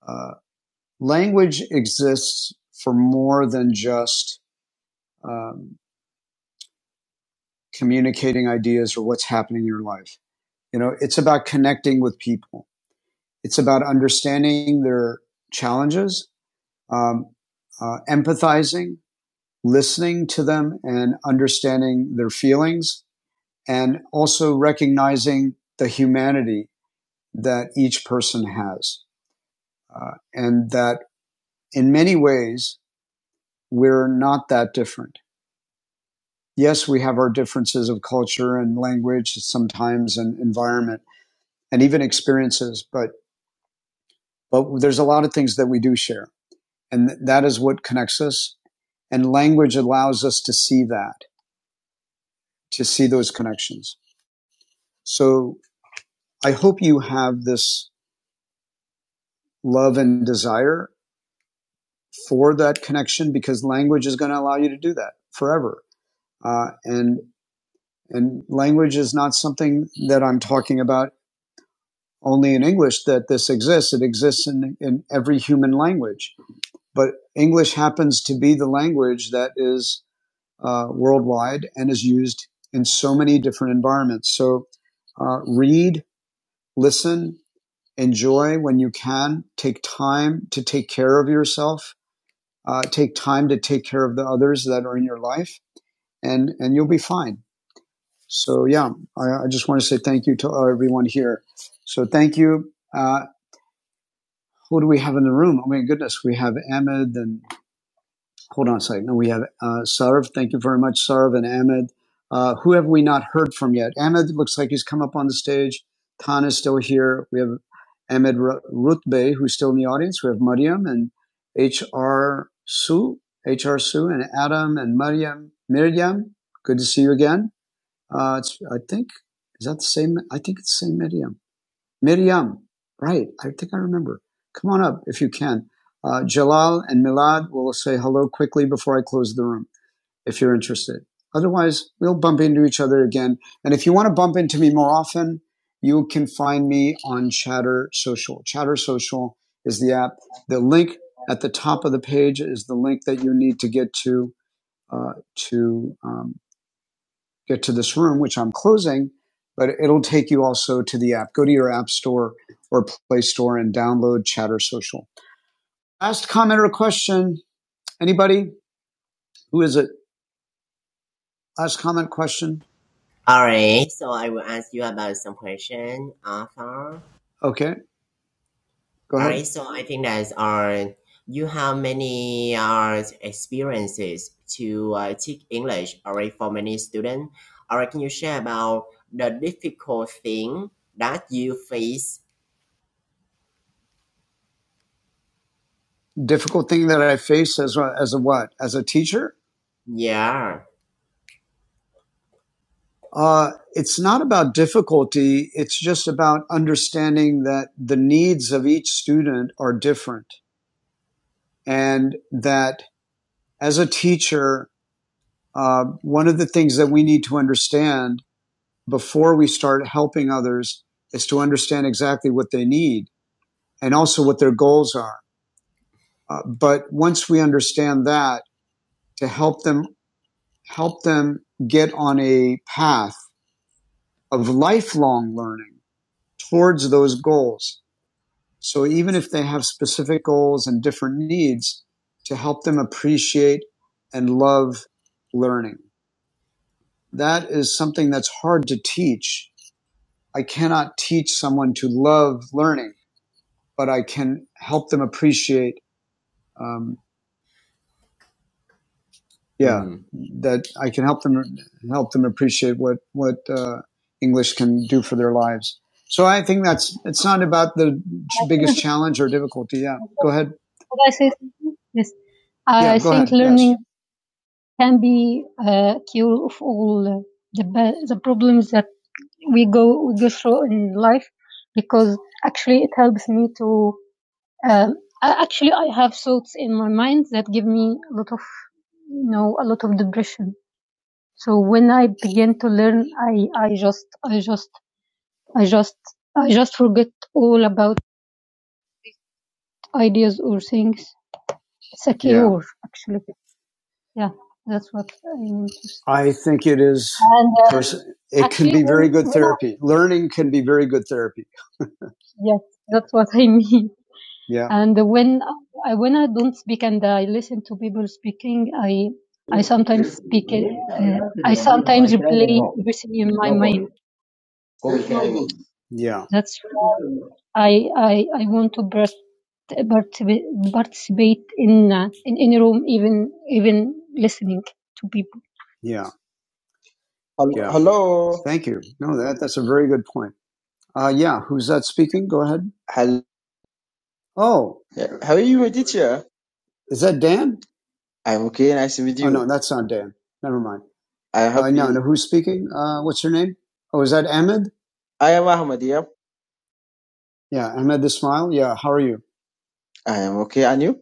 uh, language exists for more than just um, communicating ideas or what's happening in your life. You know, it's about connecting with people. It's about understanding their challenges, um, uh, empathizing, listening to them, and understanding their feelings, and also recognizing the humanity that each person has, uh, and that in many ways we're not that different yes, we have our differences of culture and language sometimes and environment and even experiences, but, but there's a lot of things that we do share. And th- that is what connects us. And language allows us to see that, to see those connections. So I hope you have this love and desire for that connection because language is going to allow you to do that forever. Uh, and, and language is not something that I'm talking about only in English that this exists. It exists in, in every human language, but English happens to be the language that is uh, worldwide and is used in so many different environments. So uh, read, listen, enjoy when you can. Take time to take care of yourself. Uh, take time to take care of the others that are in your life, and and you'll be fine. So yeah, I, I just want to say thank you to everyone here. So thank you. Uh, who do we have in the room? Oh my goodness, we have Ahmed and hold on a second. No, we have uh, Sarv. Thank you very much, Sarv and Ahmed. Uh, who have we not heard from yet? Ahmed looks like he's come up on the stage. Tan is still here. We have Ahmed Ru- Rutbey, who's still in the audience. We have Mariam and H.R. Su, H.R. Su, and Adam and Mariam. Miriam, good to see you again. Uh, it's, I think, is that the same? I think it's the same Miriam. Miriam, right? I think I remember. Come on up if you can. Uh, Jalal and Milad will say hello quickly before I close the room if you're interested. Otherwise, we'll bump into each other again. And if you want to bump into me more often, you can find me on Chatter Social. Chatter Social is the app. The link at the top of the page is the link that you need to get to uh, to um, get to this room, which I'm closing, but it'll take you also to the app. Go to your app store or play store and download Chatter Social. Last comment or question. Anybody? Who is it? Last comment question. All right. So I will ask you about some question, Arthur. Okay, go All ahead. right, so I think that uh, you have many uh, experiences to uh, teach English all right, for many students. All right, can you share about the difficult thing that you face? Difficult thing that I face as a, as a what? As a teacher? Yeah. Uh, it's not about difficulty. It's just about understanding that the needs of each student are different and that as a teacher, Uh, one of the things that we need to understand before we start helping others is to understand exactly what they need and also what their goals are. Uh, but once we understand that, to help them help them get on a path of lifelong learning towards those goals. So even if they have specific goals and different needs, to help them appreciate and love learning. That is something that's hard to teach I cannot teach someone to love learning, but I can help them appreciate. Um, yeah, Mm. that I can help them help them appreciate what what uh, English can do for their lives. So I think that's it's not about the biggest <laughs> challenge or difficulty. Yeah, go ahead. Could I say something? Yes. I Yeah, go think ahead. learning Yes. can be a cure of all uh, the the problems that we go we go through in life because actually it helps me to Um, actually, I have thoughts in my mind that give me a lot of, you know, a lot of depression. So when I began to learn, I, I just, I just, I just, I just forget all about ideas or things. It's a cure, Yeah. actually. Yeah, that's what I mean I think it is And uh, pers- it actually, can be very good when I therapy. Learning can be very good therapy. yes, that's what I mean. Yeah. And when I, when I don't speak and I listen to people speaking, I I Then sometimes speak. it, I Uh, will answer I you. This or sometimes should I say replay no? everything in my No mind. problem. Go no carry Yeah. That's why I I, I want to part- participate participate in uh, in any room, even even listening to people. Yeah. Hel- Yeah. Hello. Thank you. No, that that's a very good point. Uh, yeah. Who's that speaking? Go ahead. Hel- Oh, yeah, How are you, my teacher? is that Dan? I'm okay. Nice to meet Oh no, you. that's not Dan. Never mind. I'm Uh, no, no. happy. Who's speaking? Uh, what's your name? Oh, is that Ahmed? I am Ahmad. Yeah. Yeah, Ahmed the Smile. Yeah, how are you? I am okay. And you?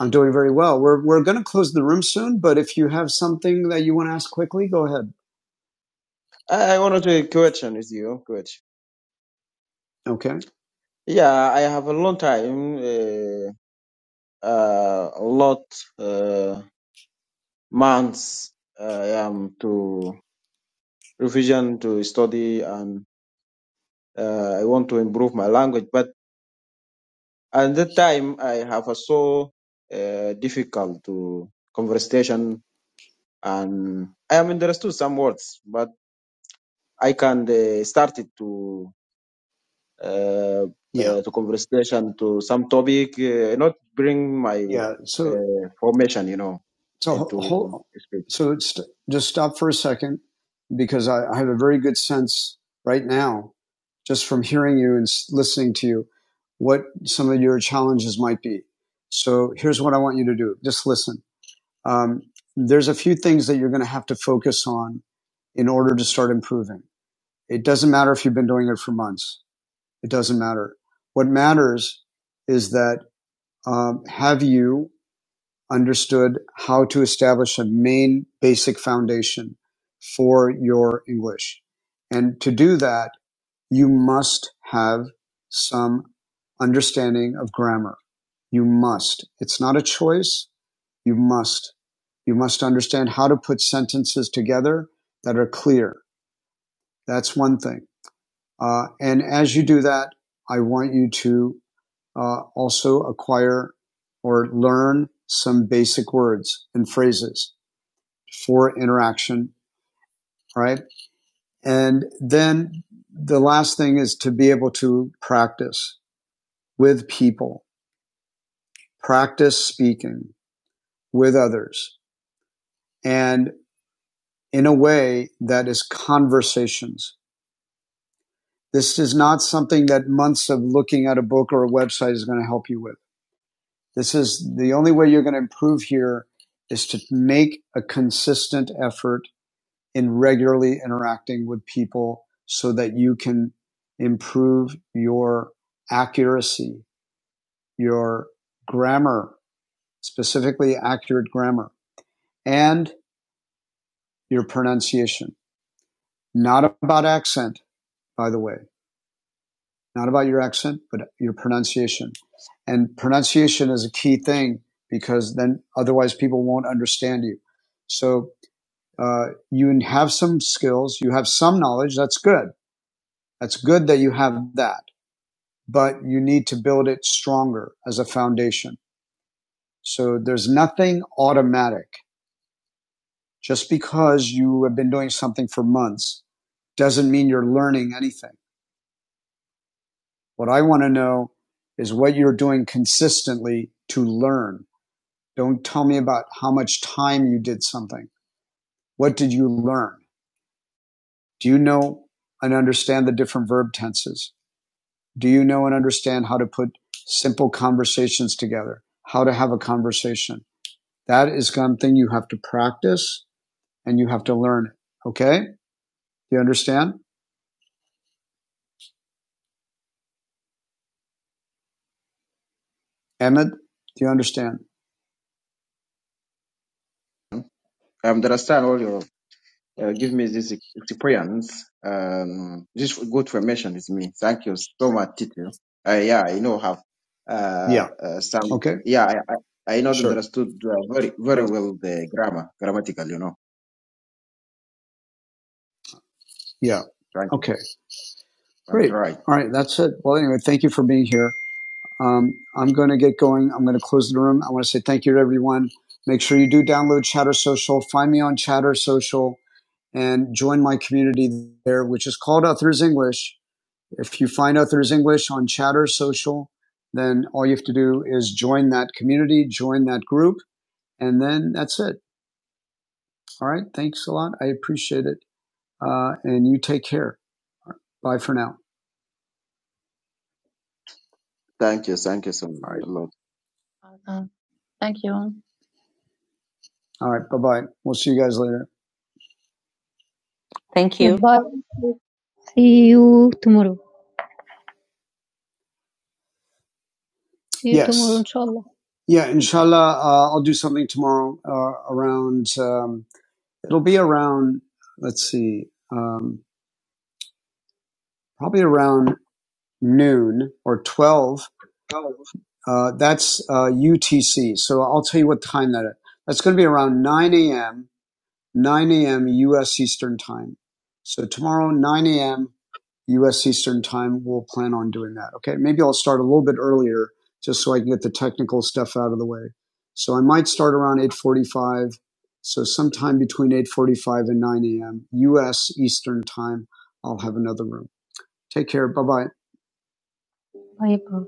I'm doing very well. We're we're going to close the room soon, but if you have something that you want to ask quickly, go ahead. I, I wanted to question with you. Question. Okay. Yeah, I have a long time, uh, uh, a lot uh, months. uh, I am to revision to study, and uh, I want to improve my language. But At that time, I have a so uh, difficult to conversation, and I am understood some words, but I can uh, start it to uh, Yeah. uh, to conversation to some topic, uh, not bring my Yeah. So uh, formation, you know, so into hold. speech. So it's, just stop for a second because I, I have a very good sense right now, just from hearing you and listening to you, what some of your challenges might be. So here's what I want you to do. Just listen. um, there's a few things that you're going to have to focus on in order to start improving. It doesn't matter if you've been doing it for months. It doesn't matter. What matters is that um, have you understood how to establish a main basic foundation for your English? And to do that, you must have some understanding of grammar. You must. It's not a choice. You must. You must understand how to put sentences together that are clear. That's one thing. Uh, and as you do that, I want you to uh, also acquire or learn some basic words and phrases for interaction, right? And then the last thing is to be able to practice. with people, practice speaking with others and in a way that is conversations. This is not something that months of looking at a book or a website is going to help you with. This is the only way you're going to improve here is to make a consistent effort in regularly interacting with people so that you can improve your accuracy, your grammar, specifically accurate grammar and your pronunciation. Not about accent, by the way, not about your accent, but your pronunciation. And pronunciation is a key thing because then otherwise people won't understand you. So uh, you have some skills, you have some knowledge. That's good. That's good that you have that, but you need to build it stronger as a foundation. So there's nothing automatic. Just because you have been doing something for months doesn't mean you're learning anything What I want to know is what you're doing consistently to learn. Don't tell me about how much time you did something. What did you learn? Do you know and understand the different verb tenses? Do you know and understand how to put simple conversations together? How to have a conversation? That is something you have to practice and you have to learn. it. Okay? Do you understand? Emmett, do you understand? I understand all your uh, give me this Cyprian's um, this good formation is me. Thank you so much, Tito. Uh, yeah, I know have uh, Yeah. uh, some. Okay. Yeah, I, I I not Sure. understood uh, very very Uh, well the grammar grammatical. You know, yeah. thank you. Okay. I'm Great. trying. All right, that's it. Well, anyway, thank you for being here. Um, I'm going to get going. I'm going to close the room. I want to say thank you to everyone. Make sure you do download Chatter Social. Find me on Chatter Social and join my community there, which is called Authors English. If you find Authors English on Chatter Social, then all you have to do is join that community, join that group, and then that's it. All right. Thanks a lot. I appreciate it. Uh, and you take care. All right, Bye for now. Thank you. Thank you so All right. much. All right. Bye bye. We'll see you guys later. Thank you. Goodbye. See you tomorrow. See you tomorrow, Yes. tomorrow, inshallah. Yeah, inshallah, uh, I'll do something tomorrow uh, around, um, it'll be around, let's see, um, probably around noon or 12. Uh, that's uh, UTC. So I'll tell you what time that is. That's going to be around 9 a.m., 9 a.m. U.S. Eastern time. So tomorrow, 9 a.m. U.S. Eastern Time. We'll plan on doing that. Okay, maybe I'll start a little bit earlier just so I can get the technical stuff out of the way. So I might start around 8:45. So sometime between 8:45 and 9 a.m. U.S. Eastern Time, I'll have another room. Take care. Bye bye.